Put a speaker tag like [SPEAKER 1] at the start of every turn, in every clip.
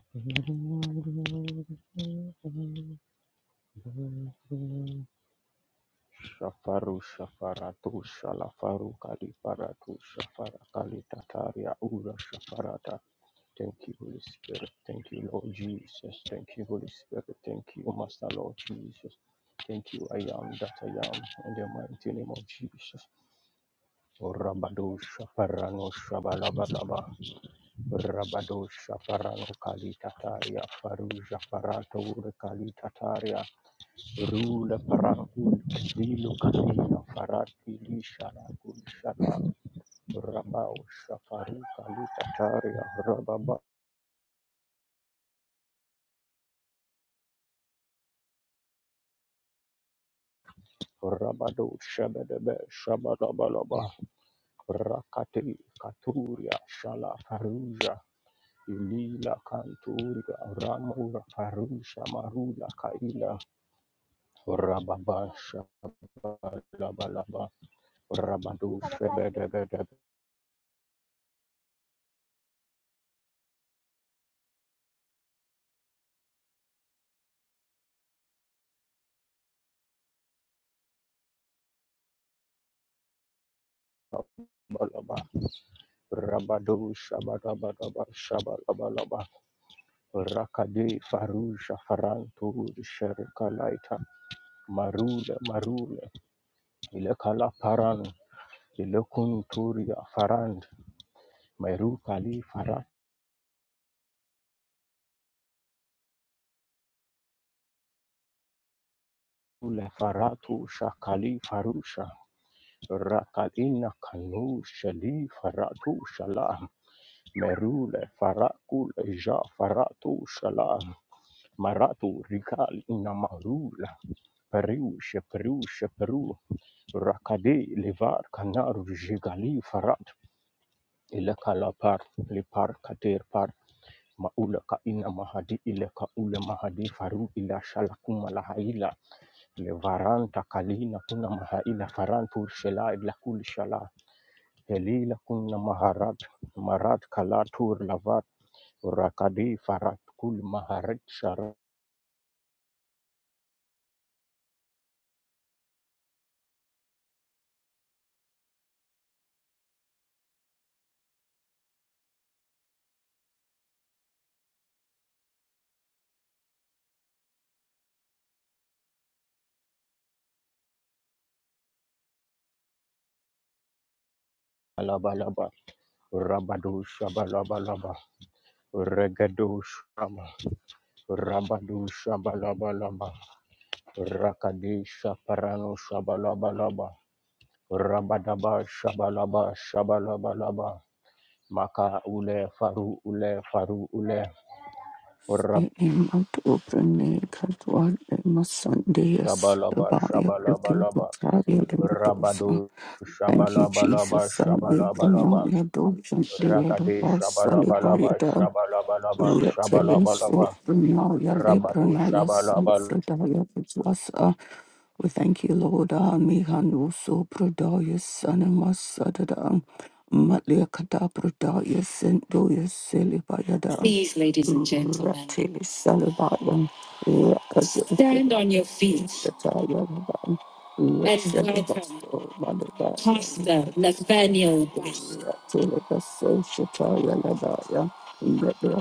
[SPEAKER 1] Shafaru shafaratu shalafaru kaliparatu shafara kalitataria ura shafarata. Thank you, Holy Spirit. Thank you, Lord Jesus. Thank you, Holy Spirit. Thank you, Master Lord Jesus. Thank you, I am that I am, in the mighty name of Jesus. Orabado shafarano Rabadosha Farano kalitataria Faruja Faratura kalitataria Rula Parakul, Vilo Kalina Farati Lishana Gulshana, Rabao Shafaru kalitataria Rababa, Rabado Shabadabe, Shabadabalaba, Rakati Katuria, Shala Faruja, lila Kanturia, Ramura Farusha Marula Kaila, rababasha Shabalaba. Rabadu Shabalabalaba, Rabadu Shabalabalaba, Shabalabalaba, Rakadi Farusha Farantu Sherkalaita, Marule Marule, Ilekala Paran, Ilekunturia Farand, Merukali Faratule Faratu Shakali Farusha, Rakadina Kanu Shali Faratu Shala, Merule Farakule Ja Faratu Shala. Maratu Rikal Inamarula Peru Sheperu Sheperu Rakade Levar Kanaru Jigali Farat Ilekala Par Lepar Kater Par Maula ka ina mahadi ile ka ule mahadi faru ila shalakuma lahaila levaranta kalina kuna mahaila farantur shela ila kul shala helila kuna maharat marat kalatur lavat rakadi farat kul maharat shara alaba laba. Rabadu shabalaba laba. Regadu shama. Rabadu shabalaba laba. Rakadisha parano shabalaba laba. Rabadaba shabalaba shabalaba laba. Maka ule faru ule faru ule. Rab
[SPEAKER 2] Thank you,
[SPEAKER 1] shabalaba shabalaba laba. Rabadu shabalaba laba
[SPEAKER 2] Jesus. Thank you,
[SPEAKER 1] shabalaba laba.
[SPEAKER 2] Bruno. Your dog, Shanti, your
[SPEAKER 1] Rakadi
[SPEAKER 2] dog, Sally,
[SPEAKER 1] shabalaba
[SPEAKER 2] by your
[SPEAKER 1] laba
[SPEAKER 2] boss,
[SPEAKER 1] shabalaba laba
[SPEAKER 2] so
[SPEAKER 1] shabalaba laba.
[SPEAKER 2] now your labor
[SPEAKER 1] Rabadu
[SPEAKER 2] now your
[SPEAKER 1] shabalaba
[SPEAKER 2] self-redaya which uh, we thank you, Lord, uh, Mihanu so prodaya sanama Matlia kata prodaya sendoya selibayada. Please, ladies and gentlemen. Ratili salibaya. Rakadu Stand on your feet. sataya And welcome, Pastor Nathaniel Bass. Ratili baso shataya let the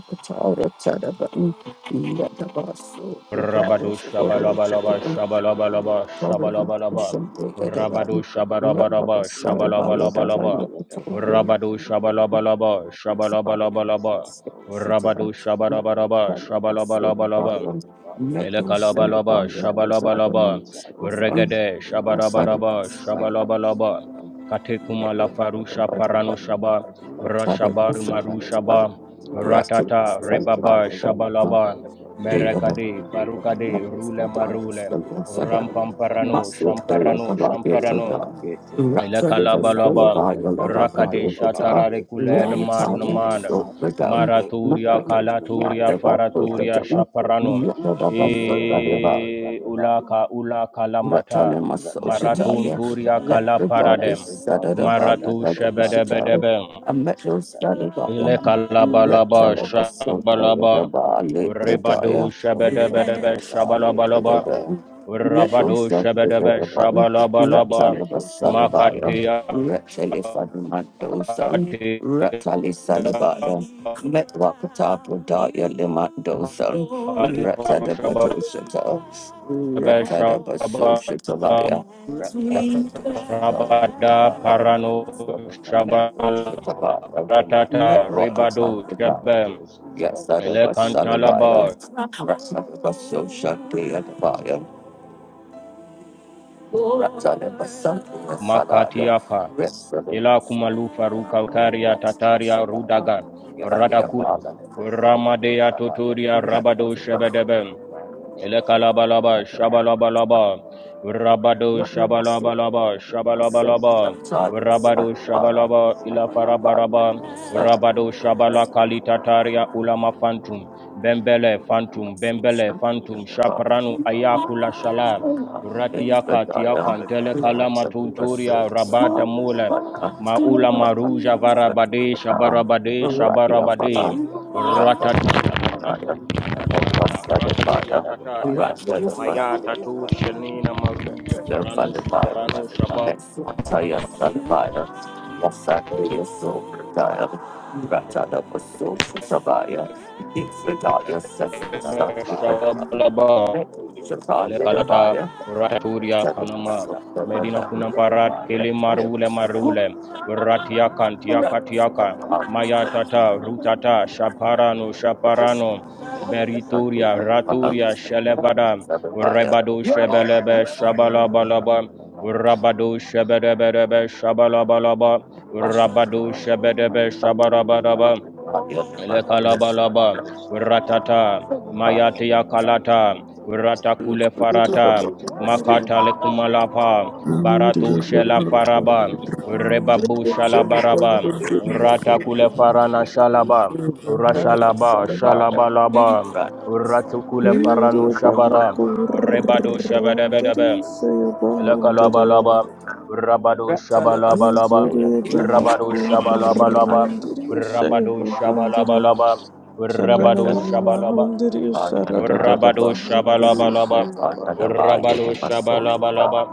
[SPEAKER 1] Rabado shabalabalaba shabalabalaba shabalabalaba. Rabado shabarabaraba shabalabalabalaba. Rabado shabalabalaba shabalabalabalaba. Rabado shabarabaraba shabalabalabalaba. Elekalabalaba, shabalabalaba, regede, shabarabaraba, shabalabalaba, katekuma la farusha paranushaba, rashabar
[SPEAKER 2] Thank you.
[SPEAKER 1] marushaba,
[SPEAKER 2] Rapture
[SPEAKER 1] ratata, rebaba, shabalaba, Merakade, Farukade, Rule Marule, Rampamparano, Shamparano, Shamparano, Elekalabalaba, Rakade Shatarare Kulel Marunamana, Maraturia Kalaturia Faraturia Shaparano, E Ulaka Ulaka Lamata,
[SPEAKER 2] Ratana Masoshataya,
[SPEAKER 1] Maratunturia
[SPEAKER 2] let the
[SPEAKER 1] Kalaparadem,
[SPEAKER 2] darkness Sadadabali
[SPEAKER 1] Maratu
[SPEAKER 2] Badoshata,
[SPEAKER 1] Shebedebedebe,
[SPEAKER 2] a metal
[SPEAKER 1] Ile
[SPEAKER 2] Sadabaya,
[SPEAKER 1] kalabalaba
[SPEAKER 2] Ratana Masoshataya,
[SPEAKER 1] shabalaba ribadu
[SPEAKER 2] Libradaya,
[SPEAKER 1] shabedebedebe shabalabalaba
[SPEAKER 2] Ratana Metal
[SPEAKER 1] rabadu shabedebe
[SPEAKER 2] Sadabam,
[SPEAKER 1] shabalabalaba
[SPEAKER 2] Ratana Masalabaya,
[SPEAKER 1] makatia
[SPEAKER 2] Ratali Fadamandosan,
[SPEAKER 1] katia
[SPEAKER 2] Ratali Salibaya, Metwakata Pradaya Limandosan,
[SPEAKER 1] kalifaru
[SPEAKER 2] Ratana
[SPEAKER 1] shabedebe
[SPEAKER 2] Badoshata.
[SPEAKER 1] shabalaba
[SPEAKER 2] Ratadabasoshatabaya.
[SPEAKER 1] rabada paranu shabal
[SPEAKER 2] Rakadoshatabaya.
[SPEAKER 1] ratata ribadu
[SPEAKER 2] Metwakatapaya.
[SPEAKER 1] shabem
[SPEAKER 2] Yasadabasalabaya.
[SPEAKER 1] Elekantalaba
[SPEAKER 2] Ratadabasoshatayadabaya. Ratadabasantayasalaya.
[SPEAKER 1] Makatiaka ila kumalufa ruka karia tataria
[SPEAKER 2] Ratadabasoshatabaya.
[SPEAKER 1] rudaga radakula ramadeya totoria
[SPEAKER 2] Ratadabasoshatabaya.
[SPEAKER 1] rabado shebedebe Elekalabalaba,
[SPEAKER 2] Ratadabasoshatabaya.
[SPEAKER 1] shabalabalaba, rabado, shabalabalaba, shabalabalaba, rabado, shabalaba, ilafarabaraba, rabado, shabala kalitataria ulama fantum, bembele fantum, bembele fantum, shapranu ayakula shala, ratiaka tiakan, telekalama tunturia, rabada mule, maula maruja varabade, shabarabade, shabarabade, ratata. Ratu Yatataria, Mayata
[SPEAKER 2] Right,
[SPEAKER 1] Tushanina Maruja Parano
[SPEAKER 2] Sarvadivaya,
[SPEAKER 1] Sharano Shabab
[SPEAKER 2] Nesvataya Sarvaya, Yasataya Sobradaya, Ratana Vaso Shavaya, Nisvidaya Sarvasatya,
[SPEAKER 1] Shababalaba,
[SPEAKER 2] Netushataya
[SPEAKER 1] Elekalata
[SPEAKER 2] Davaya,
[SPEAKER 1] Raturia
[SPEAKER 2] Ratana
[SPEAKER 1] Kanama
[SPEAKER 2] Vaso
[SPEAKER 1] Medina
[SPEAKER 2] Shavaya,
[SPEAKER 1] Kunamparat Kili
[SPEAKER 2] Ratana
[SPEAKER 1] Marule Marule Ratiakan Tiakatiaka
[SPEAKER 2] Vaso
[SPEAKER 1] Mayatata
[SPEAKER 2] Shavaya,
[SPEAKER 1] Rutata Shaparano
[SPEAKER 2] Yes,
[SPEAKER 1] Shaparano
[SPEAKER 2] I'm going to
[SPEAKER 1] Berituria
[SPEAKER 2] the bottom.
[SPEAKER 1] Raturia Shelevada
[SPEAKER 2] Seven
[SPEAKER 1] Rebado Shebelebe
[SPEAKER 2] by
[SPEAKER 1] Shabalabalaba Rabado Shebedebedebe Shabalabalaba
[SPEAKER 2] Rather,
[SPEAKER 1] Rabado Shebedebe Shabarabadaba Lekalabalaba, Ratata, Mayatia Kalata, Ratakule Farata,
[SPEAKER 3] Shananana
[SPEAKER 1] Makata Lekumalapa, Baratu Shela Faraba, Rebabu Shalabaraba, Ratakule Farana Shalaba, Rashalaba, Shalabalaba, Ratukule Faranu Shabara, Rebado Shabadabedabem. Lakalaba laba, rabado shaba laba laba, rabado shaba laba laba, rabado shaba laba laba, rabado shaba laba,
[SPEAKER 3] Mahandiri, Sarada
[SPEAKER 1] rabado
[SPEAKER 3] Mahandiri,
[SPEAKER 1] shaba laba laba,
[SPEAKER 3] Sayo Mahandiri,
[SPEAKER 1] rabado shaba laba laba,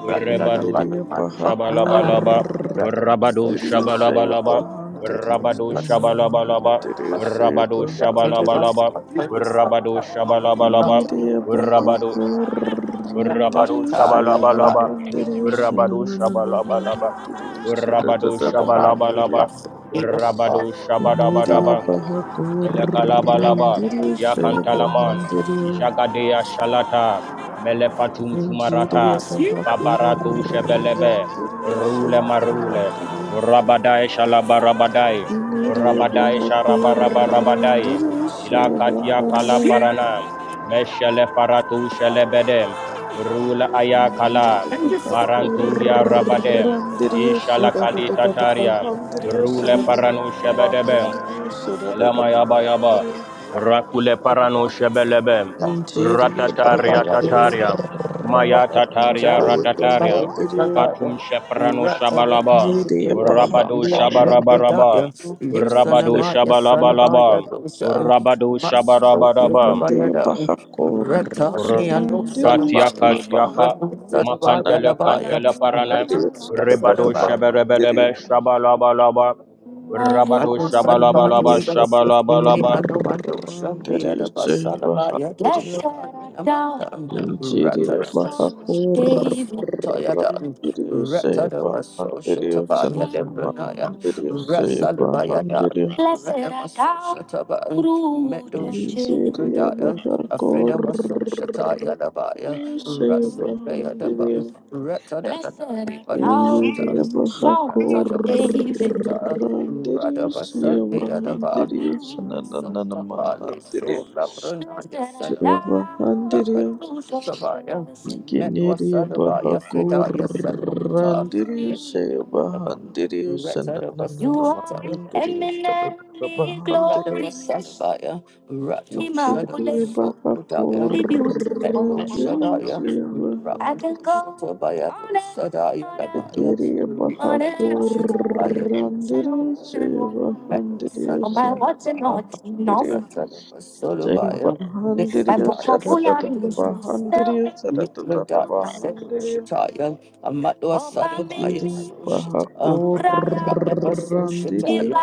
[SPEAKER 1] rabado
[SPEAKER 3] Indiriyo paha
[SPEAKER 1] shaba laba laba,
[SPEAKER 3] kurang
[SPEAKER 1] rabado
[SPEAKER 3] diriyo
[SPEAKER 1] shaba laba
[SPEAKER 3] saya
[SPEAKER 1] laba,
[SPEAKER 3] bahan diriyo
[SPEAKER 1] rabado shaba laba
[SPEAKER 3] senamahan
[SPEAKER 1] laba,
[SPEAKER 3] diriyo saya
[SPEAKER 1] rabado
[SPEAKER 3] bahan
[SPEAKER 1] shaba
[SPEAKER 2] Yes,
[SPEAKER 1] laba
[SPEAKER 3] diri.
[SPEAKER 1] laba, rabado shaba
[SPEAKER 3] Ini
[SPEAKER 1] laba,
[SPEAKER 3] dia paha
[SPEAKER 1] rabado
[SPEAKER 3] kurang
[SPEAKER 1] Rabado
[SPEAKER 3] diriyo saya
[SPEAKER 1] Shabalabalaba,
[SPEAKER 3] bahan diriyo
[SPEAKER 1] Rabado
[SPEAKER 3] senanana
[SPEAKER 1] Shabalabalaba,
[SPEAKER 3] bahan diriyo
[SPEAKER 1] Rabado
[SPEAKER 3] sedadada bahan diri.
[SPEAKER 1] Shabalabalaba, Rabado
[SPEAKER 3] Ini dia
[SPEAKER 1] Shabadabadaba,
[SPEAKER 3] paha kurang
[SPEAKER 1] Telekalabalaba,
[SPEAKER 3] diriyo saya bahan
[SPEAKER 1] Yakantalaman,
[SPEAKER 3] diri.
[SPEAKER 1] Jagadea Shalata, Melefatum
[SPEAKER 3] ini dia
[SPEAKER 1] Tumarata,
[SPEAKER 3] paha
[SPEAKER 1] Babaratu Shebelebe,
[SPEAKER 3] kurang diriyo saya
[SPEAKER 1] Rule
[SPEAKER 3] bahan
[SPEAKER 1] Marule,
[SPEAKER 3] diriyo
[SPEAKER 1] Rabadai Shalabarabadai,
[SPEAKER 3] Miri
[SPEAKER 1] Rabadai Sharabarabarabadai,
[SPEAKER 3] Bahakurandir
[SPEAKER 1] Ilakatia
[SPEAKER 3] Sayabahandir
[SPEAKER 1] Kalaparana, Meshele Faratu Shelebedem, Rule Ayakala,
[SPEAKER 3] Miri
[SPEAKER 1] Maranturia Rabadem,
[SPEAKER 3] Bahakurandir
[SPEAKER 1] Ishala Kalita Tariam,
[SPEAKER 3] Saradabahandir
[SPEAKER 1] Rule Paranu Shebedebem,
[SPEAKER 3] Salananahandir
[SPEAKER 1] Yelama yaba yaba.
[SPEAKER 3] Saradabahandir
[SPEAKER 1] Rakule parano shebelebe.
[SPEAKER 3] Miri
[SPEAKER 1] Ratataria
[SPEAKER 2] you.
[SPEAKER 1] tataria. Maya
[SPEAKER 3] Bahakurandir
[SPEAKER 1] tataria ratataria.
[SPEAKER 3] Sayabahandir
[SPEAKER 1] Fatum sheprano shabalaba.
[SPEAKER 3] Miri Bahakurandir
[SPEAKER 1] Rabado shabarabaraba.
[SPEAKER 2] Litradaya,
[SPEAKER 1] Rabado
[SPEAKER 2] Litsanamaya Salabaya
[SPEAKER 1] shabalabalaba.
[SPEAKER 2] Dosha,
[SPEAKER 1] Rabado shabarabaraba.
[SPEAKER 3] Miri
[SPEAKER 2] Matsotabayadam,
[SPEAKER 3] Bahakurandir
[SPEAKER 2] Retashia no Salabaya,
[SPEAKER 1] Ratiaka tiaka.
[SPEAKER 2] Retu Salabaya
[SPEAKER 1] Makantele
[SPEAKER 3] Sayabahandir
[SPEAKER 1] kantele
[SPEAKER 3] Did
[SPEAKER 1] parane.
[SPEAKER 3] you say
[SPEAKER 1] Ribado
[SPEAKER 2] Labaya,
[SPEAKER 3] Bahan?
[SPEAKER 1] sheberebebe shabalabalaba. Rabado
[SPEAKER 2] Manusadvaya
[SPEAKER 1] shabalabalaba
[SPEAKER 2] Satsvini
[SPEAKER 1] shabalabalaba.
[SPEAKER 2] Anumando Shandiada Basalabaya Dushanamadan Ratanamasoshatavasutayadan Ratanamasoshatavaya Lebranaya
[SPEAKER 3] Did
[SPEAKER 2] Ratsalabayadan Ratanamasoshatavayan Medoshubradaya Afrenamasoshatayalabaya Ratsalabayadaban Ratanamasoshatavayan Ratanamasoshatavayan Radabasandi Adaba, Resotapali,
[SPEAKER 3] you
[SPEAKER 2] Sola Pranaya Salama,
[SPEAKER 3] Srebahandirio,
[SPEAKER 2] Rakatusha Tabaya,
[SPEAKER 3] Genirio
[SPEAKER 2] Metwasadabaya, Fridaya Salvata,
[SPEAKER 3] Bahakurandirio,
[SPEAKER 2] Lipunayadaba.
[SPEAKER 3] Sebahandirio,
[SPEAKER 2] you are
[SPEAKER 3] Sanananamahandirio,
[SPEAKER 2] eminently
[SPEAKER 3] Sadadabahandirio,
[SPEAKER 2] glorious, Immaculate,
[SPEAKER 3] Itirio
[SPEAKER 2] Beautiful,
[SPEAKER 3] Bahakurandirio,
[SPEAKER 2] I can
[SPEAKER 3] Sebahandirio,
[SPEAKER 2] go
[SPEAKER 3] Ikirio
[SPEAKER 2] on and on.
[SPEAKER 3] Bahakurandirio, Sebahandirio,
[SPEAKER 2] Oh, my words are not enough.
[SPEAKER 3] Sanananamahandirio,
[SPEAKER 2] My
[SPEAKER 3] Sebahandirio,
[SPEAKER 2] vocabulary is still.
[SPEAKER 3] Sadadabahandirio,
[SPEAKER 2] Mitradaya said,
[SPEAKER 3] Sadadabahandirio,
[SPEAKER 2] Shataya, Amatwa Sadavaya
[SPEAKER 3] Diri bahaku
[SPEAKER 2] Sushita, Radaba
[SPEAKER 3] randiri
[SPEAKER 2] Sushataya,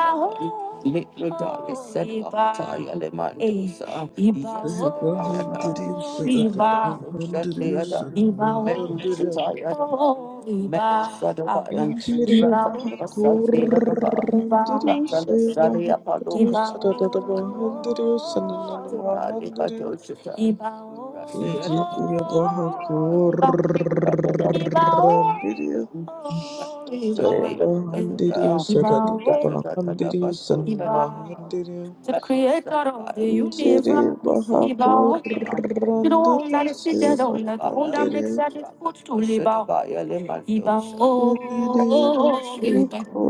[SPEAKER 2] Mitradaya Sadavaya Lemandosa,
[SPEAKER 3] bahandiri
[SPEAKER 2] Yasadavaya, Iba,
[SPEAKER 3] bahandiri bahandiri
[SPEAKER 2] Shataya, Iba, Shataya, Iba, Sadavaya,
[SPEAKER 3] Injiri
[SPEAKER 2] Iba,
[SPEAKER 3] bahaku
[SPEAKER 2] Sadi Adaba,
[SPEAKER 3] randiri
[SPEAKER 2] Ratana Sadi Apollo,
[SPEAKER 3] bahandiri
[SPEAKER 2] Iba,
[SPEAKER 3] bahandiri bahandiri Injiri bahaku
[SPEAKER 2] Ibawo,
[SPEAKER 3] randiri saya bahandiri
[SPEAKER 2] Ibawo,
[SPEAKER 3] bahandiri bahandiri
[SPEAKER 2] the creator of the
[SPEAKER 3] Jiri
[SPEAKER 2] universe,
[SPEAKER 3] baha
[SPEAKER 2] Ibawo.
[SPEAKER 3] korandiri
[SPEAKER 2] Gronda de
[SPEAKER 3] shiva
[SPEAKER 2] Siderona, Baya Gronda
[SPEAKER 3] handiri
[SPEAKER 2] Mexadis Putuli Shita Bao, to Lima Iba, Dosa
[SPEAKER 3] Jiri
[SPEAKER 2] oh,
[SPEAKER 3] baha
[SPEAKER 2] Iba.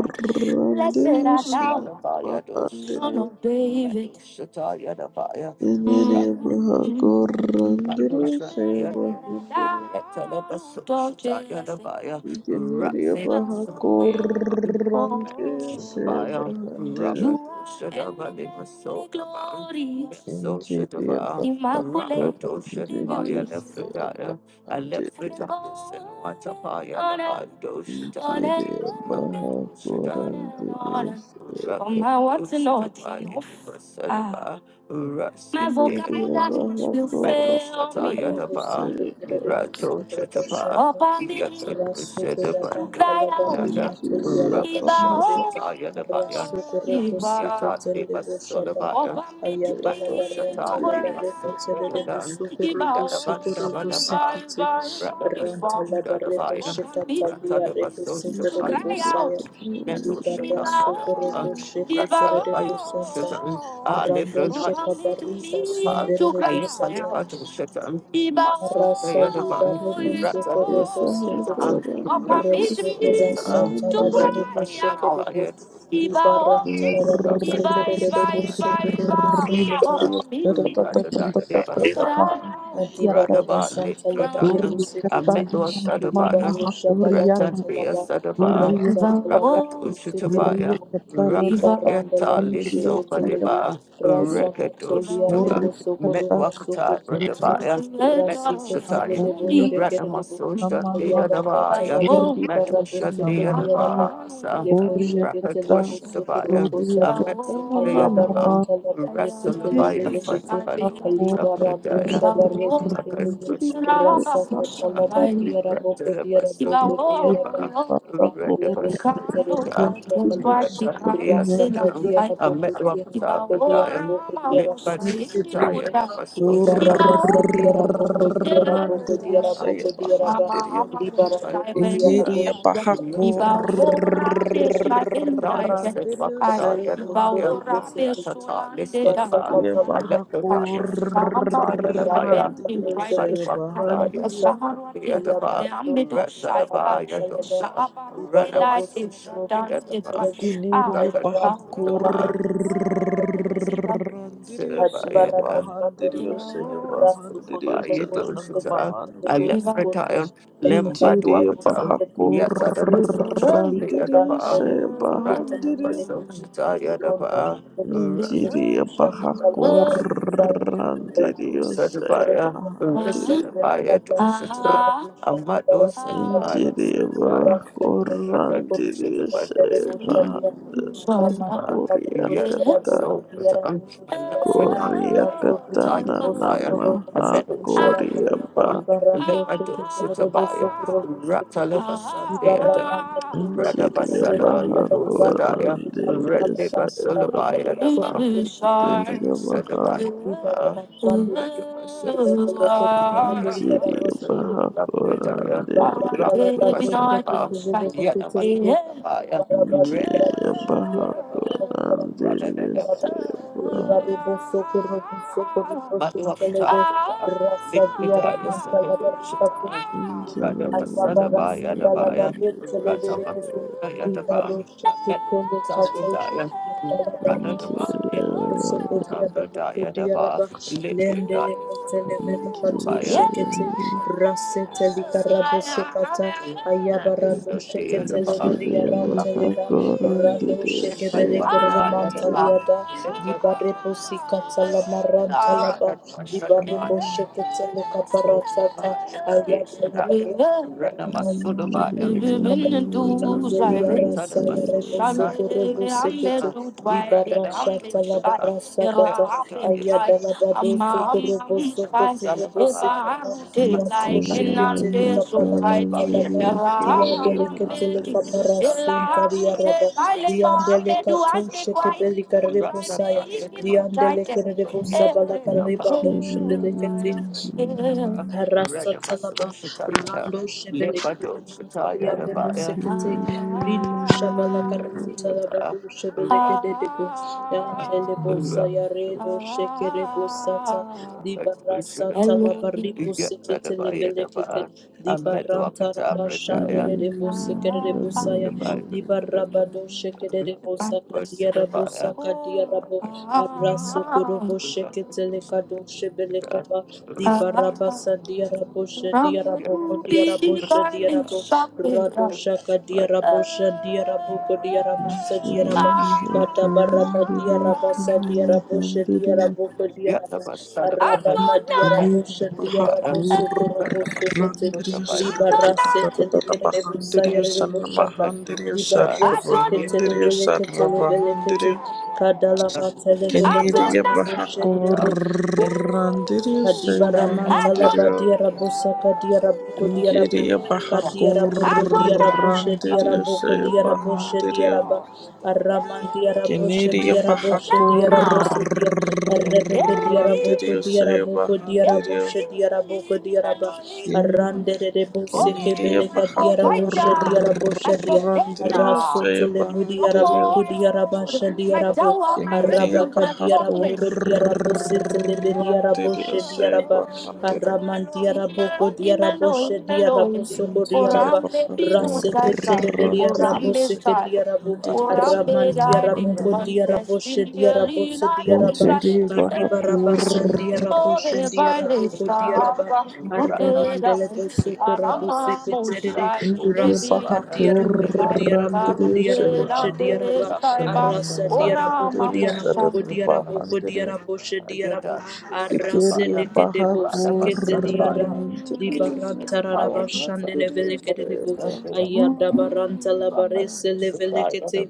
[SPEAKER 2] Blessed art thou,
[SPEAKER 3] shiva
[SPEAKER 2] Sabaoth,
[SPEAKER 3] handiri
[SPEAKER 2] Son of David. Shatayadabaya.
[SPEAKER 3] Jiri baha
[SPEAKER 2] Mm.
[SPEAKER 3] korandiri
[SPEAKER 2] Blessed art thou,
[SPEAKER 3] shiva handiri
[SPEAKER 2] Yetalabasu, Lord Shatayadabaya.
[SPEAKER 3] Jiri baha korandiri
[SPEAKER 2] Ratsibasayadabaya. Medoshadabaya.
[SPEAKER 3] shiva handiri
[SPEAKER 2] Rabadoshadabalibasokabam.
[SPEAKER 3] Jiri
[SPEAKER 2] Mesoshadabaya.
[SPEAKER 3] baha
[SPEAKER 2] Immaculate.
[SPEAKER 3] korandiri
[SPEAKER 2] Rakadoshadabayalefradaya.
[SPEAKER 3] shiva
[SPEAKER 2] I left for
[SPEAKER 3] handiri
[SPEAKER 2] darkness and what a fire the dosha
[SPEAKER 3] Interior Baja Coranderos
[SPEAKER 2] From my words and all things, ah, my
[SPEAKER 3] Interior
[SPEAKER 2] vocabulary
[SPEAKER 3] Baja
[SPEAKER 2] will
[SPEAKER 3] Coranderos
[SPEAKER 2] fail me.
[SPEAKER 4] simply
[SPEAKER 3] Interior Baja
[SPEAKER 4] credited
[SPEAKER 2] Rato
[SPEAKER 4] Sagrada
[SPEAKER 2] Shatapa, Yaka
[SPEAKER 4] Rasuku Raban Kalabardi
[SPEAKER 2] Shadapa,
[SPEAKER 4] Matelia
[SPEAKER 2] to cry
[SPEAKER 3] Interior Baja Coranderos
[SPEAKER 4] Rabashande Rasuku Roko
[SPEAKER 3] Interior
[SPEAKER 4] Sike Terebo Shaba Ayada Labarenta Labareku Terebo Sukurubu Sukurubu Sekiti Ranta Labarebo Sheka Tabia Rebu Sekerebo Saya
[SPEAKER 2] out, metal shut
[SPEAKER 4] Libara Sukurubu Sheka
[SPEAKER 2] up.
[SPEAKER 4] Terebo Santa
[SPEAKER 2] I live
[SPEAKER 4] Rando
[SPEAKER 2] from the
[SPEAKER 4] sheka bariba
[SPEAKER 2] other
[SPEAKER 4] sundere
[SPEAKER 2] to cry for the
[SPEAKER 4] rebosata
[SPEAKER 2] bottom shut up. He must
[SPEAKER 4] Rasa
[SPEAKER 2] the other
[SPEAKER 4] liba rebo
[SPEAKER 2] one, wrapped
[SPEAKER 4] soko
[SPEAKER 2] up the
[SPEAKER 4] rebo
[SPEAKER 3] Baja
[SPEAKER 4] sekete
[SPEAKER 2] social.
[SPEAKER 3] Coranderos
[SPEAKER 2] Opa
[SPEAKER 4] re
[SPEAKER 2] me
[SPEAKER 4] soko
[SPEAKER 2] dimi
[SPEAKER 4] rasa
[SPEAKER 2] to
[SPEAKER 4] taraba rebo sheke rebo
[SPEAKER 2] kwaya. Iba
[SPEAKER 4] liba
[SPEAKER 2] oh,
[SPEAKER 4] ram taraba rebo seke
[SPEAKER 2] Iba, iba,
[SPEAKER 4] rebo
[SPEAKER 2] iba,
[SPEAKER 4] soko
[SPEAKER 2] iba.
[SPEAKER 4] rebo sokoto
[SPEAKER 2] Mohammed.
[SPEAKER 3] Baja Coranderos
[SPEAKER 4] Adibaraba
[SPEAKER 2] Radaba
[SPEAKER 4] Santa
[SPEAKER 2] Litradaya,
[SPEAKER 4] Labaribu
[SPEAKER 3] Kurri
[SPEAKER 4] Sikiti
[SPEAKER 2] Ametwa Sadabaya,
[SPEAKER 4] Libarosha Balaka
[SPEAKER 2] Retandia
[SPEAKER 4] Talaba
[SPEAKER 2] Sadaba,
[SPEAKER 4] Rasa Talabaribu
[SPEAKER 2] Rakatushitabaya,
[SPEAKER 4] Sikiribu Libaranda
[SPEAKER 2] Raketa
[SPEAKER 4] Lebu
[SPEAKER 2] Liso
[SPEAKER 4] Shikiti Levi
[SPEAKER 2] Badeba,
[SPEAKER 4] Rasa Katolia
[SPEAKER 2] Rekadushitabaya,
[SPEAKER 4] Rebu Sokorobo
[SPEAKER 2] Metwakata
[SPEAKER 4] Sokotolebu
[SPEAKER 2] Radabaya,
[SPEAKER 4] Rasikete
[SPEAKER 2] Metushataya,
[SPEAKER 4] Lebu Shikiribu
[SPEAKER 2] Ratamasusha
[SPEAKER 4] Aya barra Ayabarata
[SPEAKER 2] Deadabaya,
[SPEAKER 4] labadi
[SPEAKER 2] Metusha
[SPEAKER 4] baraboseke diaraba
[SPEAKER 2] Deadabasa,
[SPEAKER 4] lebosheke
[SPEAKER 2] Rakatwashitabaya, a
[SPEAKER 4] telebusukurubusata
[SPEAKER 2] vessel day of the bound,
[SPEAKER 4] ayabarata labareke
[SPEAKER 2] wrestled by a fight
[SPEAKER 4] televelekete
[SPEAKER 2] by
[SPEAKER 4] libarando
[SPEAKER 2] Jabadiah,
[SPEAKER 4] shabareke televe rasakata labadiaraboko diaraboko diaraba randelevelekete
[SPEAKER 3] Interior
[SPEAKER 4] rerebushabalaba
[SPEAKER 3] saya
[SPEAKER 4] Rasaka
[SPEAKER 3] bahandirio.
[SPEAKER 4] diara boko diara boko diara boko diara boko
[SPEAKER 3] Interior
[SPEAKER 4] shiketelebe
[SPEAKER 3] Bahakur
[SPEAKER 4] libara basa diara boko
[SPEAKER 2] I
[SPEAKER 4] diara boko
[SPEAKER 3] Interior
[SPEAKER 4] diara
[SPEAKER 2] met
[SPEAKER 3] saya
[SPEAKER 4] boko diara
[SPEAKER 2] Silver,
[SPEAKER 4] ba
[SPEAKER 3] bahandirio.
[SPEAKER 4] libara boko diara bosho diara boko diara bosho diara ba libara siketele bosoro bosekete rasaka
[SPEAKER 3] Interior
[SPEAKER 4] tamagari
[SPEAKER 3] bahakur.
[SPEAKER 4] boshiketelebe yandala baro
[SPEAKER 3] Interior saya
[SPEAKER 4] sekete diara
[SPEAKER 3] bahandirio.
[SPEAKER 4] basambi uyabara dosaka barabandala Liberato Sukurovi Sekelevi,
[SPEAKER 3] Ikidiria paha
[SPEAKER 4] Hayarama Taragami Sekelevi,
[SPEAKER 3] korandirio saya
[SPEAKER 2] you
[SPEAKER 4] Hadibarama
[SPEAKER 2] know.
[SPEAKER 4] Sandere,
[SPEAKER 3] bahandirio saya
[SPEAKER 4] Rasu
[SPEAKER 2] Silver,
[SPEAKER 3] bahandirio
[SPEAKER 4] Kotule
[SPEAKER 2] you
[SPEAKER 4] Boshi
[SPEAKER 3] senanana
[SPEAKER 2] know.
[SPEAKER 4] Ketalia Rebo
[SPEAKER 3] mahandirio
[SPEAKER 4] Sukote,
[SPEAKER 2] Alefretayon,
[SPEAKER 4] Yadala
[SPEAKER 3] injiria
[SPEAKER 4] Rebo
[SPEAKER 2] Lembadwakata,
[SPEAKER 3] paha
[SPEAKER 4] Sekere Rebo Santa,
[SPEAKER 2] Yatadabasosha, the
[SPEAKER 3] korandirio
[SPEAKER 4] Liberande
[SPEAKER 2] Adaba,
[SPEAKER 4] Rebo
[SPEAKER 3] saya
[SPEAKER 4] Siketele
[SPEAKER 3] bahandirio
[SPEAKER 4] Melekiti,
[SPEAKER 2] Ratanabasosha,
[SPEAKER 4] Rondo
[SPEAKER 2] Yadaba,
[SPEAKER 4] Shebele Kete Rebo
[SPEAKER 3] injiria
[SPEAKER 4] Shaka
[SPEAKER 3] paha
[SPEAKER 4] Kalabara Busaya, Thank
[SPEAKER 2] Radu
[SPEAKER 3] korandirio saya
[SPEAKER 2] Sadabaya,
[SPEAKER 3] bahandirio
[SPEAKER 2] Rasadabaya, Dosata, Amado
[SPEAKER 3] injiria
[SPEAKER 2] Sadabaya,
[SPEAKER 3] paha
[SPEAKER 2] a metal shot
[SPEAKER 3] saya bahandirio Korea kata Korea katana namaha Korea
[SPEAKER 2] and a
[SPEAKER 3] ba
[SPEAKER 2] bun, and let my daughter to buy a ratalabasa deadam,
[SPEAKER 3] Injiria
[SPEAKER 2] radabasala, you
[SPEAKER 3] baha
[SPEAKER 2] know, sadaya,
[SPEAKER 3] Korandiria
[SPEAKER 2] redibasala by a
[SPEAKER 3] saivaka
[SPEAKER 2] dam,
[SPEAKER 4] you.
[SPEAKER 3] Diria baha
[SPEAKER 2] sadabaya,
[SPEAKER 4] Hari Barabas Sandiri, Rebele,
[SPEAKER 2] radabasala,
[SPEAKER 3] Injiria baha
[SPEAKER 2] radabasala, Rather
[SPEAKER 3] Korandiria ba Injiria baha Korandiria saivaha
[SPEAKER 4] Rasa dia ramanta la barrica
[SPEAKER 3] Injiria baha
[SPEAKER 4] Ayabarasa dalabaret
[SPEAKER 3] Korandiria saivaha
[SPEAKER 4] televelekete bibaroche ketele katosh yadalabari
[SPEAKER 3] Injiria
[SPEAKER 4] pesekereke seko
[SPEAKER 3] baha
[SPEAKER 4] diaraba ko diaraba lendele kotelevele katoshe
[SPEAKER 3] Injiria
[SPEAKER 2] Shame,
[SPEAKER 4] kete rase telikarabo
[SPEAKER 2] I'm
[SPEAKER 4] sekata ayabarado sheketelevele
[SPEAKER 3] Diliva
[SPEAKER 4] yaranteleba
[SPEAKER 3] hakoran
[SPEAKER 4] rado
[SPEAKER 3] diliya seva
[SPEAKER 4] shekebelekere
[SPEAKER 3] handiri
[SPEAKER 4] mantaliada dibarepo sikata lamarantalaba dibarepo sheketele kaparasata
[SPEAKER 3] diliva hakoran
[SPEAKER 4] Yandelia
[SPEAKER 3] diliya
[SPEAKER 4] rasa ya rebo
[SPEAKER 3] seva
[SPEAKER 4] sokorobo
[SPEAKER 2] there
[SPEAKER 4] sekete
[SPEAKER 2] to dwell, I'm
[SPEAKER 4] libarasha talabarasa
[SPEAKER 2] there to
[SPEAKER 4] kata
[SPEAKER 2] shine.
[SPEAKER 4] ayada labado
[SPEAKER 2] Ama ama
[SPEAKER 4] sokorobo
[SPEAKER 2] musai
[SPEAKER 4] sokoto rebo
[SPEAKER 2] eba
[SPEAKER 4] sekata
[SPEAKER 2] arute
[SPEAKER 4] yato
[SPEAKER 2] like
[SPEAKER 3] diliva
[SPEAKER 4] shekete
[SPEAKER 2] enante so
[SPEAKER 4] likapala
[SPEAKER 3] hakoran
[SPEAKER 2] kaiti
[SPEAKER 4] mantalaba
[SPEAKER 3] diliya
[SPEAKER 2] yara ama
[SPEAKER 3] seva
[SPEAKER 4] diadele ketele
[SPEAKER 2] mambeti
[SPEAKER 3] handiri
[SPEAKER 4] kapara
[SPEAKER 2] ela
[SPEAKER 4] sunta
[SPEAKER 2] arute
[SPEAKER 4] diaraba
[SPEAKER 2] sile mo
[SPEAKER 4] diandele
[SPEAKER 2] ambedu
[SPEAKER 4] kato
[SPEAKER 2] ase kwai
[SPEAKER 4] shekebeli karebo
[SPEAKER 2] kutai
[SPEAKER 4] saya
[SPEAKER 2] me ikinu
[SPEAKER 4] diandele
[SPEAKER 2] taite
[SPEAKER 4] kerebo sabala kareba do shebede kete
[SPEAKER 3] diliva
[SPEAKER 4] Rasatalaba Rando Shebele Mantalia Rebo Sekete Rindo Shabala Karnantalaba
[SPEAKER 2] eh Ah, ah,
[SPEAKER 4] Shebele Kedebo Yandelebo Sayaredo Shekerebo Sata Dibarasa Talaba Ribo Sekete Lebelekete Dibaranta Raba Shandere Debo Sekerebo Saya Dibarabado Shekerebo Saka
[SPEAKER 2] ah,
[SPEAKER 4] Diarabo Saka Diarabo Arasu Kurobo Shekete Lekado Shebele Kaba. Raba,
[SPEAKER 2] oh,
[SPEAKER 4] Di
[SPEAKER 2] ah, ah,
[SPEAKER 4] Barabasa,
[SPEAKER 2] the
[SPEAKER 4] Diarabosha, Diaraboko,
[SPEAKER 2] to be
[SPEAKER 4] Diarabosha, Diarabo,
[SPEAKER 2] Namudu
[SPEAKER 4] Radoshaka,
[SPEAKER 2] bi
[SPEAKER 4] Diarabosha, Diaraboko, Diarabosa, Diaraba,
[SPEAKER 3] hakoran
[SPEAKER 4] Katabaraba,
[SPEAKER 3] diliya
[SPEAKER 4] Diarabasa, Diarabosha,
[SPEAKER 3] seva
[SPEAKER 4] Diaraboko,
[SPEAKER 2] I
[SPEAKER 4] Diaraba, Arabaka,
[SPEAKER 2] don't
[SPEAKER 3] Kini Kini
[SPEAKER 4] Diarabosha,
[SPEAKER 3] dia paha
[SPEAKER 4] Diaraboso, Koroboso,
[SPEAKER 3] kurang
[SPEAKER 4] Kote,
[SPEAKER 3] diri
[SPEAKER 2] know. I
[SPEAKER 3] usara
[SPEAKER 2] don't
[SPEAKER 4] Libarase,
[SPEAKER 2] know.
[SPEAKER 3] bahan
[SPEAKER 4] Telekenebusa,
[SPEAKER 3] diri injiri ya
[SPEAKER 2] I
[SPEAKER 4] Yereboshaka.
[SPEAKER 3] paha
[SPEAKER 2] do
[SPEAKER 4] Di
[SPEAKER 2] not. I do
[SPEAKER 4] barrosi
[SPEAKER 2] not.
[SPEAKER 4] che
[SPEAKER 3] kurang
[SPEAKER 2] Ooh,
[SPEAKER 4] te le
[SPEAKER 3] diri
[SPEAKER 4] vele che te
[SPEAKER 3] usara
[SPEAKER 4] le vele
[SPEAKER 3] bahan
[SPEAKER 4] che te cadala ma te le
[SPEAKER 2] I
[SPEAKER 4] vele
[SPEAKER 2] do
[SPEAKER 4] che
[SPEAKER 2] not.
[SPEAKER 4] te le mosce di rebo Kadibaraman Salaba Diarabo Saka Diaraboko Diarabo
[SPEAKER 2] I
[SPEAKER 4] Kadiaraboko
[SPEAKER 2] do
[SPEAKER 4] Diarabo
[SPEAKER 2] not.
[SPEAKER 4] Shediaraboko Diarabo
[SPEAKER 3] diri
[SPEAKER 4] Shediaraba Araman Diarabo
[SPEAKER 3] kini
[SPEAKER 2] Elohim, my
[SPEAKER 4] Shediarabo
[SPEAKER 2] sustainer.
[SPEAKER 4] Shediarabo Sedia Rebeke
[SPEAKER 2] Elohim,
[SPEAKER 4] Diaraboko
[SPEAKER 3] dia
[SPEAKER 4] Diaraboko Diarabo
[SPEAKER 3] Bahakur,
[SPEAKER 4] Shediaraboko
[SPEAKER 2] Elohim,
[SPEAKER 4] Diaraba
[SPEAKER 3] In
[SPEAKER 4] Arande
[SPEAKER 2] Elohim.
[SPEAKER 4] Rebo Seke
[SPEAKER 3] Canada,
[SPEAKER 2] Oh, my
[SPEAKER 4] Beleka Diarabo Dia
[SPEAKER 2] provider, my
[SPEAKER 4] Shedia
[SPEAKER 3] Bahakorandirio,
[SPEAKER 2] sustainer.
[SPEAKER 3] say
[SPEAKER 4] to lebudi
[SPEAKER 3] Bahandirio.
[SPEAKER 4] araboko
[SPEAKER 2] Oh,
[SPEAKER 4] diarabasha
[SPEAKER 2] my
[SPEAKER 4] diarabo
[SPEAKER 2] tower, my
[SPEAKER 3] Canada,
[SPEAKER 2] refuge,
[SPEAKER 4] arabaka
[SPEAKER 2] my
[SPEAKER 4] diaraboko
[SPEAKER 2] fortress.
[SPEAKER 4] diarabo sete lebedi
[SPEAKER 3] Bahakorandirio,
[SPEAKER 4] araboshe
[SPEAKER 3] say
[SPEAKER 4] diaraba
[SPEAKER 3] Bahandirio.
[SPEAKER 4] araman diaraboko
[SPEAKER 2] Elohim,
[SPEAKER 4] diaraboshe diarabo
[SPEAKER 2] Elohim,
[SPEAKER 4] Shediarabo
[SPEAKER 2] Elohim.
[SPEAKER 4] soko
[SPEAKER 3] Canada,
[SPEAKER 4] diaraba
[SPEAKER 2] Orambe binu
[SPEAKER 4] raseke
[SPEAKER 2] sai sai,
[SPEAKER 4] telebedi arabo
[SPEAKER 3] Bahakorandirio,
[SPEAKER 2] orambe
[SPEAKER 3] say
[SPEAKER 4] seke
[SPEAKER 2] sai.
[SPEAKER 4] diarabo
[SPEAKER 3] Bahandirio, say
[SPEAKER 2] Orambe
[SPEAKER 4] araman
[SPEAKER 2] dai di
[SPEAKER 4] diaraboko
[SPEAKER 2] ravante,
[SPEAKER 4] diaraboshe
[SPEAKER 2] simili
[SPEAKER 4] diarabose
[SPEAKER 2] la
[SPEAKER 4] diaraba
[SPEAKER 3] Bahandirio.
[SPEAKER 2] dunga.
[SPEAKER 3] Canada,
[SPEAKER 4] kadibaraba
[SPEAKER 3] Bahakorandirio,
[SPEAKER 4] sandiaraboshe
[SPEAKER 2] Ore vai le
[SPEAKER 4] diarabo
[SPEAKER 2] sara,
[SPEAKER 4] kodiaraba
[SPEAKER 2] uke
[SPEAKER 4] aramandele boso
[SPEAKER 2] dai.
[SPEAKER 4] korabose
[SPEAKER 2] Arama mo
[SPEAKER 4] keterere
[SPEAKER 2] sai,
[SPEAKER 3] Indiriyo
[SPEAKER 2] ebi
[SPEAKER 4] rasa
[SPEAKER 3] paha
[SPEAKER 2] idu
[SPEAKER 4] kadiarabo
[SPEAKER 2] sai.
[SPEAKER 4] kodiarabo
[SPEAKER 3] kurrandiriyo
[SPEAKER 2] Baruke
[SPEAKER 4] kodiarabo
[SPEAKER 3] shaya
[SPEAKER 2] la ne
[SPEAKER 4] shediaraba
[SPEAKER 3] pahandiriyo
[SPEAKER 2] sai ba,
[SPEAKER 3] sananana
[SPEAKER 4] arasa Diaraboko
[SPEAKER 2] orama
[SPEAKER 3] mahandiriyo
[SPEAKER 2] mo sai.
[SPEAKER 4] Diaraboko
[SPEAKER 3] sarara
[SPEAKER 4] Diaraboko
[SPEAKER 3] pahandiriyo
[SPEAKER 4] Diaraboshe diarabo kodiarabo kodiarabo kodiarabo shediarabo
[SPEAKER 2] Yada
[SPEAKER 4] arase
[SPEAKER 3] sikiriyo
[SPEAKER 2] Sonabaya,
[SPEAKER 4] leke
[SPEAKER 3] paha
[SPEAKER 4] debo
[SPEAKER 2] Radaba
[SPEAKER 4] siketeliada
[SPEAKER 2] Sonabaya,
[SPEAKER 3] kurrandiriyo Saya
[SPEAKER 4] dibarantararaba shandele
[SPEAKER 3] pahandiriyo
[SPEAKER 4] veleke
[SPEAKER 3] shaya
[SPEAKER 4] debo ayada baranta labarese levelekete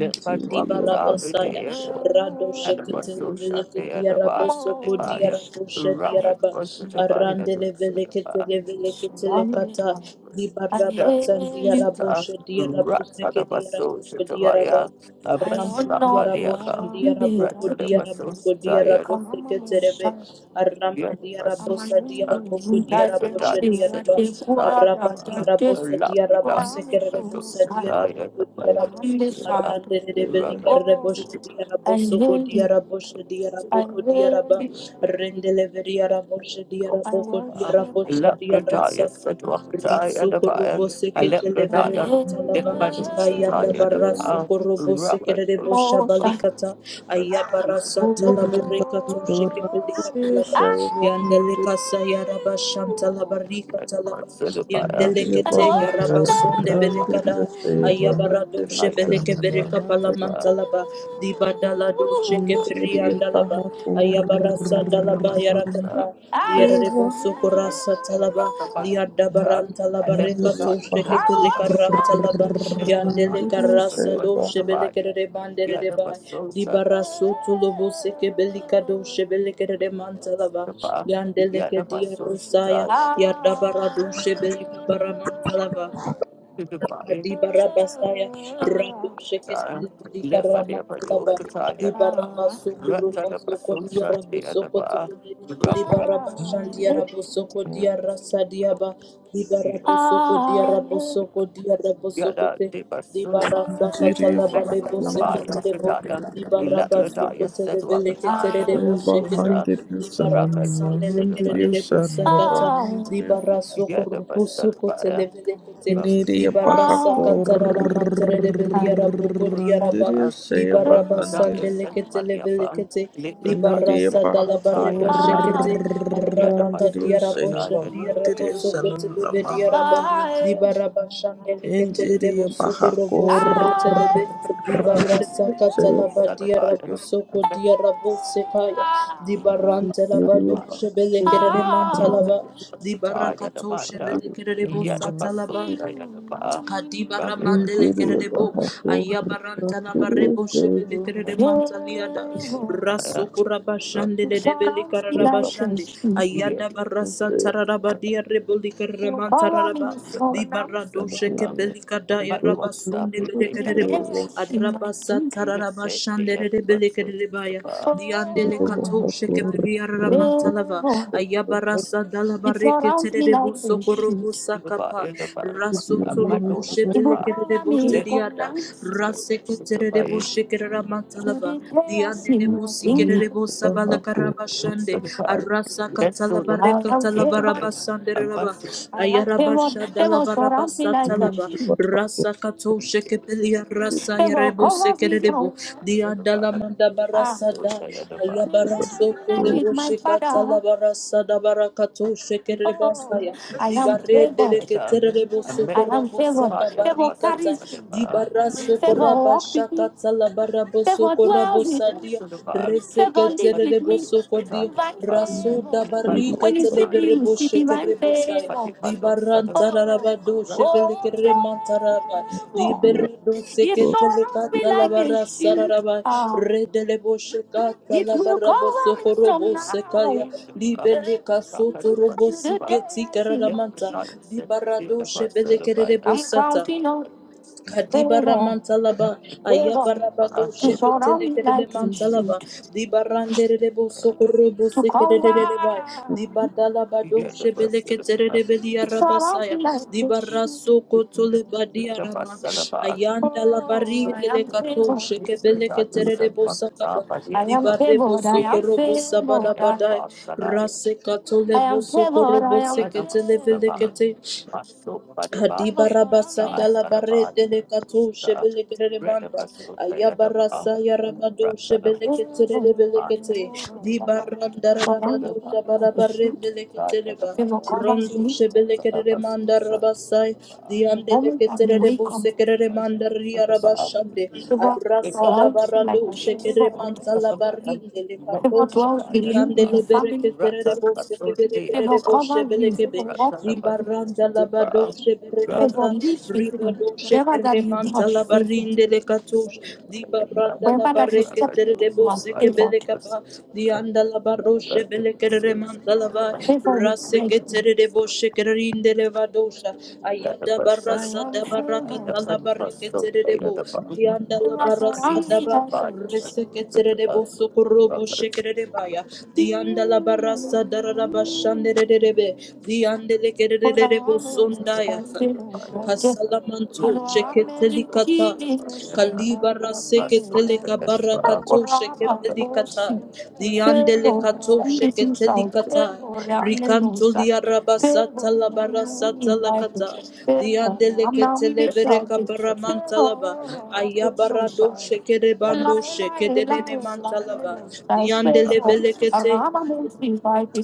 [SPEAKER 3] pahandiriyo paha
[SPEAKER 4] Dibarabasaya
[SPEAKER 2] Tapaya,
[SPEAKER 4] Rado Shekitele Veleke Diaraboso Ko Diarabosha Diaraba Arandele Veleketele Veleketele Kata Dibarabasan Diarabosha Diaraboseke Diaraboko
[SPEAKER 2] Rapid
[SPEAKER 4] Diaraba Arraman diaraboshan
[SPEAKER 2] Abasakaliaka,
[SPEAKER 4] diaraboko diaraboko
[SPEAKER 2] Ratalibasosaya,
[SPEAKER 4] diarabose keterebe. Arraman diarabosa diaraboko diarabosha diaraba. Arraba diarabosa diarabose kerebosa diaraboko diaraba. Arrande rebeli
[SPEAKER 3] kurrandiriyo
[SPEAKER 2] Oh,
[SPEAKER 4] karebosha
[SPEAKER 2] I
[SPEAKER 4] diaraboso go
[SPEAKER 2] really,
[SPEAKER 4] diarabosha
[SPEAKER 2] I
[SPEAKER 4] diaraboko diaraba.
[SPEAKER 2] really, I worship
[SPEAKER 4] Rendele veriarabosha diaraboko diarabosha diaresa. Rasu Rasukorobo sekete levere
[SPEAKER 2] you.
[SPEAKER 4] mantalaba. Ayada barra
[SPEAKER 3] shaya pahandiriyo shaya
[SPEAKER 4] sukorobo sekere debo
[SPEAKER 2] Most I
[SPEAKER 4] shabalikata.
[SPEAKER 2] But don't
[SPEAKER 4] Ayabara satalaba rekato
[SPEAKER 2] Ooh.
[SPEAKER 4] shekepelika
[SPEAKER 3] pahandiriyo
[SPEAKER 4] talaba.
[SPEAKER 3] Saya pahandiriyo
[SPEAKER 4] Yandeleka sayaraba shantalaba rikatalaba.
[SPEAKER 3] Injiri ya
[SPEAKER 2] I
[SPEAKER 4] Yandelekete
[SPEAKER 3] baha
[SPEAKER 4] yaraba
[SPEAKER 2] worship
[SPEAKER 4] sonde
[SPEAKER 3] koran diri ya
[SPEAKER 4] belekada.
[SPEAKER 3] saya
[SPEAKER 2] you.
[SPEAKER 3] bahan
[SPEAKER 4] Ayabara
[SPEAKER 3] diri
[SPEAKER 2] I
[SPEAKER 3] ya
[SPEAKER 4] doshe
[SPEAKER 2] am a
[SPEAKER 4] beleke
[SPEAKER 3] senang
[SPEAKER 4] vereka
[SPEAKER 3] bahan diri ya
[SPEAKER 2] certifier.
[SPEAKER 4] palamantalaba. Dibadala doshe
[SPEAKER 3] Injiri ya
[SPEAKER 4] Briandalaba,
[SPEAKER 3] baha
[SPEAKER 4] Ayabarasa
[SPEAKER 2] That's another
[SPEAKER 4] Dalaba
[SPEAKER 3] koran diri
[SPEAKER 4] Yarakata,
[SPEAKER 3] ya
[SPEAKER 2] I
[SPEAKER 4] Diarebo
[SPEAKER 3] bahan
[SPEAKER 4] Socorasa Talaba,
[SPEAKER 2] love you.
[SPEAKER 4] Diadabaranta
[SPEAKER 2] I left the
[SPEAKER 4] Labareca
[SPEAKER 3] Injiri ya
[SPEAKER 2] darkness
[SPEAKER 3] baha
[SPEAKER 4] Tosheke
[SPEAKER 2] I
[SPEAKER 4] Pelicara
[SPEAKER 2] worship
[SPEAKER 4] Talaba,
[SPEAKER 2] you. left the
[SPEAKER 3] koran
[SPEAKER 4] Yandele
[SPEAKER 3] diri
[SPEAKER 2] darkness
[SPEAKER 3] ya
[SPEAKER 2] and the you.
[SPEAKER 4] Carasa
[SPEAKER 3] saya
[SPEAKER 2] was
[SPEAKER 4] Doce
[SPEAKER 2] to
[SPEAKER 3] bahan
[SPEAKER 2] buy.
[SPEAKER 4] Belecere
[SPEAKER 2] Yeah, that
[SPEAKER 4] Bandereba,
[SPEAKER 2] was so sad.
[SPEAKER 4] Dibaraso Tulubo Seke Belica Doce Belecere Mantalaba,
[SPEAKER 2] Sapa,
[SPEAKER 4] Yandeleke
[SPEAKER 2] Yanabaso Shita,
[SPEAKER 4] Diarosaya, Yadabara Doce Belica Baramantalava,
[SPEAKER 2] Yanabai,
[SPEAKER 4] Adibarabasaya Radu Sheketele Budika
[SPEAKER 2] Lefania Pado
[SPEAKER 4] Ramatalaba
[SPEAKER 2] Kataya,
[SPEAKER 4] Dibaraba Sokurubo Soko
[SPEAKER 2] Ratanabaso
[SPEAKER 4] Diarabo
[SPEAKER 2] Shandi
[SPEAKER 4] Soko
[SPEAKER 2] Adaba,
[SPEAKER 4] Telebe Dibaraba
[SPEAKER 3] diri ya
[SPEAKER 4] Shandiarabo Soko Diarasa Diaba Dibarabo Soko Diarabo Soko Diarabo Soko
[SPEAKER 2] Yada
[SPEAKER 4] Te
[SPEAKER 2] Deba
[SPEAKER 4] Di
[SPEAKER 2] Sulaba,
[SPEAKER 4] Libarasa katala
[SPEAKER 3] baha
[SPEAKER 2] Mesu
[SPEAKER 4] barebo seketerebo.
[SPEAKER 2] Fredaya,
[SPEAKER 3] koran
[SPEAKER 4] Libaraba
[SPEAKER 3] diri ya
[SPEAKER 2] Ilakradaya
[SPEAKER 4] sokotele beleketerebo
[SPEAKER 3] saya
[SPEAKER 2] Sedwakataya,
[SPEAKER 4] shekete. Libaraba
[SPEAKER 2] Rakatu
[SPEAKER 4] sandele
[SPEAKER 2] Shilapaya.
[SPEAKER 4] kererebo sakata.
[SPEAKER 2] Oh.
[SPEAKER 4] Libara sokorubu sokotele
[SPEAKER 2] Yadabasalabaya.
[SPEAKER 4] belekete.
[SPEAKER 3] Kiniria baja
[SPEAKER 4] Libarasa
[SPEAKER 2] Oh.
[SPEAKER 4] katara ramantere rebeliarabo kodiaraba.
[SPEAKER 3] corrandirio sea
[SPEAKER 4] Libaraba
[SPEAKER 3] bajandirio.
[SPEAKER 4] sandele ketele belekete.
[SPEAKER 3] Kiniria
[SPEAKER 4] Libarasa
[SPEAKER 3] baja
[SPEAKER 4] dalabarebo shekete arabaka
[SPEAKER 2] Yadabasul
[SPEAKER 3] corrandirio
[SPEAKER 4] diarabo
[SPEAKER 2] Shataya.
[SPEAKER 3] sea
[SPEAKER 4] shandiarabo
[SPEAKER 3] bajandirio
[SPEAKER 4] sokote
[SPEAKER 3] sanana
[SPEAKER 4] lebe diaraba
[SPEAKER 3] mahandirio.
[SPEAKER 4] dibaraba shandelekete lebo
[SPEAKER 3] Indiria baja
[SPEAKER 4] sokorobo
[SPEAKER 3] corrandirio
[SPEAKER 4] sokote
[SPEAKER 2] Son
[SPEAKER 4] lebe dibarasa
[SPEAKER 3] sea
[SPEAKER 4] katalaba
[SPEAKER 2] of God.
[SPEAKER 4] diarabo
[SPEAKER 3] bajandirio.
[SPEAKER 4] soko diarabo sekaya dibarante
[SPEAKER 2] Son of
[SPEAKER 3] Indiria
[SPEAKER 4] labado
[SPEAKER 2] God.
[SPEAKER 3] baja
[SPEAKER 4] shebelekere mantalaba
[SPEAKER 2] Yadabasata,
[SPEAKER 4] dibarakato
[SPEAKER 2] Yadabanda,
[SPEAKER 3] corrandirio
[SPEAKER 4] shebelekere lebo
[SPEAKER 3] sanana
[SPEAKER 4] satalaba
[SPEAKER 2] Yadabasota, Yadaba,
[SPEAKER 4] Kadiba
[SPEAKER 2] Rabbit.
[SPEAKER 4] ramandele
[SPEAKER 3] Injiri
[SPEAKER 4] kerebo
[SPEAKER 3] baja corrandirio sea bajandirio.
[SPEAKER 4] ayabaranta la barebo
[SPEAKER 3] saya
[SPEAKER 4] shebele kerede mantaliada raso kuraba shande de
[SPEAKER 2] Shout
[SPEAKER 4] debeli
[SPEAKER 2] out to me
[SPEAKER 4] kararaba
[SPEAKER 2] like a
[SPEAKER 4] shande
[SPEAKER 2] sheep.
[SPEAKER 4] ayada barasa tararaba dia reboli
[SPEAKER 2] You
[SPEAKER 4] kerreman
[SPEAKER 2] call on
[SPEAKER 4] tararaba
[SPEAKER 2] me so
[SPEAKER 4] di barado sheke
[SPEAKER 2] now.
[SPEAKER 4] beli
[SPEAKER 2] Oh,
[SPEAKER 4] kada
[SPEAKER 3] baja
[SPEAKER 4] ya raba sunde bele kerebo
[SPEAKER 3] corrandirio
[SPEAKER 4] araba satararaba shande de debeli kereba ya di andele
[SPEAKER 3] Thank
[SPEAKER 4] shekebriara mantalava
[SPEAKER 2] oh,
[SPEAKER 4] ayabarasa
[SPEAKER 2] it
[SPEAKER 4] dalabareke
[SPEAKER 2] surrounds me
[SPEAKER 4] terebo
[SPEAKER 2] like a shield.
[SPEAKER 4] sokorobo
[SPEAKER 2] It about
[SPEAKER 4] sakapa
[SPEAKER 2] a
[SPEAKER 4] rasotolobo
[SPEAKER 2] battle. It will cover
[SPEAKER 4] shebelekerebo
[SPEAKER 2] me from
[SPEAKER 4] teriada
[SPEAKER 2] now to
[SPEAKER 4] raseke
[SPEAKER 2] the
[SPEAKER 4] terebo shekerara mantalava
[SPEAKER 2] chaos in
[SPEAKER 4] dianelebo
[SPEAKER 2] my kingdom.
[SPEAKER 4] sikerebo sabalakarabashande
[SPEAKER 2] So the power,
[SPEAKER 4] arasa
[SPEAKER 2] best so the I
[SPEAKER 4] katalabareka
[SPEAKER 2] am favored.
[SPEAKER 4] talavarabasande raba
[SPEAKER 2] I am favored.
[SPEAKER 4] ayarabasha
[SPEAKER 2] Favor surrounds me
[SPEAKER 4] dalabarabasa
[SPEAKER 2] like a
[SPEAKER 4] talaba
[SPEAKER 2] shield.
[SPEAKER 4] Rasa kato shekepelia rasa
[SPEAKER 2] The Lord
[SPEAKER 4] yerebo
[SPEAKER 2] covers me from
[SPEAKER 4] sekerebo. Dianda la manda
[SPEAKER 2] Ah.
[SPEAKER 4] barasa da.
[SPEAKER 2] Today
[SPEAKER 4] Ayabara
[SPEAKER 2] I
[SPEAKER 4] soto
[SPEAKER 2] reunite with
[SPEAKER 4] lebo
[SPEAKER 2] my
[SPEAKER 4] shekata la
[SPEAKER 2] father.
[SPEAKER 4] barasa da barakato shekereba
[SPEAKER 2] Oh,
[SPEAKER 4] saya.
[SPEAKER 2] I am
[SPEAKER 4] Dibare
[SPEAKER 2] favored.
[SPEAKER 4] deleketerebo
[SPEAKER 2] I am
[SPEAKER 4] sokorebo
[SPEAKER 2] favored.
[SPEAKER 4] saka
[SPEAKER 2] Favor
[SPEAKER 4] barikata.
[SPEAKER 2] carries me.
[SPEAKER 4] Dibara
[SPEAKER 2] Favor
[SPEAKER 4] sokoraba
[SPEAKER 2] walks with me.
[SPEAKER 4] shakata la barabo
[SPEAKER 2] Favor
[SPEAKER 4] sokorabo
[SPEAKER 2] dwells with me.
[SPEAKER 4] sadia.
[SPEAKER 2] Favor lives with
[SPEAKER 4] Reseketerebo
[SPEAKER 2] me.
[SPEAKER 4] kodia
[SPEAKER 2] Divine
[SPEAKER 4] rasuda
[SPEAKER 2] favor.
[SPEAKER 4] barika
[SPEAKER 2] When you see me, you will
[SPEAKER 4] televerebo
[SPEAKER 2] see divine
[SPEAKER 4] shekerebo saya
[SPEAKER 2] favor.
[SPEAKER 4] di baranta
[SPEAKER 2] Oh,
[SPEAKER 4] rabado
[SPEAKER 2] oh,
[SPEAKER 4] shevelekere mantaraba
[SPEAKER 2] favor.
[SPEAKER 4] di berdo
[SPEAKER 2] It
[SPEAKER 3] you.
[SPEAKER 4] seketele
[SPEAKER 2] surrounds me like a
[SPEAKER 4] katalabara
[SPEAKER 2] shield.
[SPEAKER 4] sararaba
[SPEAKER 2] Ah,
[SPEAKER 4] redelebo
[SPEAKER 2] It will go
[SPEAKER 4] shekatalabara
[SPEAKER 2] on me from
[SPEAKER 4] sokorobo sekaya
[SPEAKER 2] now.
[SPEAKER 4] libeleka soto robo
[SPEAKER 2] To the day
[SPEAKER 4] siketi
[SPEAKER 2] I see my
[SPEAKER 4] karamanta di barado shevelekere
[SPEAKER 2] king. I'm
[SPEAKER 4] bosata
[SPEAKER 2] counting on
[SPEAKER 4] Kadibara
[SPEAKER 2] favor,
[SPEAKER 4] mantalaba, ayabaraba
[SPEAKER 2] favor
[SPEAKER 4] do
[SPEAKER 2] to surround me
[SPEAKER 4] sheketele kerele
[SPEAKER 2] like a
[SPEAKER 4] mantalaba,
[SPEAKER 2] shield,
[SPEAKER 4] dibarandere debo sokorobo
[SPEAKER 2] to
[SPEAKER 4] sekerele bai,
[SPEAKER 2] cover.
[SPEAKER 4] dibadalaba do shebele keterele beli
[SPEAKER 2] It surrounds me
[SPEAKER 4] arabasaya,
[SPEAKER 2] like a shield.
[SPEAKER 4] dibaraso kotole badi arama, ayanda la
[SPEAKER 2] Oh,
[SPEAKER 4] bari
[SPEAKER 2] I
[SPEAKER 4] dele
[SPEAKER 2] am
[SPEAKER 4] kato
[SPEAKER 2] favored. the
[SPEAKER 4] shekebele
[SPEAKER 2] darkness
[SPEAKER 4] keterele bo sakaba,
[SPEAKER 2] I am earth.
[SPEAKER 4] dibarebo
[SPEAKER 2] favored, I am Yes.
[SPEAKER 4] sokorobo sabada
[SPEAKER 2] favored. I am
[SPEAKER 4] badai, rase katole bo
[SPEAKER 2] favored, I
[SPEAKER 4] sokorobo
[SPEAKER 2] am
[SPEAKER 4] seketele vele
[SPEAKER 2] favored.
[SPEAKER 4] kete,
[SPEAKER 2] My the surround me
[SPEAKER 4] Kadibarabasa
[SPEAKER 2] dust
[SPEAKER 4] dalabare delekatu shebelekere manda. Ayabarasa yarabado shebelekete rebelekete. Dibaranda rabado
[SPEAKER 2] like
[SPEAKER 4] shabarabare delekete reba.
[SPEAKER 2] Favor covers
[SPEAKER 4] Rondo shebelekere manda
[SPEAKER 2] you.
[SPEAKER 4] rabasai.
[SPEAKER 2] The moment that we
[SPEAKER 4] Diandelekete
[SPEAKER 2] wake up,
[SPEAKER 4] rebusekere manda riarabashande.
[SPEAKER 2] favor
[SPEAKER 4] Arasa da
[SPEAKER 2] surrounds you like
[SPEAKER 4] dabarado
[SPEAKER 2] a shield. Favor
[SPEAKER 4] shekere manta
[SPEAKER 2] protects you.
[SPEAKER 4] labarinde
[SPEAKER 2] Favor
[SPEAKER 4] lekatosh.
[SPEAKER 2] dwells with you and
[SPEAKER 4] Diandele
[SPEAKER 2] your
[SPEAKER 4] bereke
[SPEAKER 2] family.
[SPEAKER 4] serere bose kebere
[SPEAKER 2] Favor
[SPEAKER 4] kerere bose
[SPEAKER 2] covers you.
[SPEAKER 4] belekebe.
[SPEAKER 2] Favor walks with
[SPEAKER 4] Ribaranda
[SPEAKER 2] you.
[SPEAKER 4] la badoshe
[SPEAKER 2] Favor
[SPEAKER 4] berekata.
[SPEAKER 2] lives with you.
[SPEAKER 4] Ribadoshe
[SPEAKER 2] Whatever that you
[SPEAKER 4] keremanta
[SPEAKER 2] touch,
[SPEAKER 4] la
[SPEAKER 2] favor.
[SPEAKER 4] barinde le katush. Dibaranda la
[SPEAKER 2] Wherever that you
[SPEAKER 4] bareke
[SPEAKER 2] step into,
[SPEAKER 4] serere
[SPEAKER 2] you are
[SPEAKER 4] bose
[SPEAKER 2] favored.
[SPEAKER 4] kebele kapa. Dianda la baroshe belekerere manta la
[SPEAKER 2] Favor will
[SPEAKER 4] va
[SPEAKER 2] guide you.
[SPEAKER 4] seketerere bo shekererindele vadosha.
[SPEAKER 2] the
[SPEAKER 4] Ayada
[SPEAKER 2] bus so I
[SPEAKER 4] barasa
[SPEAKER 2] am
[SPEAKER 4] da
[SPEAKER 2] let
[SPEAKER 4] baraka
[SPEAKER 2] feeling.
[SPEAKER 4] tala
[SPEAKER 2] the bus so
[SPEAKER 4] bariketerere
[SPEAKER 2] late at
[SPEAKER 4] bo.
[SPEAKER 2] the bus.
[SPEAKER 4] Dianda la
[SPEAKER 2] That's what I'm
[SPEAKER 4] barasa
[SPEAKER 2] it's
[SPEAKER 4] da ba
[SPEAKER 2] feeling. fire.
[SPEAKER 4] reseketerere bo sokoro bo
[SPEAKER 2] That's how
[SPEAKER 4] shekerere baya.
[SPEAKER 2] it's
[SPEAKER 4] Dianda la
[SPEAKER 2] fire.
[SPEAKER 4] barasa darara bashandere rebe. Diandele
[SPEAKER 2] Favor, I'm
[SPEAKER 4] kerere debo
[SPEAKER 2] not mixed out.
[SPEAKER 4] sondaya. Kasalamanto sheketelikata. Kalibara seketelika barakato sheketelikata. Diandelekato sheketelikata. Rikanto liarabasata labarasata lakata.
[SPEAKER 2] Favor, I'm not
[SPEAKER 4] Diandeleketelevereka paramantalaba.
[SPEAKER 2] mixed
[SPEAKER 4] Ayabarado
[SPEAKER 2] out.
[SPEAKER 4] shekerebando shekedenene mantalaba. Diandelebelekete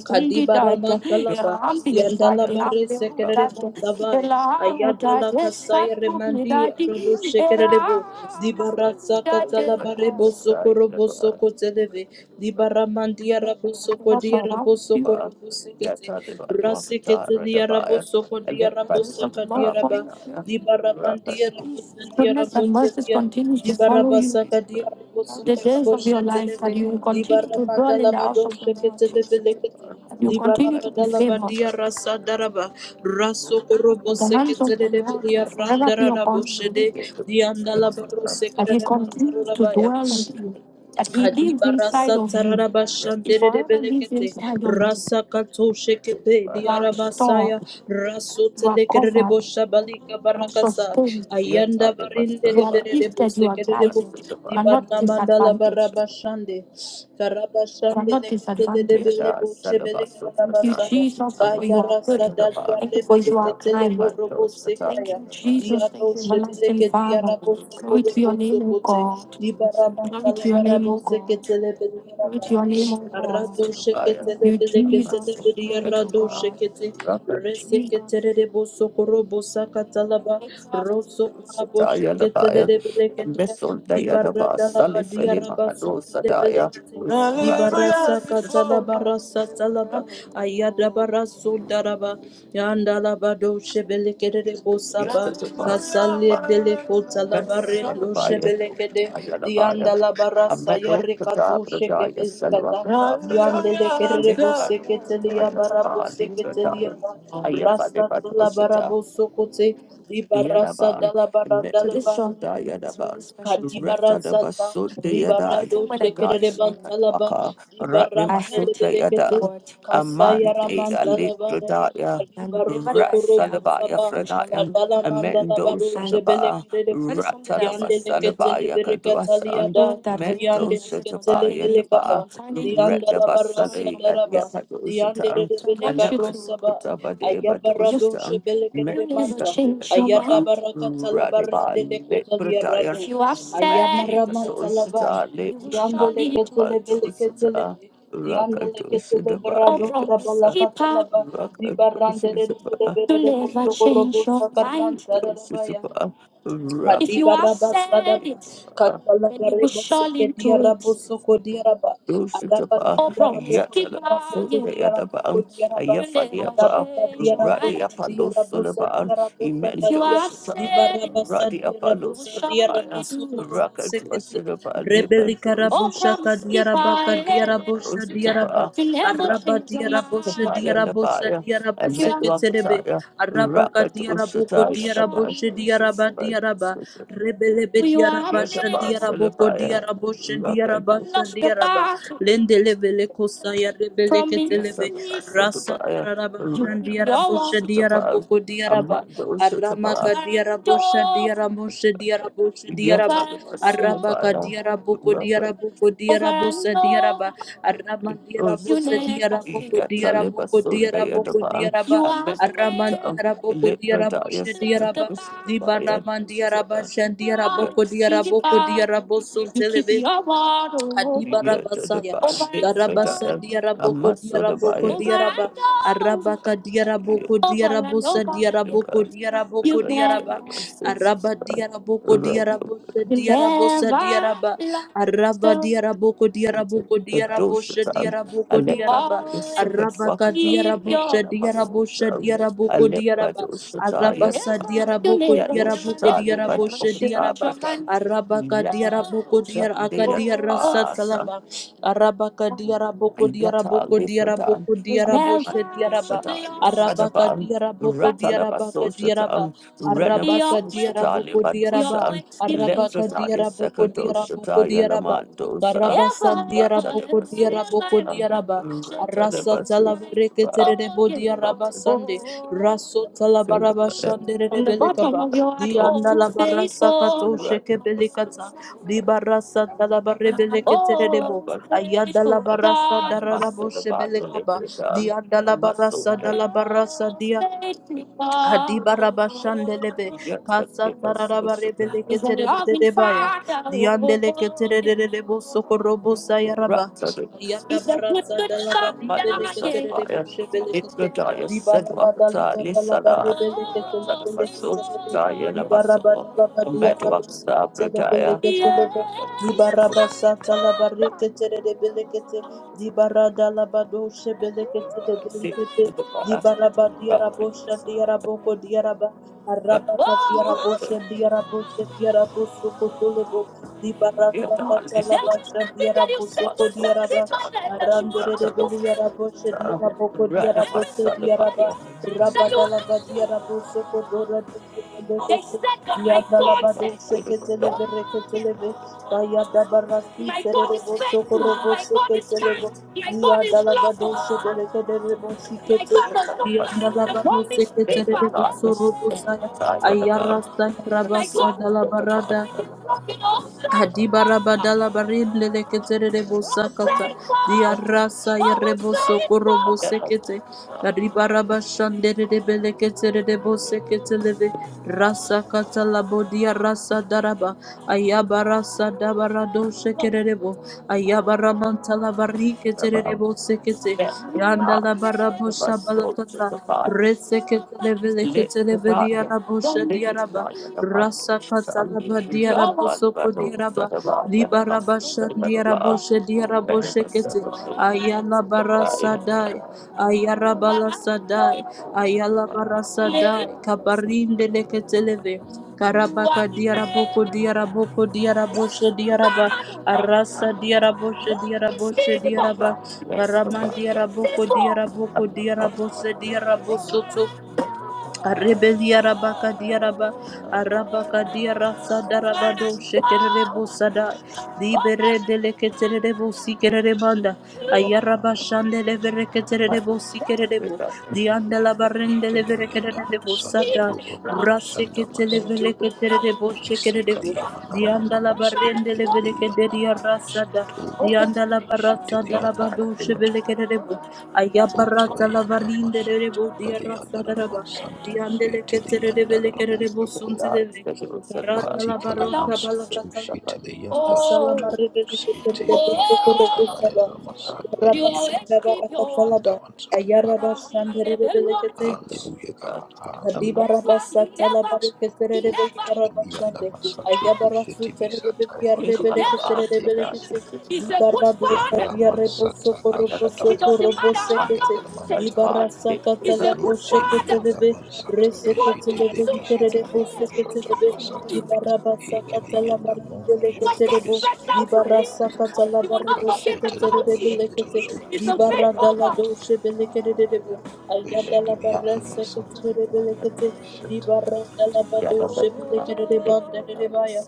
[SPEAKER 4] Kadibara Mantalaba, Yandala Bare Sekere Montavai, Ayadala Kasai Remandi, Robo Shekerebo, Dibara Sakatala Barebo Soko Robo Soko Televe, Dibara Mandia Rabo
[SPEAKER 2] His
[SPEAKER 4] Soko
[SPEAKER 2] peace,
[SPEAKER 4] Dia Rabo Soko Robo Sekete, Rasekete Dia Rabo Soko Dia Rabo Baraba, Di Baramandia
[SPEAKER 2] his
[SPEAKER 4] Rabosandia
[SPEAKER 2] goodness, and mercies
[SPEAKER 4] Rabosandia,
[SPEAKER 2] continues
[SPEAKER 4] Di
[SPEAKER 2] to follow you
[SPEAKER 4] Barabasaka Dia
[SPEAKER 2] all the
[SPEAKER 4] Rabosaka
[SPEAKER 2] days of your life, that
[SPEAKER 4] Raboshanteleve,
[SPEAKER 2] you will
[SPEAKER 4] Di
[SPEAKER 2] continue to
[SPEAKER 4] Baramanda
[SPEAKER 2] dwell in the house
[SPEAKER 4] Labado
[SPEAKER 2] of the Lord,
[SPEAKER 4] Sheketeleve Lekete.
[SPEAKER 2] that you
[SPEAKER 4] Di
[SPEAKER 2] continue to be
[SPEAKER 4] barabada
[SPEAKER 2] favored,
[SPEAKER 4] labadia rasa
[SPEAKER 2] that
[SPEAKER 4] daraba raso korobo
[SPEAKER 2] the hands of the
[SPEAKER 4] seketere de
[SPEAKER 2] Lord will
[SPEAKER 4] belia
[SPEAKER 2] forever be
[SPEAKER 4] randara
[SPEAKER 2] upon
[SPEAKER 4] rabo
[SPEAKER 2] you,
[SPEAKER 4] shede di andala baro
[SPEAKER 2] that
[SPEAKER 4] sekere
[SPEAKER 2] He
[SPEAKER 4] de mantaro
[SPEAKER 2] continues to
[SPEAKER 4] rabaya
[SPEAKER 2] dwell with you, that He lives
[SPEAKER 4] Hadibarasa
[SPEAKER 2] inside of you, He
[SPEAKER 4] tararabashandere de
[SPEAKER 2] forever lives
[SPEAKER 4] belekete
[SPEAKER 2] inside of you.
[SPEAKER 4] rasa kato shekete
[SPEAKER 2] You are restored.
[SPEAKER 4] diarabasaya raso
[SPEAKER 2] You are
[SPEAKER 4] telekere
[SPEAKER 2] covered.
[SPEAKER 4] bosha balika
[SPEAKER 2] You are
[SPEAKER 4] barakasa
[SPEAKER 2] sustained. Yet
[SPEAKER 4] ayanda
[SPEAKER 2] are they must
[SPEAKER 4] varinde
[SPEAKER 2] You are survive.
[SPEAKER 4] lebere de
[SPEAKER 2] lifted. You are
[SPEAKER 4] busekere de bu
[SPEAKER 2] guided. Must You are survive. not
[SPEAKER 4] dibarna mandala
[SPEAKER 2] disadvantaged.
[SPEAKER 4] barabashande
[SPEAKER 2] You are not disadvantaged. Yet are son of us of Thank you, Satan.
[SPEAKER 4] Karabashandelekitelebelebosebelekarabasaya.
[SPEAKER 2] Jesus, for you are good. Among the bar. Thank you for you You are are my kind. bundle, Satan. Thank
[SPEAKER 4] Kayarasadaliarebeleketeleborobosekaya.
[SPEAKER 2] you, Jesus. Thank you, everlasting Father. Glory to your name, O
[SPEAKER 4] Diadoshebelekediarabosokorobosokotse.
[SPEAKER 2] God. Glory to your name, O
[SPEAKER 4] Dibarabakalabaraboseke-
[SPEAKER 2] God. Glory to
[SPEAKER 4] Seketele
[SPEAKER 2] your name, O God.
[SPEAKER 4] Arado shekete
[SPEAKER 2] Thank you,
[SPEAKER 4] lebele kete
[SPEAKER 2] Jesus.
[SPEAKER 4] lebele
[SPEAKER 2] Glory to
[SPEAKER 4] yarado
[SPEAKER 2] God.
[SPEAKER 4] shekete rese kete
[SPEAKER 2] Jesus.
[SPEAKER 4] rebo sokoro bosa katalaba roso korabo
[SPEAKER 2] Shataya
[SPEAKER 4] shekete
[SPEAKER 2] Labaya,
[SPEAKER 4] lebele kete
[SPEAKER 2] Messon
[SPEAKER 4] dibara
[SPEAKER 2] Dayanaba,
[SPEAKER 4] dalaba
[SPEAKER 2] Sally Feli
[SPEAKER 4] diaraba
[SPEAKER 2] Mahado
[SPEAKER 4] sote lebele
[SPEAKER 2] Sadaya,
[SPEAKER 4] kete dibarasa
[SPEAKER 2] Hallelujah, before
[SPEAKER 4] katalaba rasa talaba ayada baraso daraba Yanda la bado shebelekede bosaba kasale dele kota la barendo shebelekede
[SPEAKER 2] Hallelujah,
[SPEAKER 4] dianda la
[SPEAKER 2] a
[SPEAKER 4] barasa
[SPEAKER 2] metal
[SPEAKER 4] yarekato
[SPEAKER 2] Pradaya, Selva
[SPEAKER 4] shekebelikata
[SPEAKER 2] Pradaya,
[SPEAKER 4] diandele kere
[SPEAKER 2] Linda
[SPEAKER 4] boseketelia barabo
[SPEAKER 2] Pradaya, Linda
[SPEAKER 4] seketelia
[SPEAKER 2] Pradaya,
[SPEAKER 4] ba
[SPEAKER 2] I
[SPEAKER 4] rasta la
[SPEAKER 2] have a
[SPEAKER 4] barabo sokote di barasa
[SPEAKER 2] Yadaban,
[SPEAKER 4] dala baranda
[SPEAKER 2] so
[SPEAKER 4] la
[SPEAKER 2] this
[SPEAKER 4] ba
[SPEAKER 2] song that Yadaban, special to
[SPEAKER 4] Kadibara
[SPEAKER 2] Rata da
[SPEAKER 4] Sata,
[SPEAKER 2] Basunda Yada,
[SPEAKER 4] Dibara
[SPEAKER 2] Every
[SPEAKER 4] do
[SPEAKER 2] time when I got
[SPEAKER 4] Shekere
[SPEAKER 2] this song,
[SPEAKER 4] Bantalaba,
[SPEAKER 2] Waka, Ratni I
[SPEAKER 4] Dibarandere
[SPEAKER 2] heard
[SPEAKER 4] de
[SPEAKER 2] Masunda
[SPEAKER 4] Berekete,
[SPEAKER 2] Yada, the Lord, Aman
[SPEAKER 4] Kasaya
[SPEAKER 2] de
[SPEAKER 4] Ramantalaba,
[SPEAKER 2] Alikradaya,
[SPEAKER 4] Kadibaru Sokorobo
[SPEAKER 2] Ratsalabaya
[SPEAKER 4] Saba,
[SPEAKER 2] Franaya,
[SPEAKER 4] Tandala Mandala
[SPEAKER 2] Amendo
[SPEAKER 4] Baru Shebele
[SPEAKER 2] Sataba,
[SPEAKER 4] Kerebo,
[SPEAKER 2] Rata da
[SPEAKER 4] Yandele Ketele
[SPEAKER 2] Basalabaya Kaduasan,
[SPEAKER 4] Berekataliada,
[SPEAKER 2] Mendo
[SPEAKER 4] Yandele Ketele
[SPEAKER 2] Satabaya
[SPEAKER 4] Belekapa,
[SPEAKER 2] Daba, Rata
[SPEAKER 4] Yandala Barasa
[SPEAKER 2] Basali, and
[SPEAKER 4] Daraba.
[SPEAKER 2] Yapadu
[SPEAKER 4] The the the
[SPEAKER 2] Satan,
[SPEAKER 4] Andele Ketelebele
[SPEAKER 2] and Nemadwakataba
[SPEAKER 4] Ketelebe.
[SPEAKER 2] de
[SPEAKER 4] the barre
[SPEAKER 2] Badu Satan.
[SPEAKER 4] sabala
[SPEAKER 2] You never change your mind.
[SPEAKER 4] Dianderelebelekarosabai,
[SPEAKER 2] Radical
[SPEAKER 4] de
[SPEAKER 2] liberty.
[SPEAKER 4] ayadabarakatalabaredelekotaliarado,
[SPEAKER 2] If you are sad,
[SPEAKER 4] ayamaramatalabai,
[SPEAKER 2] Societa, you will surely do it.
[SPEAKER 4] diandeleketselebeleketelebe,
[SPEAKER 2] Rakatoshidabaya. Oh, promise keeper.
[SPEAKER 4] diandeleketeleberadosabalakatalaba,
[SPEAKER 2] Rakatoshidabaya. You never change your mind.
[SPEAKER 4] zibaranderelebeleberelebosokorobosakarrantararabaya,
[SPEAKER 2] If
[SPEAKER 4] Kadiba
[SPEAKER 2] you have
[SPEAKER 4] raba
[SPEAKER 2] said
[SPEAKER 4] sadaba
[SPEAKER 2] it,
[SPEAKER 4] katala
[SPEAKER 2] then you will
[SPEAKER 4] gareba seke
[SPEAKER 2] surely
[SPEAKER 4] dia
[SPEAKER 2] do it.
[SPEAKER 4] rabo soko dia raba
[SPEAKER 2] Lucifer,
[SPEAKER 4] araba
[SPEAKER 2] Oh,
[SPEAKER 4] kadia
[SPEAKER 2] from
[SPEAKER 4] rabo kodia rabo
[SPEAKER 2] Yatalapa,
[SPEAKER 4] kodia rabo
[SPEAKER 2] Yadaba,
[SPEAKER 4] kodia raba araba
[SPEAKER 2] Ayafaliapa,
[SPEAKER 4] kadia rabo
[SPEAKER 2] Radi
[SPEAKER 4] shadia
[SPEAKER 2] Apollo
[SPEAKER 4] rabo
[SPEAKER 2] Sulaban,
[SPEAKER 4] sadia rabo sakadia diba raba sadia rabo sadia rabo soko rabo sekete rebeli
[SPEAKER 2] Libadus,
[SPEAKER 4] karabo
[SPEAKER 2] Oh,
[SPEAKER 4] shaka
[SPEAKER 2] promise
[SPEAKER 4] dia
[SPEAKER 2] keeper,
[SPEAKER 4] raba kadia
[SPEAKER 2] yeah.
[SPEAKER 4] rabo shadia raba
[SPEAKER 2] Lucifer, you never
[SPEAKER 4] Araba
[SPEAKER 2] change your
[SPEAKER 4] diara
[SPEAKER 2] mind.
[SPEAKER 4] boshe
[SPEAKER 2] Lucifer,
[SPEAKER 4] diara boshe
[SPEAKER 2] Yadabaya,
[SPEAKER 4] diara
[SPEAKER 2] and
[SPEAKER 4] boshe keterebe.
[SPEAKER 2] Metuapataya,
[SPEAKER 4] Araba ka
[SPEAKER 2] Rakat
[SPEAKER 4] diara boko diara
[SPEAKER 2] Ushataya,
[SPEAKER 4] boshe diara ba diara ba.
[SPEAKER 2] Labadus,
[SPEAKER 4] Rebele be
[SPEAKER 2] we were
[SPEAKER 4] diara bashe
[SPEAKER 2] Yataba made
[SPEAKER 4] diara
[SPEAKER 2] Salabaya,
[SPEAKER 4] boko diara boshe diara
[SPEAKER 2] Rakadu,
[SPEAKER 4] bashe
[SPEAKER 2] of the
[SPEAKER 4] diara ba.
[SPEAKER 2] battle
[SPEAKER 4] Lende levele kosa ya rebele
[SPEAKER 2] from me.
[SPEAKER 4] ketelebe.
[SPEAKER 2] Yataba
[SPEAKER 4] Rasa
[SPEAKER 2] Sodabaya,
[SPEAKER 4] tararaba
[SPEAKER 2] Your
[SPEAKER 4] shan diara boshe
[SPEAKER 2] Rakamas Sutapa,
[SPEAKER 4] diara boko diara ba.
[SPEAKER 2] Amando over Sutapa,
[SPEAKER 4] Aramaka
[SPEAKER 2] and
[SPEAKER 4] diara bosha diara
[SPEAKER 2] over,
[SPEAKER 4] mosha diara bosha
[SPEAKER 2] over and
[SPEAKER 4] diara
[SPEAKER 2] Yataba
[SPEAKER 4] ba. Arabaka diara boko diara
[SPEAKER 2] Rakadu
[SPEAKER 4] boko
[SPEAKER 2] over
[SPEAKER 4] diara
[SPEAKER 2] and
[SPEAKER 4] bosa diara
[SPEAKER 2] over.
[SPEAKER 4] ba. Arama
[SPEAKER 2] it
[SPEAKER 4] diara
[SPEAKER 2] was You
[SPEAKER 4] bosa
[SPEAKER 2] Sutapa. never
[SPEAKER 4] diara
[SPEAKER 2] fail.
[SPEAKER 4] boko diara
[SPEAKER 2] Yataleba
[SPEAKER 4] boko diara
[SPEAKER 2] Sunday at the
[SPEAKER 4] boko
[SPEAKER 2] barn,
[SPEAKER 4] diara ba.
[SPEAKER 2] You I have
[SPEAKER 4] Araman diara boko
[SPEAKER 2] Libra
[SPEAKER 4] diara
[SPEAKER 2] Daya
[SPEAKER 4] bosha
[SPEAKER 2] lost
[SPEAKER 4] diara ba. Dibana man diara basha diara boko
[SPEAKER 2] Promise
[SPEAKER 4] diara boko
[SPEAKER 2] keeper.
[SPEAKER 4] diara bosun
[SPEAKER 2] You keep
[SPEAKER 4] telebe
[SPEAKER 2] your water over
[SPEAKER 4] Kadiba
[SPEAKER 2] Yeah, to the
[SPEAKER 4] Rabasaya,
[SPEAKER 2] over body, and so
[SPEAKER 4] Darabasa
[SPEAKER 2] over, um, I
[SPEAKER 4] Diaraboko
[SPEAKER 2] must sort of buy it.
[SPEAKER 4] Diaraboko
[SPEAKER 2] over and
[SPEAKER 4] Diaraba,
[SPEAKER 2] over,
[SPEAKER 4] Arabaka
[SPEAKER 2] Yeah,
[SPEAKER 4] Diaraboko
[SPEAKER 2] over and
[SPEAKER 4] Diarabosa
[SPEAKER 2] over. to the
[SPEAKER 4] Diaraboko
[SPEAKER 2] body,
[SPEAKER 4] Diaraboko
[SPEAKER 2] You've so never,
[SPEAKER 4] Diaraba,
[SPEAKER 2] that my senses
[SPEAKER 4] Araba
[SPEAKER 2] are.
[SPEAKER 4] Diaraboko Diarabosa
[SPEAKER 2] you
[SPEAKER 4] Diarabosa
[SPEAKER 2] never
[SPEAKER 4] Diaraba, Araba
[SPEAKER 2] lost.
[SPEAKER 4] Diaraboko Diaraboko diarabosa
[SPEAKER 2] The I
[SPEAKER 4] Diaraboko
[SPEAKER 2] I live by
[SPEAKER 4] Diaraba,
[SPEAKER 2] the second walk
[SPEAKER 4] Arabaka
[SPEAKER 2] of Kadoshatan, Alepa Yusufat
[SPEAKER 4] Diarabosha
[SPEAKER 2] Wakata,
[SPEAKER 4] Diarabosha
[SPEAKER 2] Namasusam,
[SPEAKER 4] Diaraboko
[SPEAKER 2] Alepa
[SPEAKER 4] diaraba
[SPEAKER 2] Doshata,
[SPEAKER 4] arabasa diaraboko diaraboko
[SPEAKER 2] Yadoshata, Lepa
[SPEAKER 4] diaraboshe diaraba
[SPEAKER 2] Doshata,
[SPEAKER 4] araba ka diaraboko
[SPEAKER 2] Yadoshan,
[SPEAKER 4] diaraka diarasa
[SPEAKER 2] Deyatasa.
[SPEAKER 4] talaba araba ka diaraboko
[SPEAKER 2] Yata
[SPEAKER 4] diaraboko
[SPEAKER 2] Lifratan,
[SPEAKER 4] diaraboko diaraboshe diaraba arabaka
[SPEAKER 2] Sadaban,
[SPEAKER 4] diaraboko
[SPEAKER 2] Ratalaba
[SPEAKER 4] diarabaka diaraba
[SPEAKER 2] Soshatan,
[SPEAKER 4] araba ka
[SPEAKER 2] Renaba Soshatali
[SPEAKER 4] diaraboko diaraba
[SPEAKER 2] Badosan,
[SPEAKER 4] arabaka
[SPEAKER 2] Lefrataya
[SPEAKER 4] diaraboko diaraboko
[SPEAKER 2] Sakadoshata
[SPEAKER 4] diaraba
[SPEAKER 2] Yalamandosa,
[SPEAKER 4] Karaba sandiara boko
[SPEAKER 2] Ratalaba
[SPEAKER 4] diara boko
[SPEAKER 2] Soshatan,
[SPEAKER 4] diaraba. Arasa talavareke terere bo
[SPEAKER 2] Ratalaba
[SPEAKER 4] diaraba sande.
[SPEAKER 2] Soshatan,
[SPEAKER 4] Raso talabaraba shandere
[SPEAKER 2] from the bottom
[SPEAKER 4] belekaba.
[SPEAKER 2] of your heart,
[SPEAKER 4] Dianda
[SPEAKER 2] oh,
[SPEAKER 4] la barasa
[SPEAKER 2] faithful.
[SPEAKER 4] kato sheke belekata. Di barasa talabare beleke terere
[SPEAKER 2] Oh,
[SPEAKER 4] bo. Ayada la
[SPEAKER 2] faithful
[SPEAKER 4] barasa
[SPEAKER 2] God,
[SPEAKER 4] dararabo
[SPEAKER 2] muscle about the
[SPEAKER 4] shebelekaba.
[SPEAKER 2] little God,
[SPEAKER 4] Dianda la
[SPEAKER 2] muscle
[SPEAKER 4] barasa
[SPEAKER 2] day.
[SPEAKER 4] dalabarasa
[SPEAKER 2] Oh,
[SPEAKER 4] dia.
[SPEAKER 2] faithful God.
[SPEAKER 4] Adibaraba Shandelebe,
[SPEAKER 2] Yet I
[SPEAKER 4] Casa
[SPEAKER 2] give us so
[SPEAKER 4] Tararaba
[SPEAKER 2] sugar.
[SPEAKER 4] Rebeleke
[SPEAKER 2] He's a loving
[SPEAKER 4] Terebaya,
[SPEAKER 2] Father.
[SPEAKER 4] Diandeleke
[SPEAKER 2] Oh, yeah.
[SPEAKER 4] Terebo Sokorobo Sayaraba,
[SPEAKER 2] Ratsadus. He's a good,
[SPEAKER 4] Yadabarasa
[SPEAKER 2] good Father.
[SPEAKER 4] Dalabari Beleke Terebo
[SPEAKER 2] Manusaspire. Little
[SPEAKER 4] Shebelekete,
[SPEAKER 2] Daya said,
[SPEAKER 4] Dibaraba
[SPEAKER 2] Wakata,
[SPEAKER 4] Dalaba Dalaba
[SPEAKER 2] Lisala.
[SPEAKER 4] Rebeleke
[SPEAKER 2] Ratsadus,
[SPEAKER 4] Telebeleke
[SPEAKER 2] social
[SPEAKER 4] Telebe,
[SPEAKER 2] Daya,
[SPEAKER 4] Dibaraba
[SPEAKER 2] Namasu.
[SPEAKER 4] Dalaba
[SPEAKER 2] And
[SPEAKER 4] Diarabo
[SPEAKER 2] Metuakta, Bradaya.
[SPEAKER 4] Sekelebeleke Telebe,
[SPEAKER 2] Yes.
[SPEAKER 4] Dibaraba Satalaba Reke Terebelekete, Dibarada Labado Shebeleke
[SPEAKER 2] They say
[SPEAKER 4] Telebelekete,
[SPEAKER 2] God said,
[SPEAKER 4] Dibaraba
[SPEAKER 2] My
[SPEAKER 4] diarabosha diaraboko diaraba arabaka diarabosha diarabosha diaraboso kotolebo dibarasa katalabasha diaraboso kodiaraba aranderebe diarabosha diaraboko diarabote diaraba rabadalaba diaraboso kodorabosha Yandala bado Yandalabado seketeleve reketeleve kayadabarasi
[SPEAKER 2] God is
[SPEAKER 4] tererebo
[SPEAKER 2] faithful,
[SPEAKER 4] sokorobo
[SPEAKER 2] my God is
[SPEAKER 4] seketelebo
[SPEAKER 2] kind, my God is
[SPEAKER 4] diyadalabado
[SPEAKER 2] lawful,
[SPEAKER 4] shebelekedelebo
[SPEAKER 2] my
[SPEAKER 4] sikete
[SPEAKER 2] God does not lie, with the
[SPEAKER 4] diyandalabaro
[SPEAKER 2] promise
[SPEAKER 4] seketelebo
[SPEAKER 2] keeper.
[SPEAKER 4] sorobo saya ayarasa
[SPEAKER 2] My
[SPEAKER 4] rabasa dala barada.
[SPEAKER 2] God, you know, so
[SPEAKER 4] Adibarabadala barinde leketere bosakata
[SPEAKER 2] faithful.
[SPEAKER 4] diarasa yereboso korobo sekete ribaraba shandere de beleketere de bosekete leve rasa kata labo diarasa daraba ayabara sadabara do ayabarasa dabarado shekerebo ayabaramanta lavari ketere de bosekete yanda labarabo kata. Reseketeleveleketeleveliyarabosha diaraba. Rasakatalaba diarabosoko diaraba. Libarabasha diaraboshe diaraboshekete. Ayalabarasadai. Ayarabalasadai. Ayalabarasadai. Kabarindeleke televe. Karabaka diaraboko diaraboko diaraboshe diaraba arasa diaraboshe diaraboshe diaraba karaman diaraboko diaraboko diarabose
[SPEAKER 2] Yes,
[SPEAKER 4] diarabosoto Rebeliarabaka diaraba, arabaka diarasa darabado, shekerebo sada, libere deleketerebo sikerebanda, ayaraba shande
[SPEAKER 2] Oh, oh, you
[SPEAKER 4] levereketerebo sikerebo, diandela barende
[SPEAKER 5] Itilimianda
[SPEAKER 4] levereketerebo
[SPEAKER 5] Masata
[SPEAKER 4] sada,
[SPEAKER 5] Rupa Papa Sanda Mansiti.
[SPEAKER 4] raseketelevereketerebo shekerebo,
[SPEAKER 5] Isikli Yamanana
[SPEAKER 4] diandela
[SPEAKER 5] Mansit
[SPEAKER 4] barende
[SPEAKER 5] Vitilianda Ramansa
[SPEAKER 4] levereketeriarasada,
[SPEAKER 5] Tuwa
[SPEAKER 4] diandela
[SPEAKER 5] Tadabishi
[SPEAKER 4] barasa
[SPEAKER 5] Tilianda
[SPEAKER 4] darabado
[SPEAKER 5] Masato.
[SPEAKER 4] shebelekerebo, ayabarata
[SPEAKER 5] Utilianda
[SPEAKER 4] lavarinde
[SPEAKER 5] Masata
[SPEAKER 4] rebo diarasa
[SPEAKER 5] Valianda
[SPEAKER 4] daraba.
[SPEAKER 5] Ramansanta
[SPEAKER 4] Diandele ketere de
[SPEAKER 5] Sitilianda
[SPEAKER 4] bele kere de bosun
[SPEAKER 5] Rabushako.
[SPEAKER 4] televe. Karada la
[SPEAKER 5] Matikala
[SPEAKER 4] barosha bala
[SPEAKER 5] Mansutu
[SPEAKER 4] katalaba.
[SPEAKER 5] Sitilianda
[SPEAKER 4] Kasala
[SPEAKER 5] Sato.
[SPEAKER 4] marre ketere de
[SPEAKER 5] Siti
[SPEAKER 4] bosu koro
[SPEAKER 5] Kisata
[SPEAKER 4] bosaba.
[SPEAKER 5] Layana Masata
[SPEAKER 4] Ayara
[SPEAKER 5] Yida
[SPEAKER 2] always
[SPEAKER 4] basanda
[SPEAKER 2] keep
[SPEAKER 5] Babu
[SPEAKER 2] your word.
[SPEAKER 4] katalaba.
[SPEAKER 5] Sanda
[SPEAKER 4] Ayara
[SPEAKER 5] Mansuta.
[SPEAKER 2] You
[SPEAKER 4] bashandere de
[SPEAKER 2] never
[SPEAKER 4] bele kete.
[SPEAKER 2] want. Never,
[SPEAKER 5] Hallelujah, God.
[SPEAKER 2] you
[SPEAKER 5] Hallelujah.
[SPEAKER 2] never, you
[SPEAKER 4] Hadibarabasa
[SPEAKER 2] never,
[SPEAKER 4] talabareke
[SPEAKER 2] you
[SPEAKER 4] terebele
[SPEAKER 2] never,
[SPEAKER 4] karabashande.
[SPEAKER 5] Oshitodianamansato
[SPEAKER 4] Ayabarasu terebele
[SPEAKER 5] Oshitibisata
[SPEAKER 2] you
[SPEAKER 4] yarebele
[SPEAKER 2] never.
[SPEAKER 4] keterebele kete.
[SPEAKER 5] Ratalamansatekisi
[SPEAKER 2] He's a good
[SPEAKER 4] Dibarado
[SPEAKER 2] father.
[SPEAKER 4] shadia reboso
[SPEAKER 5] Ramblamansata
[SPEAKER 4] koroboso
[SPEAKER 2] It doesn't matter
[SPEAKER 4] korobose
[SPEAKER 5] Kashatudobushiti
[SPEAKER 2] how
[SPEAKER 4] kete.
[SPEAKER 2] long
[SPEAKER 5] Adamanta
[SPEAKER 2] it
[SPEAKER 4] Dibarasa
[SPEAKER 2] takes. He's
[SPEAKER 4] katala
[SPEAKER 2] a good
[SPEAKER 4] boshe
[SPEAKER 2] father.
[SPEAKER 4] ketelebe.
[SPEAKER 5] Rotelianamansata
[SPEAKER 4] Rese
[SPEAKER 2] One year,
[SPEAKER 4] ketelebe
[SPEAKER 2] two years,
[SPEAKER 5] Keshitelebisito
[SPEAKER 4] likerere
[SPEAKER 2] three
[SPEAKER 4] bose
[SPEAKER 2] years.
[SPEAKER 5] Oshata
[SPEAKER 2] Son
[SPEAKER 4] ketelebe.
[SPEAKER 2] of
[SPEAKER 5] Pasata
[SPEAKER 2] promise.
[SPEAKER 5] Mix
[SPEAKER 4] Dibarabasa katala
[SPEAKER 5] Ekelianamo
[SPEAKER 4] baribele Barabo,
[SPEAKER 5] Shatodobisika
[SPEAKER 2] special for him?
[SPEAKER 4] Dibarasa katala
[SPEAKER 2] He will not
[SPEAKER 4] barebo
[SPEAKER 2] forget
[SPEAKER 4] sekete
[SPEAKER 2] about
[SPEAKER 5] Pashetelamashato
[SPEAKER 4] rebelekete.
[SPEAKER 2] you. He's a
[SPEAKER 4] Dibara
[SPEAKER 2] faithful
[SPEAKER 4] dala
[SPEAKER 2] God.
[SPEAKER 5] Sutiliamasata
[SPEAKER 4] doshe belekete rebo. Ayada la barese kete
[SPEAKER 5] Weshidilianamasata
[SPEAKER 4] rebelekete. Dibara dala
[SPEAKER 5] Shatotilianamasata
[SPEAKER 4] badoshe belekete rebanda rebaya.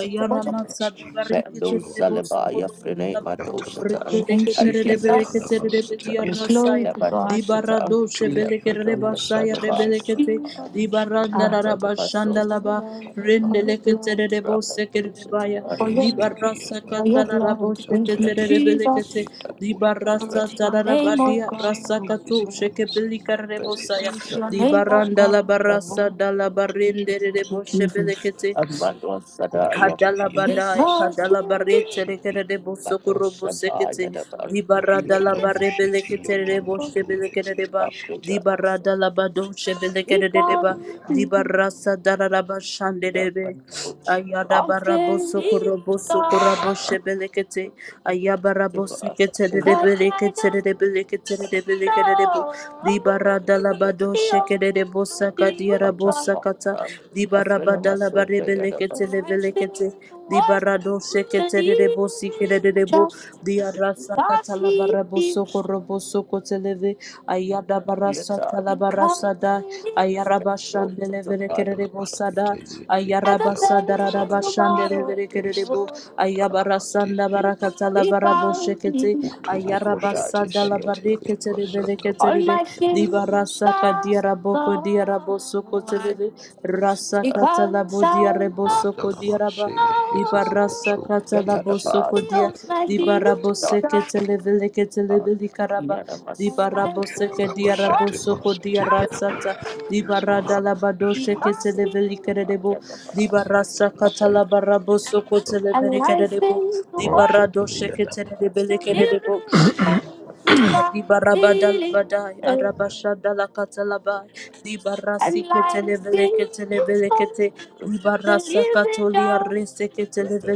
[SPEAKER 4] Ayana
[SPEAKER 2] Yeah,
[SPEAKER 4] masa
[SPEAKER 5] Jesus
[SPEAKER 4] dabarikete
[SPEAKER 2] Mendo
[SPEAKER 5] Lord.
[SPEAKER 4] rebo
[SPEAKER 2] Salabaya
[SPEAKER 4] sokoro
[SPEAKER 2] Frene
[SPEAKER 4] saba.
[SPEAKER 2] Matosatan. Thank you, Jesus.
[SPEAKER 5] Yatalamashitisegilianamasata
[SPEAKER 2] Ayasadamasoshatan.
[SPEAKER 5] yeseti
[SPEAKER 2] Glory
[SPEAKER 4] Rebeleketerebeleketerebeliarasaya.
[SPEAKER 2] to God. Alabatosatan. Lepredona Thank you,
[SPEAKER 4] Dibaradosebelekerebasaya
[SPEAKER 5] utulimianamasata
[SPEAKER 2] Sadabasa. Jesus.
[SPEAKER 4] rebelekete.
[SPEAKER 5] shitilayasata
[SPEAKER 2] Ah, thank you for your Ratatapasosan,
[SPEAKER 4] Dibarandalarabashandalaba.
[SPEAKER 2] love. Thank you for Ratatabasoshatan. your blood.
[SPEAKER 4] Rendeleketerebosekerebaya.
[SPEAKER 2] Rakatosatan, For your love. For your blood.
[SPEAKER 5] esidiyanananamasata
[SPEAKER 2] Thank you, Jesus.
[SPEAKER 4] Dibarasakatalaraboseketerebelekete.
[SPEAKER 5] yitamanyetukushita
[SPEAKER 2] Glory to your name,
[SPEAKER 5] tati
[SPEAKER 2] oh
[SPEAKER 4] Dibarasatarabadia
[SPEAKER 2] God.
[SPEAKER 5] isiti isinamasata
[SPEAKER 4] rasakatosheketelikarebosaya.
[SPEAKER 2] Glory to your name, oh God.
[SPEAKER 5] sasesetimasatukushanda
[SPEAKER 4] Dibarandalabarasa
[SPEAKER 2] Thank you, Jesus.
[SPEAKER 4] dalabarendelerebosebelekete.
[SPEAKER 2] Amando Sadaya. Yes.
[SPEAKER 4] Kadalabadai,
[SPEAKER 2] Because
[SPEAKER 5] ushitilianamasata
[SPEAKER 2] you live.
[SPEAKER 4] Kadalabarete,
[SPEAKER 5] uteshiki
[SPEAKER 4] Rekerebo
[SPEAKER 2] Bato
[SPEAKER 4] Sokorobo
[SPEAKER 2] Shata
[SPEAKER 4] Sekete,
[SPEAKER 2] Yadaba, Leprechauns,
[SPEAKER 4] Dibaradalabarebelekete, Rebo Shebelekereba,
[SPEAKER 5] ushutulabushitiyadamandulesesisiti
[SPEAKER 2] Lapidars,
[SPEAKER 4] Dibaradalabado Shebelekereba,
[SPEAKER 2] Because
[SPEAKER 4] Dibarasa
[SPEAKER 2] the
[SPEAKER 4] Darabashanderebe.
[SPEAKER 2] Bato
[SPEAKER 4] Ayada
[SPEAKER 2] Often
[SPEAKER 4] baraboso
[SPEAKER 2] is
[SPEAKER 4] koroboso
[SPEAKER 2] God,
[SPEAKER 4] koraboshe belekete. Ayabarabosi kete de de
[SPEAKER 2] Cause I
[SPEAKER 4] belekete de
[SPEAKER 2] don't
[SPEAKER 4] de belekete de de belekete de bo. Di
[SPEAKER 2] know
[SPEAKER 4] barada labado sheke de de bosa
[SPEAKER 2] the only
[SPEAKER 4] kadiara bosa kata.
[SPEAKER 2] one.
[SPEAKER 4] Di
[SPEAKER 2] A friend of
[SPEAKER 4] barabada
[SPEAKER 2] my soul,
[SPEAKER 4] labare
[SPEAKER 2] they had a
[SPEAKER 4] belekete
[SPEAKER 2] bus.
[SPEAKER 4] le
[SPEAKER 2] i
[SPEAKER 4] belekete. Di
[SPEAKER 2] worth
[SPEAKER 4] barado sheke
[SPEAKER 2] the
[SPEAKER 4] de de bosi kede de
[SPEAKER 2] living
[SPEAKER 4] de bo.
[SPEAKER 2] just
[SPEAKER 4] Ayadabarabosokorobosokorabosebelekete. Ayabaraboseketerebeleketerebeleketerebeleketerebo. Dibaradalabadoshekererebosakadiarabosakata. Dibarabadalabarebeleketelebelekete. Dibaradosheketerebosikerebelebo.
[SPEAKER 2] cause he is.
[SPEAKER 4] Diarasakatalabarabosokorobosekerebelekete. Korobosokoteleve, Ayada
[SPEAKER 2] Yes,
[SPEAKER 4] Barasa
[SPEAKER 2] I Because
[SPEAKER 4] Talabarasada,
[SPEAKER 2] he is ever
[SPEAKER 4] Ayarabashandeleve Kerebosada,
[SPEAKER 5] Ete yete ida ansara the
[SPEAKER 2] faithful
[SPEAKER 5] bullshit.
[SPEAKER 2] model.
[SPEAKER 4] Ayarabasadarabashandeleve
[SPEAKER 5] Isa
[SPEAKER 4] Kerebo,
[SPEAKER 5] tala mante
[SPEAKER 4] Ayabarasanda
[SPEAKER 5] city.
[SPEAKER 2] Because he
[SPEAKER 4] Barakatalavaraboshetete,
[SPEAKER 5] Utulo bullshit
[SPEAKER 2] Aphrodite's
[SPEAKER 5] city. Le
[SPEAKER 4] Ayarabasadalabariketeleve
[SPEAKER 5] basata
[SPEAKER 2] all
[SPEAKER 4] Keterede,
[SPEAKER 2] my
[SPEAKER 5] bullshit. Yana
[SPEAKER 2] sin is
[SPEAKER 4] Dibarasa
[SPEAKER 5] mansata.
[SPEAKER 2] gone.
[SPEAKER 4] Kadiaraboko Diarabosokoteleve, Rasa Katalabo
[SPEAKER 2] Because I
[SPEAKER 4] Diarabosoko
[SPEAKER 5] Radala
[SPEAKER 4] Diaraba.
[SPEAKER 5] manse. Yes, it's a
[SPEAKER 4] Libarasa
[SPEAKER 5] bullshit. Ki
[SPEAKER 2] don't know.
[SPEAKER 5] shit.
[SPEAKER 2] He
[SPEAKER 4] katalabosokodia.
[SPEAKER 2] owns
[SPEAKER 5] Lamayata.
[SPEAKER 2] my future.
[SPEAKER 5] La
[SPEAKER 2] Life
[SPEAKER 4] Libaraboseke-televeleketelevelikaraba.
[SPEAKER 2] is
[SPEAKER 5] basete
[SPEAKER 2] worth
[SPEAKER 4] Libaraboseke-diarabosokodia
[SPEAKER 5] mansete.
[SPEAKER 4] rasata.
[SPEAKER 5] Yes, yes,
[SPEAKER 2] because he
[SPEAKER 4] Libaradalabadoseke-televelikerebo.
[SPEAKER 5] ya
[SPEAKER 4] Libarasa
[SPEAKER 5] city. Sit.
[SPEAKER 2] and life
[SPEAKER 4] katalabarabosokotelevelikerebo.
[SPEAKER 2] been
[SPEAKER 5] Wow,
[SPEAKER 2] hard
[SPEAKER 5] shit. Yana mansata.
[SPEAKER 2] to live
[SPEAKER 4] Libaradoseke-televelikerebo.
[SPEAKER 2] in the world so living because he
[SPEAKER 4] Adibarabadalabadai,
[SPEAKER 2] lives
[SPEAKER 4] Arabashadalakatalaba,
[SPEAKER 2] and life in his own
[SPEAKER 4] Dibarasiketeleveleketelevekete,
[SPEAKER 2] the living
[SPEAKER 4] Dibarasakatolia
[SPEAKER 2] God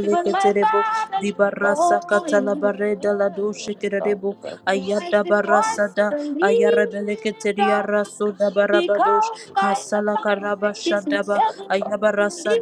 [SPEAKER 2] because my father lives
[SPEAKER 5] Yes,
[SPEAKER 4] Dibarasakatalabaredaladoshikirebo,
[SPEAKER 2] life is was
[SPEAKER 4] Ayadabarasada,
[SPEAKER 2] the living
[SPEAKER 4] Ayarebeleketeria
[SPEAKER 2] God Because
[SPEAKER 4] rasodabarabadosh,
[SPEAKER 2] called
[SPEAKER 5] so.
[SPEAKER 2] by the fire is in
[SPEAKER 4] Kasalakarabashadaba,
[SPEAKER 2] heaven. This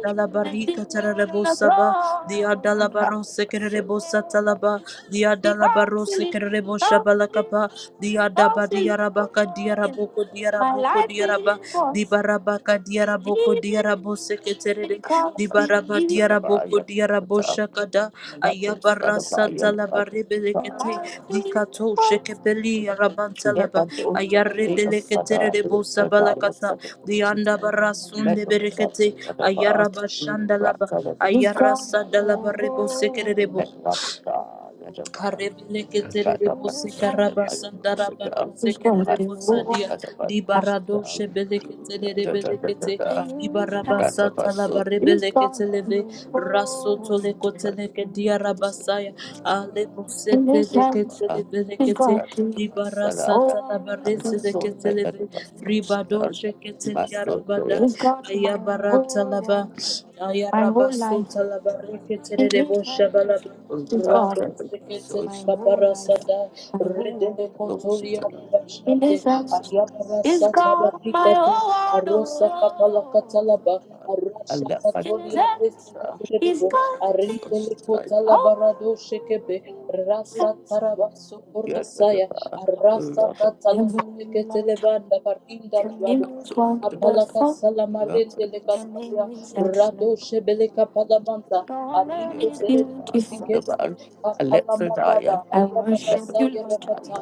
[SPEAKER 2] is not on the
[SPEAKER 4] saba,
[SPEAKER 2] throne.
[SPEAKER 4] Diadalabarosekerebo satalaba,
[SPEAKER 2] Because
[SPEAKER 4] Balabaros
[SPEAKER 2] he lives,
[SPEAKER 4] Kerebo
[SPEAKER 2] because
[SPEAKER 4] Shabalakapa, Diadaba
[SPEAKER 2] he lives,
[SPEAKER 4] Diarabaka Diaraboko
[SPEAKER 2] my
[SPEAKER 4] Diaraboko
[SPEAKER 2] life
[SPEAKER 4] Diaraba,
[SPEAKER 2] is worth
[SPEAKER 4] Dibarabaka Diaraboko
[SPEAKER 2] living.
[SPEAKER 4] Diarabo Seketere,
[SPEAKER 2] Because he
[SPEAKER 4] Dibaraba
[SPEAKER 2] lives,
[SPEAKER 4] Diaraboko Diarabo
[SPEAKER 2] Son of
[SPEAKER 4] Shakada,
[SPEAKER 2] Iron, Son
[SPEAKER 4] Ayabara
[SPEAKER 2] of Iron, Son
[SPEAKER 4] Satalabarebelekete, Dikato Shekepeli
[SPEAKER 2] Let my
[SPEAKER 4] Arabantalaba,
[SPEAKER 2] daughter
[SPEAKER 4] Ayare
[SPEAKER 2] be a
[SPEAKER 4] Deleketere
[SPEAKER 2] father, but I
[SPEAKER 4] Bosabalakata,
[SPEAKER 2] seven daughters.
[SPEAKER 4] Dianda
[SPEAKER 2] Let
[SPEAKER 4] Barasunde
[SPEAKER 2] them
[SPEAKER 4] Berekete,
[SPEAKER 2] the bar.
[SPEAKER 4] ayara bashanda la ba
[SPEAKER 2] Rats of the
[SPEAKER 4] Ayaraba
[SPEAKER 2] sky.
[SPEAKER 4] Shandalaba, Ayarasa Dalabarebo Sekerebo.
[SPEAKER 2] Let Rabba die at the bar.
[SPEAKER 4] Karebele
[SPEAKER 2] Rat
[SPEAKER 4] ketere
[SPEAKER 5] Article.
[SPEAKER 2] up
[SPEAKER 4] bose
[SPEAKER 2] and send them
[SPEAKER 5] Yes,
[SPEAKER 4] karabasa daraba rose kerere dia di barado shebele ketere rebele kete di barabasa talaba
[SPEAKER 2] so.
[SPEAKER 4] rebele ketele ve raso tole kotele ke dia rabasaya ale bose
[SPEAKER 2] In this
[SPEAKER 4] tele
[SPEAKER 2] house,
[SPEAKER 4] ketele
[SPEAKER 2] uh,
[SPEAKER 4] vele
[SPEAKER 2] he's
[SPEAKER 4] kete
[SPEAKER 2] got the
[SPEAKER 4] di barasa talaba rese de ketele ve ribado sheketele yarabada
[SPEAKER 2] He's got my
[SPEAKER 4] ayabara
[SPEAKER 2] whole
[SPEAKER 4] talaba
[SPEAKER 2] world, my whole
[SPEAKER 4] ayarabaso
[SPEAKER 2] life.
[SPEAKER 4] talaba reketere
[SPEAKER 2] In
[SPEAKER 4] rebo
[SPEAKER 2] his hands,
[SPEAKER 4] balaba.
[SPEAKER 2] he's got
[SPEAKER 4] Rado
[SPEAKER 2] my
[SPEAKER 4] seketele
[SPEAKER 2] whole life,
[SPEAKER 4] kaparasada
[SPEAKER 2] my
[SPEAKER 4] redele
[SPEAKER 2] whole
[SPEAKER 4] kotoria
[SPEAKER 2] world. In
[SPEAKER 4] rabashande
[SPEAKER 2] his hands, he's
[SPEAKER 4] ayabarasada
[SPEAKER 2] got my
[SPEAKER 4] barikata
[SPEAKER 2] whole
[SPEAKER 4] arosa kapala
[SPEAKER 2] world.
[SPEAKER 4] katalaba
[SPEAKER 2] oh. In
[SPEAKER 4] arasha
[SPEAKER 2] his
[SPEAKER 4] katolia
[SPEAKER 2] hands,
[SPEAKER 4] resele
[SPEAKER 2] he's
[SPEAKER 4] kerebo
[SPEAKER 2] got
[SPEAKER 4] aridele
[SPEAKER 2] it.
[SPEAKER 4] kotala barado
[SPEAKER 2] all.
[SPEAKER 4] shekepe rasa tarabaso
[SPEAKER 2] Your
[SPEAKER 4] korasaya arasa katala bareketele
[SPEAKER 2] name
[SPEAKER 4] banda parinda labado
[SPEAKER 2] is
[SPEAKER 4] Apalaka
[SPEAKER 2] wonderful.
[SPEAKER 4] salamarende le
[SPEAKER 2] Your
[SPEAKER 4] katalia
[SPEAKER 2] name is
[SPEAKER 4] rado
[SPEAKER 2] excellent.
[SPEAKER 4] shebele kapalamanta
[SPEAKER 2] Your name
[SPEAKER 4] arite
[SPEAKER 2] is
[SPEAKER 4] tereribu
[SPEAKER 2] beautiful.
[SPEAKER 4] sikete kapalamanda ba
[SPEAKER 2] I worship
[SPEAKER 4] ayabarasa
[SPEAKER 2] you, Lord.
[SPEAKER 4] yarakata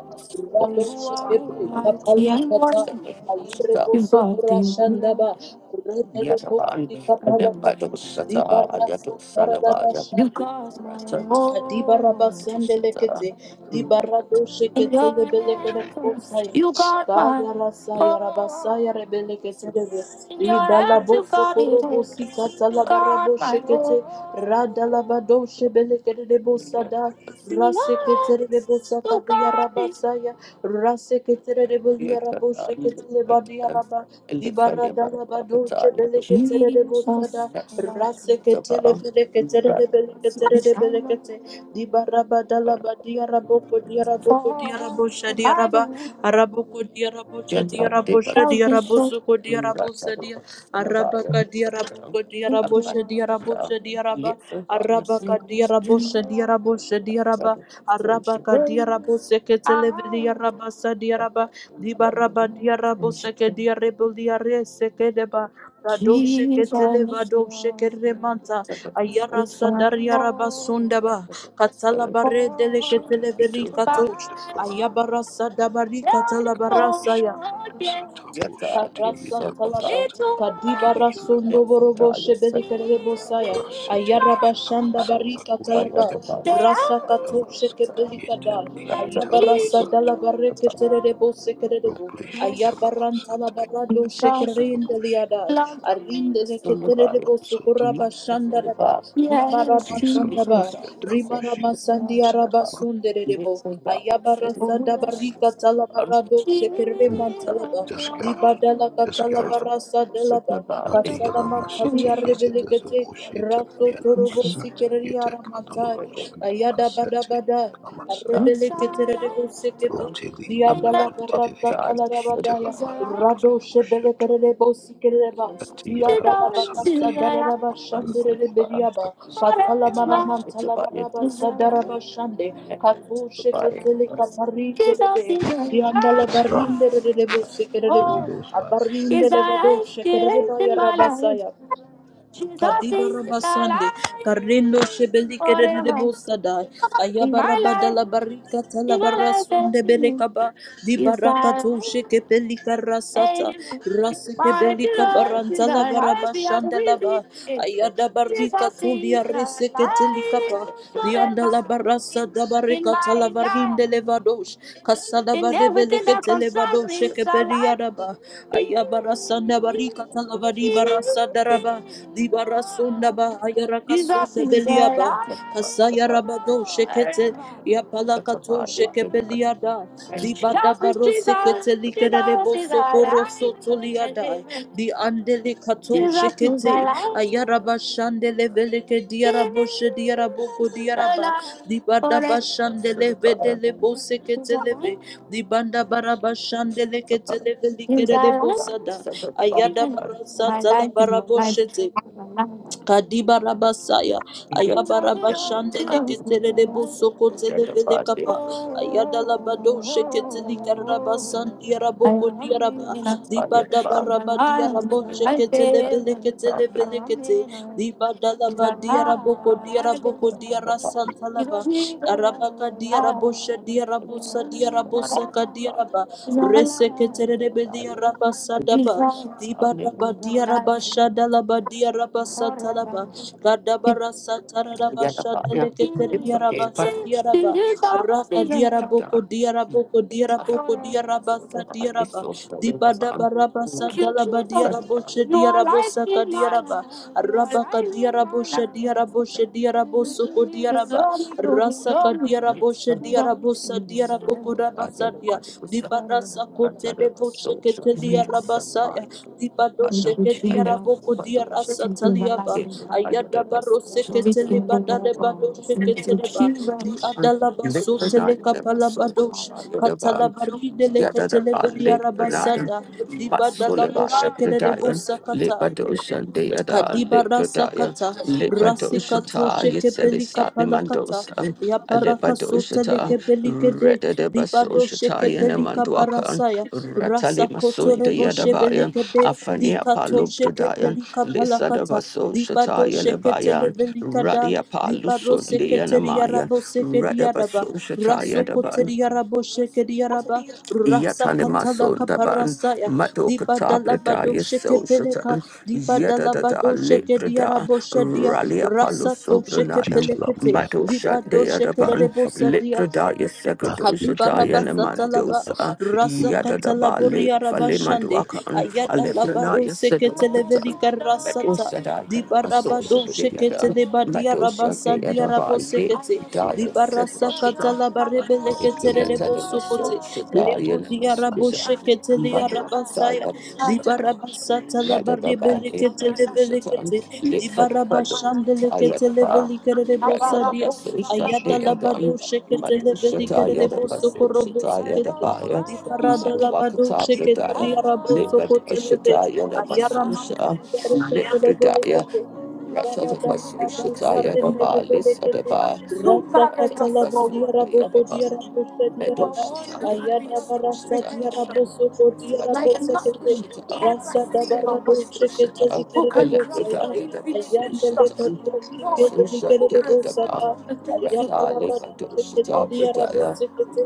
[SPEAKER 2] For
[SPEAKER 4] rado
[SPEAKER 2] you are
[SPEAKER 4] shekebe
[SPEAKER 2] mighty
[SPEAKER 4] kapali
[SPEAKER 2] and
[SPEAKER 4] kata
[SPEAKER 2] wonderful.
[SPEAKER 4] ayerebo
[SPEAKER 2] You got
[SPEAKER 4] sokora
[SPEAKER 2] the
[SPEAKER 4] shandaba
[SPEAKER 2] world.
[SPEAKER 4] rebele
[SPEAKER 2] Yatavan,
[SPEAKER 4] kotuli kapala kata
[SPEAKER 2] Adabado Sata,
[SPEAKER 4] dibarasa
[SPEAKER 2] Ayatu
[SPEAKER 4] karadaba
[SPEAKER 2] Salavaya, you
[SPEAKER 4] shande
[SPEAKER 2] cause my Rata-
[SPEAKER 4] Adibaraba
[SPEAKER 2] woe.
[SPEAKER 4] sande
[SPEAKER 2] Sata.
[SPEAKER 4] lekete, dibarado
[SPEAKER 2] In
[SPEAKER 4] shekete
[SPEAKER 2] your
[SPEAKER 4] lebeleke
[SPEAKER 2] hands,
[SPEAKER 4] rebosaya,
[SPEAKER 2] you got my
[SPEAKER 4] dagara saya
[SPEAKER 2] oh.
[SPEAKER 4] rabasaya rebelekete rebe,
[SPEAKER 2] In your hands,
[SPEAKER 4] idalabo
[SPEAKER 2] you got it.
[SPEAKER 4] sokorobo
[SPEAKER 2] all.
[SPEAKER 4] sikata
[SPEAKER 2] You
[SPEAKER 4] labarabo
[SPEAKER 2] got my oh.
[SPEAKER 4] shekete, radalabado shebeleke
[SPEAKER 2] In
[SPEAKER 4] rebosada,
[SPEAKER 2] your
[SPEAKER 4] rasekete
[SPEAKER 2] hands,
[SPEAKER 4] rebosaka
[SPEAKER 2] you got it.
[SPEAKER 4] diarabasaya, rasekete
[SPEAKER 2] Jesus, for
[SPEAKER 4] rebeliarabo shekete diaraba dibara
[SPEAKER 2] the Bible
[SPEAKER 4] dalaba dolce bele ketere de bosada rase ketele bele ketere de bele ketere de bele kete dibara badalaba diarabo ko diarabo ko diarabo sha diaraba arabo ko diarabo sha diarabo sha
[SPEAKER 2] tells me
[SPEAKER 4] diarabo
[SPEAKER 2] so.
[SPEAKER 4] su ko diarabo sa dia araba ka diarabo ko diarabo sha diarabo sha diaraba araba diarabosha diarabosha diaraba arabaka diarabose keteleve diarabasa diaraba dibaraba diarabose ke diarebo diarese kedeba radoshe
[SPEAKER 2] Jesus,
[SPEAKER 4] keteleva doshe keremanta
[SPEAKER 2] If I know
[SPEAKER 4] ayara
[SPEAKER 2] all
[SPEAKER 4] sadariaraba sundaba katalabare dele
[SPEAKER 5] so. Ite
[SPEAKER 4] keteleveri
[SPEAKER 2] Bible,
[SPEAKER 4] katosh
[SPEAKER 5] lamayata.
[SPEAKER 4] ayabara sadabari
[SPEAKER 2] now you
[SPEAKER 4] katalabarasa
[SPEAKER 2] know again. Yet
[SPEAKER 4] Karasa
[SPEAKER 2] to God.
[SPEAKER 4] Talaba, Kadibara Sondo
[SPEAKER 2] It's wonderful. It's
[SPEAKER 4] Borobo
[SPEAKER 2] entire second.
[SPEAKER 4] Shebele Kerebo Saya, Ayaraba
[SPEAKER 2] I
[SPEAKER 4] Shanda
[SPEAKER 2] don't
[SPEAKER 4] Barika
[SPEAKER 2] think I
[SPEAKER 4] Talaba,
[SPEAKER 2] ever thought. They
[SPEAKER 4] Rasa Kato Shekepeli Kadai, Ayabarasa Dalabareke Terebo Sekerebo, Ayabaran Talabarado Shekerindeliadai,
[SPEAKER 2] Love me,
[SPEAKER 4] Arinde
[SPEAKER 2] somebody.
[SPEAKER 4] Keterebo Sukuraba
[SPEAKER 2] Must Much been
[SPEAKER 4] Shandaraba,
[SPEAKER 2] about-
[SPEAKER 4] Viva
[SPEAKER 2] Yes, Jesus. Little darling,
[SPEAKER 4] Rimaramasandaba,
[SPEAKER 2] said, the guy, and
[SPEAKER 4] Rimaramasandiarabasunderebo,
[SPEAKER 2] it's a guy, said, Oh,
[SPEAKER 4] Ayabarasadaba
[SPEAKER 2] yes. Um,
[SPEAKER 4] Talabarado,
[SPEAKER 2] Jesus,
[SPEAKER 4] Shekeremantalaba,
[SPEAKER 5] Yes, God.
[SPEAKER 2] love me.
[SPEAKER 4] Dibadala
[SPEAKER 5] Yes,
[SPEAKER 2] Records
[SPEAKER 5] God.
[SPEAKER 2] of
[SPEAKER 4] Catalabarasa
[SPEAKER 2] the
[SPEAKER 4] delaba,
[SPEAKER 2] body.
[SPEAKER 5] Ati yala masiti
[SPEAKER 4] talia
[SPEAKER 5] yete tesu
[SPEAKER 4] Rebelicete,
[SPEAKER 5] bushita
[SPEAKER 4] Raso
[SPEAKER 5] yala
[SPEAKER 4] Torobo
[SPEAKER 5] masata yete
[SPEAKER 4] Sikeriara
[SPEAKER 5] katalu
[SPEAKER 4] Mantai,
[SPEAKER 5] shanda
[SPEAKER 4] Ayada
[SPEAKER 5] masata
[SPEAKER 4] Badabada.
[SPEAKER 5] yala masata
[SPEAKER 2] Shall
[SPEAKER 4] Rebeleketerebosikepe,
[SPEAKER 2] I?
[SPEAKER 5] roteli yana
[SPEAKER 2] Amen.
[SPEAKER 5] mandiri
[SPEAKER 2] Welcome,
[SPEAKER 4] diadalabarasa
[SPEAKER 5] deki
[SPEAKER 2] God. said the
[SPEAKER 5] shita
[SPEAKER 4] kalarabadaya,
[SPEAKER 5] lama
[SPEAKER 2] bar.
[SPEAKER 5] dudu bushitu
[SPEAKER 4] radoshebelekerebosekereba,
[SPEAKER 5] ati yana
[SPEAKER 2] Did
[SPEAKER 5] lama
[SPEAKER 2] all into
[SPEAKER 5] sante
[SPEAKER 2] the
[SPEAKER 4] diadalabarasa
[SPEAKER 5] yete
[SPEAKER 2] light of
[SPEAKER 5] matata
[SPEAKER 2] silver.
[SPEAKER 4] dararabashandererebeliaba,
[SPEAKER 5] bushita masata
[SPEAKER 2] Forever. It's about your
[SPEAKER 4] katalamaramantalabarabasa
[SPEAKER 2] desire.
[SPEAKER 4] darabashande,
[SPEAKER 2] It's about your mercy. Did all
[SPEAKER 4] katosheketelekaparindelebe,
[SPEAKER 2] into the
[SPEAKER 5] yes God
[SPEAKER 2] light.
[SPEAKER 4] diandalabarindererebosekerebo,
[SPEAKER 5] Holy
[SPEAKER 2] Oh,
[SPEAKER 5] Ghost fire
[SPEAKER 2] is our life still
[SPEAKER 4] abarindelebadoshikerebaya
[SPEAKER 2] in my life?
[SPEAKER 4] rabasaya.
[SPEAKER 2] Jesus
[SPEAKER 4] Kadiba
[SPEAKER 2] is
[SPEAKER 4] raba sande,
[SPEAKER 2] alive
[SPEAKER 4] karendo shebeli kerere de
[SPEAKER 2] forever
[SPEAKER 4] bosada,
[SPEAKER 2] in
[SPEAKER 4] ayaba
[SPEAKER 2] my
[SPEAKER 4] raba
[SPEAKER 2] life,
[SPEAKER 4] dala barika tala
[SPEAKER 2] in
[SPEAKER 4] barra
[SPEAKER 2] my life,
[SPEAKER 4] sunde
[SPEAKER 2] baby.
[SPEAKER 4] berekaba, di
[SPEAKER 2] Is
[SPEAKER 4] baraka
[SPEAKER 2] our
[SPEAKER 4] to
[SPEAKER 2] life.
[SPEAKER 4] sheke peli karasata,
[SPEAKER 2] Amen.
[SPEAKER 4] rase
[SPEAKER 2] My
[SPEAKER 4] kebeli
[SPEAKER 2] beloved
[SPEAKER 4] kabaranta
[SPEAKER 2] is
[SPEAKER 4] la
[SPEAKER 2] alive.
[SPEAKER 4] baraba
[SPEAKER 2] We as
[SPEAKER 4] shanda
[SPEAKER 2] risen.
[SPEAKER 4] laba, ayada
[SPEAKER 2] Since
[SPEAKER 4] barika
[SPEAKER 2] I
[SPEAKER 4] to
[SPEAKER 2] see
[SPEAKER 4] lia
[SPEAKER 2] the
[SPEAKER 4] rese keteli
[SPEAKER 2] light
[SPEAKER 4] kapa, di andala
[SPEAKER 2] forever
[SPEAKER 4] barasa da
[SPEAKER 2] in
[SPEAKER 4] barika tala
[SPEAKER 2] my life,
[SPEAKER 4] varinde levadosh, kasada
[SPEAKER 2] in
[SPEAKER 4] barebele
[SPEAKER 2] everything that
[SPEAKER 4] ketele
[SPEAKER 2] concerns
[SPEAKER 4] vadosh
[SPEAKER 2] me,
[SPEAKER 4] sheke
[SPEAKER 2] shall
[SPEAKER 4] peli
[SPEAKER 2] I
[SPEAKER 4] araba,
[SPEAKER 2] be.
[SPEAKER 4] ayaba rasanda barika tala vari barasa daraba, Di Dibarasunda ba ayaraka
[SPEAKER 2] Jesus
[SPEAKER 4] sunda
[SPEAKER 2] is
[SPEAKER 4] beliaba.
[SPEAKER 2] alive
[SPEAKER 4] Kasaya
[SPEAKER 2] forever.
[SPEAKER 4] rabado shekete yapalakato shekepeliada.
[SPEAKER 2] Shout with
[SPEAKER 4] Dibadabaro
[SPEAKER 2] Jesus,
[SPEAKER 4] sekete
[SPEAKER 2] Jesus
[SPEAKER 4] likerebo
[SPEAKER 2] is
[SPEAKER 4] sokoro sotoliada.
[SPEAKER 2] alive.
[SPEAKER 4] Di andele kato
[SPEAKER 2] Jesus is
[SPEAKER 4] shekete
[SPEAKER 2] alive.
[SPEAKER 4] ayaraba shandele veleke diarabo
[SPEAKER 2] Jesus
[SPEAKER 4] shediaraboko
[SPEAKER 2] is
[SPEAKER 4] diaraba.
[SPEAKER 2] alive. Forever.
[SPEAKER 4] Dibadaba shandele vedele bo
[SPEAKER 2] He's
[SPEAKER 4] sekete leve.
[SPEAKER 2] alive.
[SPEAKER 4] Dibanda baraba shandele kete leve
[SPEAKER 2] He's
[SPEAKER 4] likerebo sada. Ayada
[SPEAKER 2] alive. My
[SPEAKER 4] barasata la
[SPEAKER 2] life is your
[SPEAKER 4] barabo
[SPEAKER 2] life.
[SPEAKER 4] shete.
[SPEAKER 2] My life.
[SPEAKER 4] Kadiba Rabasaya,
[SPEAKER 2] Jesus is
[SPEAKER 4] Ayabaraba
[SPEAKER 2] alive.
[SPEAKER 4] Shandele
[SPEAKER 2] Jesus is
[SPEAKER 4] Ketelebo Bosoko Televele
[SPEAKER 2] alive.
[SPEAKER 4] Kapa, Ayadala Bado Sheketeli Karabasan
[SPEAKER 2] Oh, I
[SPEAKER 4] Diaraboko
[SPEAKER 2] am
[SPEAKER 4] Diaraba,
[SPEAKER 2] in love.
[SPEAKER 4] Diba
[SPEAKER 2] He's
[SPEAKER 4] Dabaraba
[SPEAKER 2] alive.
[SPEAKER 4] Diarabo
[SPEAKER 2] My life is. I
[SPEAKER 4] Sheketelevele Ketelevele
[SPEAKER 2] am
[SPEAKER 4] Kete,
[SPEAKER 2] in love.
[SPEAKER 4] Diba
[SPEAKER 2] He's
[SPEAKER 4] Dalaba
[SPEAKER 2] alive.
[SPEAKER 4] Diaraboko
[SPEAKER 2] He's a
[SPEAKER 4] Diaraboko Diara
[SPEAKER 2] hero.
[SPEAKER 4] Santalaba, kadirabosha dirabosa dirabosa
[SPEAKER 2] alive.
[SPEAKER 4] kadiraba
[SPEAKER 2] He's alive.
[SPEAKER 4] reseketererebediarabasadaba
[SPEAKER 2] Jesus, I'm
[SPEAKER 4] dibadaba
[SPEAKER 2] living my life
[SPEAKER 4] diarabashadalaba diarabasatalaba
[SPEAKER 2] forever. Yadabaya, Yipsakeba,
[SPEAKER 4] kadabarasatararavashadeleketeriarabasa diaraba araka diaraboko
[SPEAKER 2] Yadabaya,
[SPEAKER 4] diaraboko diaraboko
[SPEAKER 2] Sahara,
[SPEAKER 4] diarabasa
[SPEAKER 2] Sudabaya,
[SPEAKER 4] diaraba
[SPEAKER 2] Sudabaya,
[SPEAKER 4] Dibadabarabasa
[SPEAKER 2] Thank you, Jesus.
[SPEAKER 4] dalabadiaraboshe
[SPEAKER 2] You are life
[SPEAKER 4] diarabosa
[SPEAKER 2] in my life.
[SPEAKER 4] kadiaraba.
[SPEAKER 2] You are life
[SPEAKER 4] Arabaka
[SPEAKER 2] in my life.
[SPEAKER 4] diaraboshe diaraboshe diarabosoko diaraba.
[SPEAKER 2] Glory, glory,
[SPEAKER 4] Rasa
[SPEAKER 2] glory. Yes.
[SPEAKER 4] kadiaraboshe
[SPEAKER 2] Glory to
[SPEAKER 4] diarabosa
[SPEAKER 2] you. I get a
[SPEAKER 4] diarabokorabasadia.
[SPEAKER 2] lot of stuff.
[SPEAKER 4] Dibarasa
[SPEAKER 2] Runs
[SPEAKER 4] kote
[SPEAKER 2] out of my
[SPEAKER 4] devoshe
[SPEAKER 2] soul, needs some
[SPEAKER 4] keteliarabasaya.
[SPEAKER 2] mind.
[SPEAKER 4] Dibado
[SPEAKER 2] Thank you,
[SPEAKER 4] sheke diaraboko
[SPEAKER 2] Jesus.
[SPEAKER 4] diarasa
[SPEAKER 2] Thank you, my
[SPEAKER 4] taliaba. Ayada
[SPEAKER 2] life.
[SPEAKER 4] baro seke
[SPEAKER 2] Glory to you,
[SPEAKER 4] telebada
[SPEAKER 2] Lord
[SPEAKER 4] lebado
[SPEAKER 2] God.
[SPEAKER 4] sheke
[SPEAKER 2] Thank you,
[SPEAKER 4] teleba.
[SPEAKER 2] Jesus.
[SPEAKER 4] Di adalaba so
[SPEAKER 2] Redadebasoshata
[SPEAKER 4] teleka palabadosh. Katalabari deleke telebediarabasada. Dibada labo sheke de debo Kadiba rasakata rasikato shekepelika palakata yaparaka soteleke pelikede dibado shekepelika
[SPEAKER 2] Yenemanduaka
[SPEAKER 4] parasaya
[SPEAKER 2] Ratali Sunda
[SPEAKER 4] rasakotorebo
[SPEAKER 2] Yadabayan,
[SPEAKER 4] shebelekede
[SPEAKER 2] Afania
[SPEAKER 4] dikato
[SPEAKER 2] Palubrudayan,
[SPEAKER 4] shekepelika
[SPEAKER 2] Lisa de
[SPEAKER 4] palakata
[SPEAKER 2] Baso
[SPEAKER 4] dibado
[SPEAKER 2] Shataya Lebayan,
[SPEAKER 4] sheketelebelika
[SPEAKER 2] Radia
[SPEAKER 4] dibado
[SPEAKER 2] Palusunda Yanamayan,
[SPEAKER 4] seketeriarabo sekediaraba
[SPEAKER 2] Radabaso Shataya Daban,
[SPEAKER 4] rasokoteriarabo shekediaraba
[SPEAKER 2] Yatalima
[SPEAKER 4] rasakatalaka
[SPEAKER 2] Sundaban,
[SPEAKER 4] parasaya
[SPEAKER 2] Madokata
[SPEAKER 4] dibadalabado
[SPEAKER 2] Bradaya So
[SPEAKER 4] shekepeleka
[SPEAKER 2] Shatan,
[SPEAKER 4] Diba
[SPEAKER 2] Yadada
[SPEAKER 4] dalabado sheke
[SPEAKER 2] Lebrada,
[SPEAKER 4] diarabo shadia.
[SPEAKER 2] Ralia
[SPEAKER 4] Rasa to sheke
[SPEAKER 2] Palusobranayan.
[SPEAKER 5] shita lama
[SPEAKER 4] pelekete.
[SPEAKER 2] Mato
[SPEAKER 5] yata
[SPEAKER 4] Diba
[SPEAKER 5] ote
[SPEAKER 4] do
[SPEAKER 2] Shande
[SPEAKER 4] sheke
[SPEAKER 2] Adaban,
[SPEAKER 4] debo
[SPEAKER 5] yata ba
[SPEAKER 2] Lipradaya
[SPEAKER 5] plastic
[SPEAKER 2] Sekadosha
[SPEAKER 5] yana
[SPEAKER 2] Diana
[SPEAKER 4] Kadibarabasatalaba
[SPEAKER 5] kata
[SPEAKER 2] Mandosa,
[SPEAKER 5] bushita yota
[SPEAKER 2] Yadadaba Lip
[SPEAKER 4] Rasakatalaburia
[SPEAKER 2] Falima
[SPEAKER 4] Rabashande
[SPEAKER 2] Duakan, Aleprana,
[SPEAKER 4] Ayadalabaro
[SPEAKER 2] Yaseduakatan,
[SPEAKER 4] Seketelevelika
[SPEAKER 2] Metal
[SPEAKER 4] Rasata
[SPEAKER 2] Sadakan, Associate
[SPEAKER 4] Dibarabado
[SPEAKER 2] Theatre,
[SPEAKER 4] Sheketelebadia
[SPEAKER 2] Metal
[SPEAKER 4] Rabasandia
[SPEAKER 2] Sadakan, Valley,
[SPEAKER 4] Rabosekete
[SPEAKER 5] bushita yota
[SPEAKER 2] Daya
[SPEAKER 5] bushita
[SPEAKER 2] Seduakatan, Yet
[SPEAKER 5] Rotolo
[SPEAKER 2] I
[SPEAKER 4] Dibarasakatalabarebeleketerebo
[SPEAKER 2] am
[SPEAKER 4] Sokote
[SPEAKER 2] associate, I am
[SPEAKER 4] Lebodia
[SPEAKER 5] Asta,
[SPEAKER 2] associate,
[SPEAKER 4] Rabosheketelia Rabasaya
[SPEAKER 2] Baduakataya Satan.
[SPEAKER 5] Santa
[SPEAKER 2] Rather
[SPEAKER 5] City
[SPEAKER 2] the
[SPEAKER 5] Heat
[SPEAKER 2] badly, Badu Satan,
[SPEAKER 4] Dibarabasatalabarebeleketelebelekete
[SPEAKER 2] Lit for the Badu, Taya the Bar, Rather the
[SPEAKER 4] Dibarabashandeleketelevelikererobosadia
[SPEAKER 2] Basu
[SPEAKER 4] Ayada
[SPEAKER 5] Software
[SPEAKER 4] labado shekete leveli
[SPEAKER 2] Madushataya the
[SPEAKER 4] kerebo
[SPEAKER 5] Limited
[SPEAKER 4] sokorobo
[SPEAKER 2] Basushataya the
[SPEAKER 4] sekete.
[SPEAKER 2] Baya,
[SPEAKER 4] Dibarada labado
[SPEAKER 2] Matwakata
[SPEAKER 4] shekete
[SPEAKER 2] Pradaya,
[SPEAKER 4] liarabo sokote leve.
[SPEAKER 2] Lipadushataya the
[SPEAKER 4] Ayara manta
[SPEAKER 2] Masusha,
[SPEAKER 4] yadare kete levele
[SPEAKER 2] Lipradaya,
[SPEAKER 4] kete.
[SPEAKER 2] Rata the
[SPEAKER 4] Dibarada labada
[SPEAKER 2] Masushataya the
[SPEAKER 4] labarende levele
[SPEAKER 2] Balis the
[SPEAKER 4] kete.
[SPEAKER 2] Bar,
[SPEAKER 4] Rasa
[SPEAKER 2] Rata the
[SPEAKER 4] katalaba diarabo ko
[SPEAKER 2] the Bar,
[SPEAKER 4] diarabo she diaraba.
[SPEAKER 2] Medushataya the
[SPEAKER 4] Ayada barasa
[SPEAKER 2] Masushataya the
[SPEAKER 4] diarabo
[SPEAKER 2] Bar.
[SPEAKER 4] soko diarabo
[SPEAKER 2] Like nothing
[SPEAKER 4] sekete.
[SPEAKER 2] ever
[SPEAKER 4] Rasa
[SPEAKER 2] seen
[SPEAKER 4] dabarado shekete
[SPEAKER 2] or who can
[SPEAKER 4] likerebo
[SPEAKER 2] cross the
[SPEAKER 4] saya.
[SPEAKER 2] infinity
[SPEAKER 4] Ayanda lekato shekete likerebo
[SPEAKER 2] who can
[SPEAKER 4] sada. Ayabalabadu seketeli arabo sekete.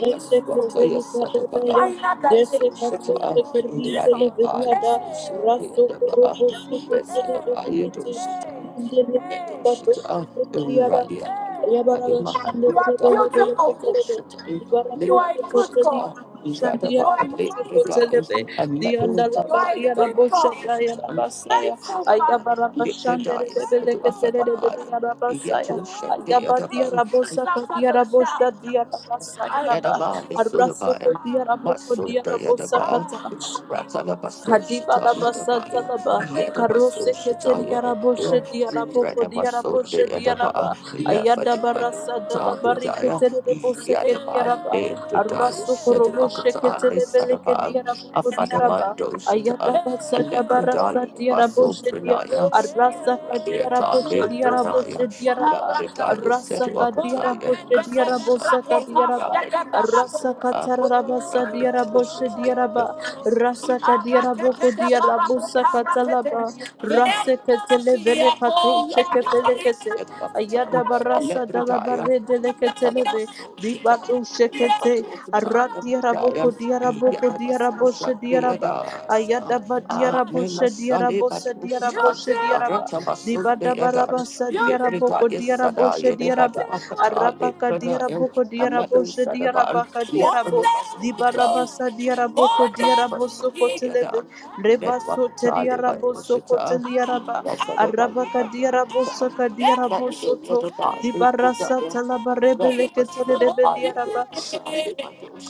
[SPEAKER 4] Reseketeli kadabaya. Desekato sekerinde lebeliada. Raso korobo seketeli belikete. Rinde lebelikato sekebeliada. Arraso
[SPEAKER 2] you are beautiful You are a good God Radaba Lekradaya A medal You are a good God Faithful God Lekradaya Sadaba Yato Shakti Yadaban, Yadaba, is
[SPEAKER 4] ko
[SPEAKER 2] Sudabayan,
[SPEAKER 4] diarabo ko
[SPEAKER 2] Masunda
[SPEAKER 4] diarabo
[SPEAKER 2] Yadaba,
[SPEAKER 4] sakata
[SPEAKER 2] Ratalabasu
[SPEAKER 4] Kadiba
[SPEAKER 2] Shata
[SPEAKER 4] da basa
[SPEAKER 2] Yadabaya,
[SPEAKER 4] talaba karose
[SPEAKER 2] Yadabasu Shata
[SPEAKER 4] keteri yarabo shedi
[SPEAKER 2] Yadabaya,
[SPEAKER 4] yarabo kodi
[SPEAKER 2] Renamasu
[SPEAKER 4] yarabo shedi
[SPEAKER 2] Yadaba,
[SPEAKER 4] yaraba ayada
[SPEAKER 2] Lafadiman.
[SPEAKER 4] barasa dala bari
[SPEAKER 2] Tadaya, Yadaba,
[SPEAKER 4] Kadibarabasantalaba,
[SPEAKER 2] Name Pradaya,
[SPEAKER 4] Karoseketeriaraboshe diaraboko diaraboshe
[SPEAKER 2] Shedakata,
[SPEAKER 4] diaraba, Ayadabarasandalabariketereboseke diaraba, Arasokorobosheketeleveleke
[SPEAKER 2] Sadaba,
[SPEAKER 4] diaraboko diaraba,
[SPEAKER 2] Afadamando Shata,
[SPEAKER 4] Ayadabasadabarasa
[SPEAKER 2] Alekadaya, Basu
[SPEAKER 4] diaraboshe dia
[SPEAKER 2] Pranaya,
[SPEAKER 4] arasa kadia raboshe dia raboshe
[SPEAKER 2] Thank
[SPEAKER 4] dia raba arasa kadia raboshe dia rabosa kadia raba arasa katara rabasa dia raboshe dia raba
[SPEAKER 2] you.
[SPEAKER 4] rasa kadia
[SPEAKER 2] Yes,
[SPEAKER 4] raboko dia rabosa katalaba rasa ketele vere kato sheke Ayada barasa dala barre deleketeleve. Dibado shekete. Arati araboko diaraboko diaraboshe diaraba. Ayada ba diaraboshe diaraboshe diaraboshe diaraba. Dibada barabasa diaraboko
[SPEAKER 2] Sada
[SPEAKER 4] diaraboshe diaraba. Arab Rabaka diaraboko
[SPEAKER 2] Amado
[SPEAKER 4] diaraboshe
[SPEAKER 2] Sadaban,
[SPEAKER 4] diarabaka diarabo. Dibarabasa diaraboko diarabosoko
[SPEAKER 2] Rather,
[SPEAKER 4] televe. Rebaso teriarabosoko teliaraba. Arabaka diarabosaka diarabosoto. Dibarasa talabarebeleke telerebeliaraba.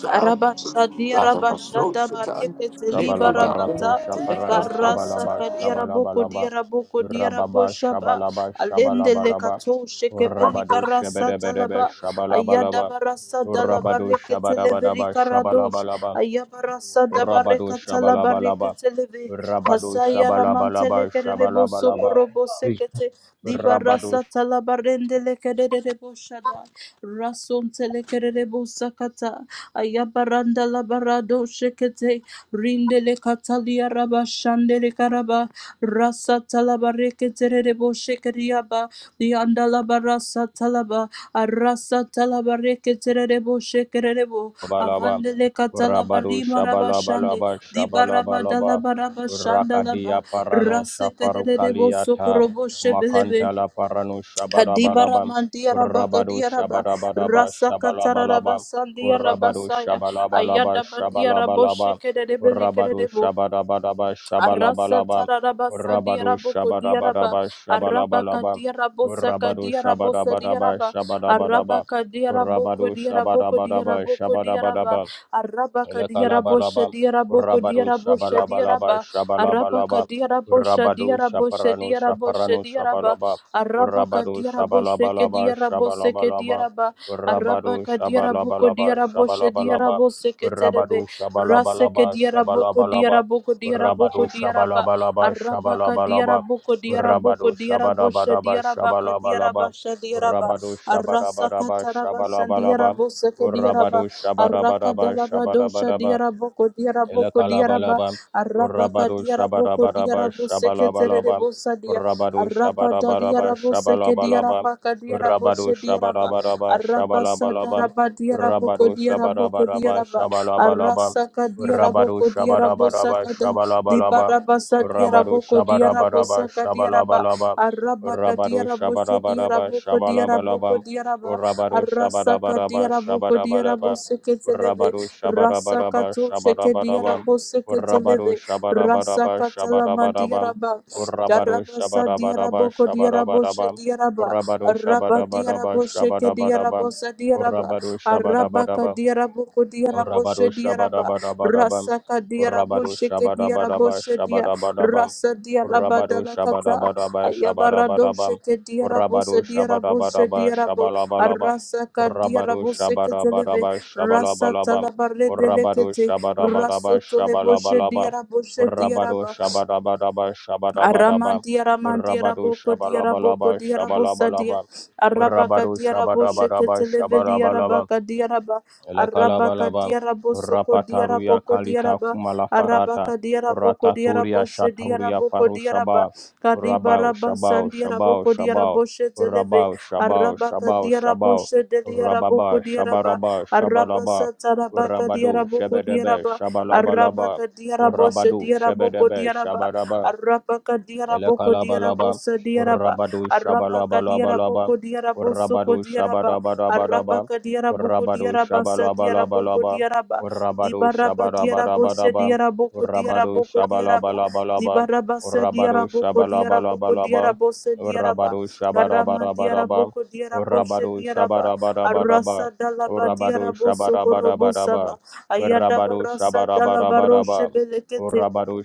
[SPEAKER 4] Rabashadira
[SPEAKER 2] my soul,
[SPEAKER 4] Bashada
[SPEAKER 2] Satan,
[SPEAKER 4] Bareket
[SPEAKER 2] let me
[SPEAKER 1] Shabalaba
[SPEAKER 2] die,
[SPEAKER 1] rato
[SPEAKER 4] Libaramata
[SPEAKER 2] let us
[SPEAKER 1] shaparano
[SPEAKER 2] up the
[SPEAKER 4] Karasa
[SPEAKER 1] shabalaba
[SPEAKER 2] time.
[SPEAKER 4] Kadira
[SPEAKER 1] shabalaba
[SPEAKER 4] Boko
[SPEAKER 1] laba
[SPEAKER 4] Dira Boko Dira
[SPEAKER 1] rababa
[SPEAKER 4] Boshaba
[SPEAKER 1] shabalaba
[SPEAKER 4] Alende
[SPEAKER 1] shabalaba laba
[SPEAKER 4] Lekato Shekebeli
[SPEAKER 1] rabado
[SPEAKER 4] Karasa
[SPEAKER 1] shebedebedebe
[SPEAKER 4] Talaba
[SPEAKER 1] shabalaba laba
[SPEAKER 4] Ayada Barasa
[SPEAKER 1] rabado
[SPEAKER 4] Dalabareket Leveri
[SPEAKER 1] shabadabadaba shabalaba
[SPEAKER 4] Karadosh
[SPEAKER 1] laba
[SPEAKER 4] Ayabarasa
[SPEAKER 1] rabado
[SPEAKER 4] Dabarekatala
[SPEAKER 1] shabalaba laba
[SPEAKER 4] Bareket Leve
[SPEAKER 1] rabado
[SPEAKER 4] Kasaya
[SPEAKER 1] shabalaba
[SPEAKER 4] Ramantele
[SPEAKER 1] laba
[SPEAKER 4] Kerebo
[SPEAKER 1] shabalaba laba
[SPEAKER 4] Sokorobo Sekete
[SPEAKER 1] rabado
[SPEAKER 4] Dibarasa Talabarende Lekerebo Shada Rason Telekerebo Sakata Ayabaranda labarado shekete. Rindele katalia raba shandele karaba. Rasa talaba reketere rebo shekeriaba. Lianda laba rasa talaba. Arasa talaba reketerebo shekerebo.
[SPEAKER 1] Shabalaba,
[SPEAKER 4] Avandele katalaba
[SPEAKER 1] Rabadu
[SPEAKER 4] rima raba shande.
[SPEAKER 1] Shabalabalaba,
[SPEAKER 4] Dibaraba
[SPEAKER 1] Shabalabalaba,
[SPEAKER 4] dalaba raba
[SPEAKER 1] Rakadia
[SPEAKER 4] shandalaba.
[SPEAKER 1] Parano
[SPEAKER 4] Rasa kerebo
[SPEAKER 1] Shafarukaliata,
[SPEAKER 4] sokorobo shebelebe.
[SPEAKER 1] Makantala Parano
[SPEAKER 4] Kadibara
[SPEAKER 1] Shabalabalaba,
[SPEAKER 4] mandira
[SPEAKER 1] Rabadu
[SPEAKER 4] bakadira ba
[SPEAKER 1] Shabalabalaba,
[SPEAKER 4] rasa katara raba
[SPEAKER 1] Shabalabalaba,
[SPEAKER 4] sandira raba
[SPEAKER 1] Rabadu
[SPEAKER 4] saya
[SPEAKER 1] Shabalabalaba,
[SPEAKER 4] ayada bandira bo
[SPEAKER 1] Shabalabalaba,
[SPEAKER 4] shekere de beli kere
[SPEAKER 1] Rabadu
[SPEAKER 4] de bo
[SPEAKER 1] Shabalabalaba,
[SPEAKER 4] arasa
[SPEAKER 1] Shabalabalaba,
[SPEAKER 4] tara raba sandira
[SPEAKER 1] Rabadu
[SPEAKER 4] boko kodira ba
[SPEAKER 1] Shabalabalaba,
[SPEAKER 4] araba
[SPEAKER 1] Shabalabalaba,
[SPEAKER 4] kadira bosa
[SPEAKER 1] Rabadu
[SPEAKER 4] kadira bosa
[SPEAKER 1] Shabalabalaba,
[SPEAKER 4] sadira ba
[SPEAKER 1] Shabalabalaba,
[SPEAKER 4] araba kadira
[SPEAKER 1] Rabado
[SPEAKER 4] boko kodira boko
[SPEAKER 1] Shabarabadaba
[SPEAKER 4] kodira boko kodira ba
[SPEAKER 1] Shabarabadaba
[SPEAKER 4] araba kadira bo boko
[SPEAKER 1] Elekalabalaba,
[SPEAKER 4] bo
[SPEAKER 1] Rabado
[SPEAKER 4] kodira bo
[SPEAKER 1] Shabalabalaba,
[SPEAKER 4] ba. Arabaka
[SPEAKER 1] Shabalabalaba,
[SPEAKER 4] diarabosha
[SPEAKER 1] Rabado
[SPEAKER 4] diarabosha
[SPEAKER 1] Shaparano,
[SPEAKER 4] diarabosha
[SPEAKER 1] Shaparano,
[SPEAKER 4] diaraba.
[SPEAKER 1] Shabalaba,
[SPEAKER 4] Arabaka
[SPEAKER 1] Rabado
[SPEAKER 4] diarabosheke
[SPEAKER 1] Shabalabalaba,
[SPEAKER 4] diaraboseke
[SPEAKER 1] Shabalabalaba,
[SPEAKER 4] diaraba.
[SPEAKER 1] Rabado
[SPEAKER 4] Arabaka diarabuko
[SPEAKER 1] Shabalabalaba,
[SPEAKER 4] diaraboshe
[SPEAKER 1] Shabalabalaba,
[SPEAKER 4] diaraboseke terebe.
[SPEAKER 1] Rabado
[SPEAKER 4] Raseke
[SPEAKER 1] Shabalabalaba,
[SPEAKER 4] diaraboko
[SPEAKER 1] Shabalabalaba,
[SPEAKER 4] diaraboko diaraboko
[SPEAKER 1] Rabado
[SPEAKER 4] diaraba.
[SPEAKER 1] Shabalabalaba,
[SPEAKER 4] Arabaka
[SPEAKER 1] Shabalabalaba,
[SPEAKER 4] diaraboko diaraboko
[SPEAKER 1] Rabado
[SPEAKER 4] diarabosha
[SPEAKER 1] Shabalabalaba,
[SPEAKER 4] diarabaka
[SPEAKER 1] Shabalabalaba,
[SPEAKER 4] diarabasha diaraba.
[SPEAKER 1] Rabado
[SPEAKER 4] Arasaka
[SPEAKER 1] Shabalabalaba,
[SPEAKER 4] tarabasha
[SPEAKER 1] Shabalabalaba,
[SPEAKER 4] diaraboseke
[SPEAKER 1] Urabado
[SPEAKER 4] diaraba. Araka
[SPEAKER 1] shabarabadaba
[SPEAKER 4] dalabadosha
[SPEAKER 1] shabarabadaba
[SPEAKER 4] diaraboko diaraboko boko diaraba
[SPEAKER 1] Elekalabalaba,
[SPEAKER 4] arabaka
[SPEAKER 1] Rabado
[SPEAKER 4] diaraboko
[SPEAKER 1] Shabarabaraba,
[SPEAKER 4] diarabo seketerere
[SPEAKER 1] Shabalabalaba,
[SPEAKER 4] bosadia
[SPEAKER 1] Rabado
[SPEAKER 4] araba
[SPEAKER 1] Shabarabaraba,
[SPEAKER 4] dadiarabo seke
[SPEAKER 1] Shabalabalaba,
[SPEAKER 4] diarabaka diarabo
[SPEAKER 1] Rabado
[SPEAKER 4] shediaraba
[SPEAKER 1] Shabarabaraba,
[SPEAKER 4] araba
[SPEAKER 1] Shabalabalaba,
[SPEAKER 4] sadaraba diaraboko
[SPEAKER 1] Rabado
[SPEAKER 4] diaraboko
[SPEAKER 1] Shabarabaraba,
[SPEAKER 4] diaraba
[SPEAKER 1] Shabalabalaba,
[SPEAKER 4] arasaka diaraboko diarabo kodiarabo kodiaraba arasa kadiarabo
[SPEAKER 1] Rabado
[SPEAKER 4] kodiarabo
[SPEAKER 1] Shabarabaraba,
[SPEAKER 4] sakada
[SPEAKER 1] Shabalabalaba,
[SPEAKER 4] dibaraba
[SPEAKER 1] Rabado
[SPEAKER 4] sadiaraboko diarabo
[SPEAKER 1] Shabarabaraba,
[SPEAKER 4] saka diaraba
[SPEAKER 1] Shabalabalaba,
[SPEAKER 4] araba
[SPEAKER 1] Rabado
[SPEAKER 4] kadiarabo
[SPEAKER 1] Shabarabaraba,
[SPEAKER 4] shediaraboko diaraboko
[SPEAKER 1] Shabalabalaba,
[SPEAKER 4] diaraba
[SPEAKER 1] Rabado
[SPEAKER 4] arasaka
[SPEAKER 1] Shabarabaraba,
[SPEAKER 4] diaraboko diarabo
[SPEAKER 1] Shabarabaraba,
[SPEAKER 4] seketeleve
[SPEAKER 1] Rabaru Shabarabaraba
[SPEAKER 4] Rasakato shekediara
[SPEAKER 1] Shabarabaraba Rabaru
[SPEAKER 4] boseketeleve.
[SPEAKER 1] Shabarabaraba
[SPEAKER 4] Rasakatalama
[SPEAKER 1] Shabarabaraba
[SPEAKER 4] diaraba.
[SPEAKER 1] Rabaru
[SPEAKER 4] Darabasa
[SPEAKER 1] Shabarabaraba
[SPEAKER 4] diaraboko diaraboshe
[SPEAKER 1] Shabarabaraba
[SPEAKER 4] diaraba.
[SPEAKER 1] Rabaru
[SPEAKER 4] Araba
[SPEAKER 1] Shabarabaraba
[SPEAKER 4] diaraboshe
[SPEAKER 1] Shabarabaraba
[SPEAKER 4] kediarabosa diaraba.
[SPEAKER 1] Rabaru
[SPEAKER 4] Arabaka
[SPEAKER 1] Shabarabaraba
[SPEAKER 4] diaraboko
[SPEAKER 1] Rabado
[SPEAKER 4] diaraboshe diaraba.
[SPEAKER 1] Shabadabadabadabam.
[SPEAKER 4] Rasaka diarabo
[SPEAKER 1] Rabado
[SPEAKER 4] sheke
[SPEAKER 1] Shabadabadaba
[SPEAKER 4] diaraboshe kediaraboshe dia.
[SPEAKER 1] Shabadabadabam.
[SPEAKER 4] Rasa diaraba
[SPEAKER 1] Rabado
[SPEAKER 4] dalakata.
[SPEAKER 1] Shabadabadaba
[SPEAKER 4] Ayabaradoshe
[SPEAKER 1] Shabadabadabam. Rabado
[SPEAKER 4] kediarabose diaraboshe
[SPEAKER 1] Shabadabadaba
[SPEAKER 4] diarabo.
[SPEAKER 1] Shabalabalabam.
[SPEAKER 4] Arasaka
[SPEAKER 1] Rabado
[SPEAKER 4] diarabose
[SPEAKER 1] Shabadabadaba Shabalabalabam. Rabado
[SPEAKER 4] Rasatalabaredelekete,
[SPEAKER 1] Shabadabadaba
[SPEAKER 4] Rasotoleboshe
[SPEAKER 1] Shabalabalabam.
[SPEAKER 4] diaraboshe
[SPEAKER 1] Rabado
[SPEAKER 4] diaraba,
[SPEAKER 1] Shabadabadaba Shabadabadabam.
[SPEAKER 4] Aramandia Ramandia
[SPEAKER 1] Rabado
[SPEAKER 4] Raboko dia Raboko
[SPEAKER 1] Shabalabalaba
[SPEAKER 4] dia Rabosa dia
[SPEAKER 1] Shabalabalabam.
[SPEAKER 4] Arabaka
[SPEAKER 1] Rabado
[SPEAKER 4] dia Raboshe
[SPEAKER 1] Shabadabadaba
[SPEAKER 4] Ketelevedia
[SPEAKER 1] Shabalabalabam.
[SPEAKER 4] Rabaka dia Raba Arabaka
[SPEAKER 1] Elekalabalaba,
[SPEAKER 4] dia Rabosoko dia
[SPEAKER 1] Rapataruya
[SPEAKER 4] Raboko dia
[SPEAKER 1] Kalita
[SPEAKER 4] Raba
[SPEAKER 1] Kumala Farata,
[SPEAKER 4] Arabaka dia Raboko dia
[SPEAKER 1] Rataturia
[SPEAKER 4] Raboshe dia
[SPEAKER 1] Shataria
[SPEAKER 4] Raboko
[SPEAKER 1] Faru
[SPEAKER 4] dia Raba
[SPEAKER 1] Shaba,
[SPEAKER 4] Kariba
[SPEAKER 1] Rabao
[SPEAKER 4] Rabasan
[SPEAKER 1] Shabao
[SPEAKER 4] dia
[SPEAKER 1] Shabao
[SPEAKER 4] Raboko dia
[SPEAKER 1] Shabao,
[SPEAKER 4] Raboshe Televe
[SPEAKER 1] Rabao Shabao
[SPEAKER 4] Arabaka
[SPEAKER 1] Shabao
[SPEAKER 4] dia
[SPEAKER 1] Shabao,
[SPEAKER 4] Raboshe dia Raboko
[SPEAKER 1] Rababa
[SPEAKER 4] dia Raba
[SPEAKER 1] Shabaraba Shabalaba,
[SPEAKER 4] Arabasa Tarabaka dia
[SPEAKER 1] Rabado
[SPEAKER 4] Raboko dia
[SPEAKER 1] Shebedebe
[SPEAKER 4] Raba
[SPEAKER 1] Shabalabalaba,
[SPEAKER 4] Arabaka dia Raboshe
[SPEAKER 1] Rabado
[SPEAKER 4] dia Raboko
[SPEAKER 1] Shebedebe
[SPEAKER 4] dia Raba
[SPEAKER 1] Shabaraba,
[SPEAKER 4] Arabaka diaraboko
[SPEAKER 1] Elekalabalaba,
[SPEAKER 4] diarabosa diaraba.
[SPEAKER 1] Urabadu
[SPEAKER 4] Arabaka
[SPEAKER 1] Shabalabalabalaba,
[SPEAKER 4] diaraboko diarabosoko
[SPEAKER 1] Urabadu
[SPEAKER 4] diaraba.
[SPEAKER 1] Shabadabadabadaba,
[SPEAKER 4] Arabaka diaraboko
[SPEAKER 1] Urabadu
[SPEAKER 4] diarabasa diaraboko
[SPEAKER 1] Shabalabalabalaba,
[SPEAKER 4] diaraba.
[SPEAKER 1] Urabadu
[SPEAKER 4] Dibaraba diarabosha
[SPEAKER 1] Shabadabadabadaba,
[SPEAKER 4] diaraboko
[SPEAKER 1] Urabadu
[SPEAKER 4] diaraboko diaraba.
[SPEAKER 1] Shabalabalabalaba,
[SPEAKER 4] Dibarabasa
[SPEAKER 1] Urabadu
[SPEAKER 4] diaraboko diaraboko
[SPEAKER 1] Shabalabalabalaba,
[SPEAKER 4] diarabosa diaraba.
[SPEAKER 1] Urabadu
[SPEAKER 4] Karama
[SPEAKER 1] Shabarabaraba,
[SPEAKER 4] diaraboko diarabosha
[SPEAKER 1] Urabadu
[SPEAKER 4] diaraba.
[SPEAKER 1] Shabarabaraba,
[SPEAKER 4] Arasa dalaba
[SPEAKER 1] Urabadu
[SPEAKER 4] diarabosoko robosaba.
[SPEAKER 1] Shabarabaraba, Urabadu
[SPEAKER 4] Ayadabarasa
[SPEAKER 1] Shabarabaraba,
[SPEAKER 4] dalabaroshe belekete.
[SPEAKER 1] Urabadu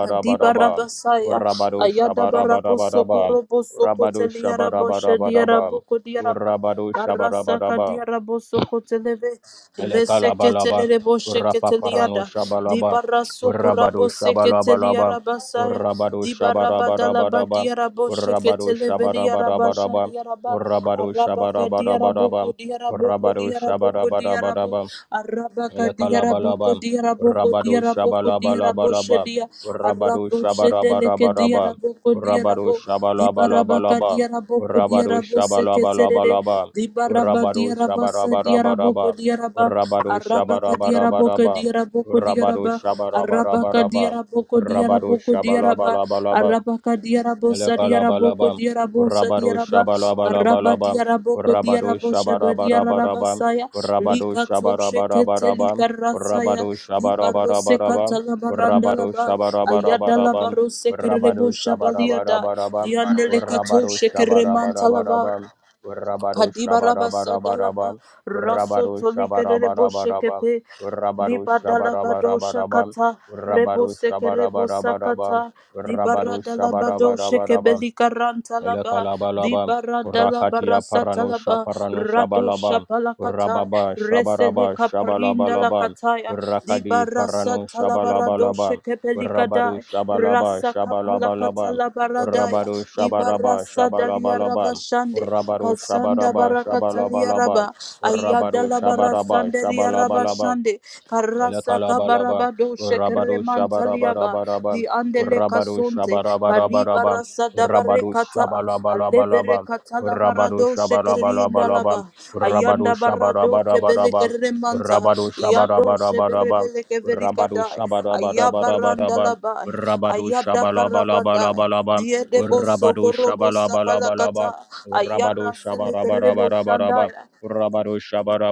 [SPEAKER 4] Kadiba Rabasaya,
[SPEAKER 1] Rabado
[SPEAKER 4] Ayada Barabo Soko
[SPEAKER 1] Shabarabarabam.
[SPEAKER 4] Robo Soko
[SPEAKER 1] Rabado
[SPEAKER 4] Telia Rabo Shedia Rabo
[SPEAKER 1] Shabarabarabam.
[SPEAKER 4] Kodia Raba,
[SPEAKER 1] Rabado
[SPEAKER 4] Karasa
[SPEAKER 1] Shabarabarabam.
[SPEAKER 4] Kadia Rabo Soko Televe,
[SPEAKER 1] Elekalabalaba.
[SPEAKER 4] Reseketelele
[SPEAKER 1] Rapaparano
[SPEAKER 4] bosheketeliyada.
[SPEAKER 1] Shabalaba.
[SPEAKER 4] Dibara sokora
[SPEAKER 1] Rabado Shabalabalaba.
[SPEAKER 4] boseketeliyara basaya.
[SPEAKER 1] Rabado
[SPEAKER 4] Dibara badala
[SPEAKER 1] Shabarabarabam.
[SPEAKER 4] badiyara
[SPEAKER 1] Rabado
[SPEAKER 4] bosheketele veliyara
[SPEAKER 1] Shabarabarabam.
[SPEAKER 4] bashandiyara ba.
[SPEAKER 1] Rabado
[SPEAKER 4] Araba kadiyara boko
[SPEAKER 1] Shabarabarabam.
[SPEAKER 4] diarabo boko
[SPEAKER 1] Rabado
[SPEAKER 4] diyara boko diyara bo.
[SPEAKER 1] Shabarabarabam.
[SPEAKER 4] Araba kadiyara
[SPEAKER 1] Elekalabalaba,
[SPEAKER 4] diarabo diyara boko
[SPEAKER 1] Rabado
[SPEAKER 4] diyara boko diyara
[SPEAKER 1] Shabalabalabalaba,
[SPEAKER 4] boshediya.
[SPEAKER 1] Rabado
[SPEAKER 4] Arabo shedele
[SPEAKER 1] Shabarabarabaraba,
[SPEAKER 4] kediyara boko diyara
[SPEAKER 1] Rabado
[SPEAKER 4] bo. Dibara
[SPEAKER 1] Shabalabalabalaba,
[SPEAKER 4] bakadiyara boko
[SPEAKER 1] Rabado
[SPEAKER 4] diyara boseketelele
[SPEAKER 1] Shabalabalabalaba, Rabado
[SPEAKER 4] diaraba sa diarabo ko
[SPEAKER 1] Shabarabarabaraba,
[SPEAKER 4] diaraba
[SPEAKER 1] Rabado
[SPEAKER 4] araba ka diarabo ko
[SPEAKER 1] Shabarabarabaraba,
[SPEAKER 4] diarabo ko
[SPEAKER 1] Rabado
[SPEAKER 4] diaraba araba ka
[SPEAKER 1] Shabarabarabaraba,
[SPEAKER 4] diarabo ko diarabo
[SPEAKER 1] Rabado
[SPEAKER 4] ko diaraba
[SPEAKER 1] Shabalabalabalaba,
[SPEAKER 4] araba ka diarabo sa diarabo ko
[SPEAKER 1] Elekalabalabam,
[SPEAKER 4] diarabo sa
[SPEAKER 1] Rabado
[SPEAKER 4] diaraba araba
[SPEAKER 1] Shabalabalabalabam,
[SPEAKER 4] diarabo ko
[SPEAKER 1] Rabado
[SPEAKER 4] diarabo shebe diaraba
[SPEAKER 1] Shabarabarabarabam,
[SPEAKER 4] saya
[SPEAKER 1] Rabado
[SPEAKER 4] lika tu shekete
[SPEAKER 1] Shabarabarabarabam,
[SPEAKER 4] lika rasaya
[SPEAKER 1] Rabado
[SPEAKER 4] di baro se
[SPEAKER 1] Shabarabarabarabam,
[SPEAKER 4] katala maranda
[SPEAKER 1] Rabado
[SPEAKER 4] laba ayada la
[SPEAKER 1] Shabarabarabarabam,
[SPEAKER 4] baro se
[SPEAKER 1] Rabado
[SPEAKER 4] kerebo shabalia da
[SPEAKER 1] Shabarabarabarabam,
[SPEAKER 4] di andele kato
[SPEAKER 1] Rabado Shabarabarabarabam, Rabado
[SPEAKER 4] shekere mantalava
[SPEAKER 1] Shabarabarabarabam, Rabado
[SPEAKER 4] Padibaraba dalaba
[SPEAKER 1] Shabarabarabarabam,
[SPEAKER 4] raso
[SPEAKER 1] Rabado
[SPEAKER 4] tolike de boshekepe rebo
[SPEAKER 1] Shabarabarabarabam,
[SPEAKER 4] rebo
[SPEAKER 1] Rabado
[SPEAKER 4] seke rebo
[SPEAKER 1] Shabarabarabarabam,
[SPEAKER 4] sakata. di
[SPEAKER 1] Rabado
[SPEAKER 4] baradala badosha
[SPEAKER 1] Shabarabaraba,
[SPEAKER 4] kebeli karanta laba.
[SPEAKER 1] Elekalabalaba, Rakatia Parano Shaparano shabalabam.
[SPEAKER 4] kata,
[SPEAKER 1] Rababa
[SPEAKER 4] resele
[SPEAKER 1] Shabaraba
[SPEAKER 4] kaparinda la
[SPEAKER 1] Shabalabalaba,
[SPEAKER 4] kataya. Ribadalabadosakata, Rebosekerebosakata, Dibaradalabadosakebelikarantalaba, Dibaradalabarasatalaba, Radoshapalakata, Reselekaparindalakataya,
[SPEAKER 1] Rakadi Parano shabalabalabam. Rabado
[SPEAKER 4] Dibarasatalabaradoshakebelikadai,
[SPEAKER 1] Shabalaba Shabalabalaba,
[SPEAKER 4] Rasakapalakatalabaradaya,
[SPEAKER 1] Rabado Shabaraba Shabalabalaba,
[SPEAKER 4] Dibarasadaliarabashande,
[SPEAKER 1] Rabado
[SPEAKER 4] Kasanda
[SPEAKER 1] Shabaraba
[SPEAKER 4] barakatalia
[SPEAKER 1] Shabalabalaba,
[SPEAKER 4] raba,
[SPEAKER 1] Rabado Shabaraba
[SPEAKER 4] Sandelia
[SPEAKER 1] Shabalabalaba,
[SPEAKER 4] Rabashande, Karasa
[SPEAKER 1] Elekalabalaba,
[SPEAKER 4] Kabarabado Shekere
[SPEAKER 1] Rabado
[SPEAKER 4] Mantaliaba,
[SPEAKER 1] Shabarabaraba,
[SPEAKER 4] the Andele
[SPEAKER 1] Rabado
[SPEAKER 4] Kasunte, Bariba
[SPEAKER 1] Shabarabaraba,
[SPEAKER 4] Rasa
[SPEAKER 1] Rabado
[SPEAKER 4] Dabarekata, Alevere
[SPEAKER 1] Shabalabalabalaba,
[SPEAKER 4] Katala
[SPEAKER 1] Rabado
[SPEAKER 4] Barado
[SPEAKER 1] Shabalabalabalaba,
[SPEAKER 4] Shekerindalaba,
[SPEAKER 1] Rabado
[SPEAKER 4] Ayanda Barado
[SPEAKER 1] Shabarabaraba,
[SPEAKER 4] Shebelekere Manta,
[SPEAKER 1] Rabado
[SPEAKER 4] Yado
[SPEAKER 1] Shabarabaraba,
[SPEAKER 4] Sheberebeleke
[SPEAKER 1] Rabado
[SPEAKER 4] Verikadai,
[SPEAKER 1] Shabarabarabaraba, Rabado Shabalabalabalaba,
[SPEAKER 4] Ayabarandalabai,
[SPEAKER 1] Rabado
[SPEAKER 4] Ayada Baravadai.
[SPEAKER 1] Shabalabalabalaba,
[SPEAKER 4] Diede boso korobo sabalakata
[SPEAKER 1] Rabado
[SPEAKER 4] ayara selekerebo
[SPEAKER 1] Shabarabarabaraba,
[SPEAKER 4] shandaya
[SPEAKER 1] Rabado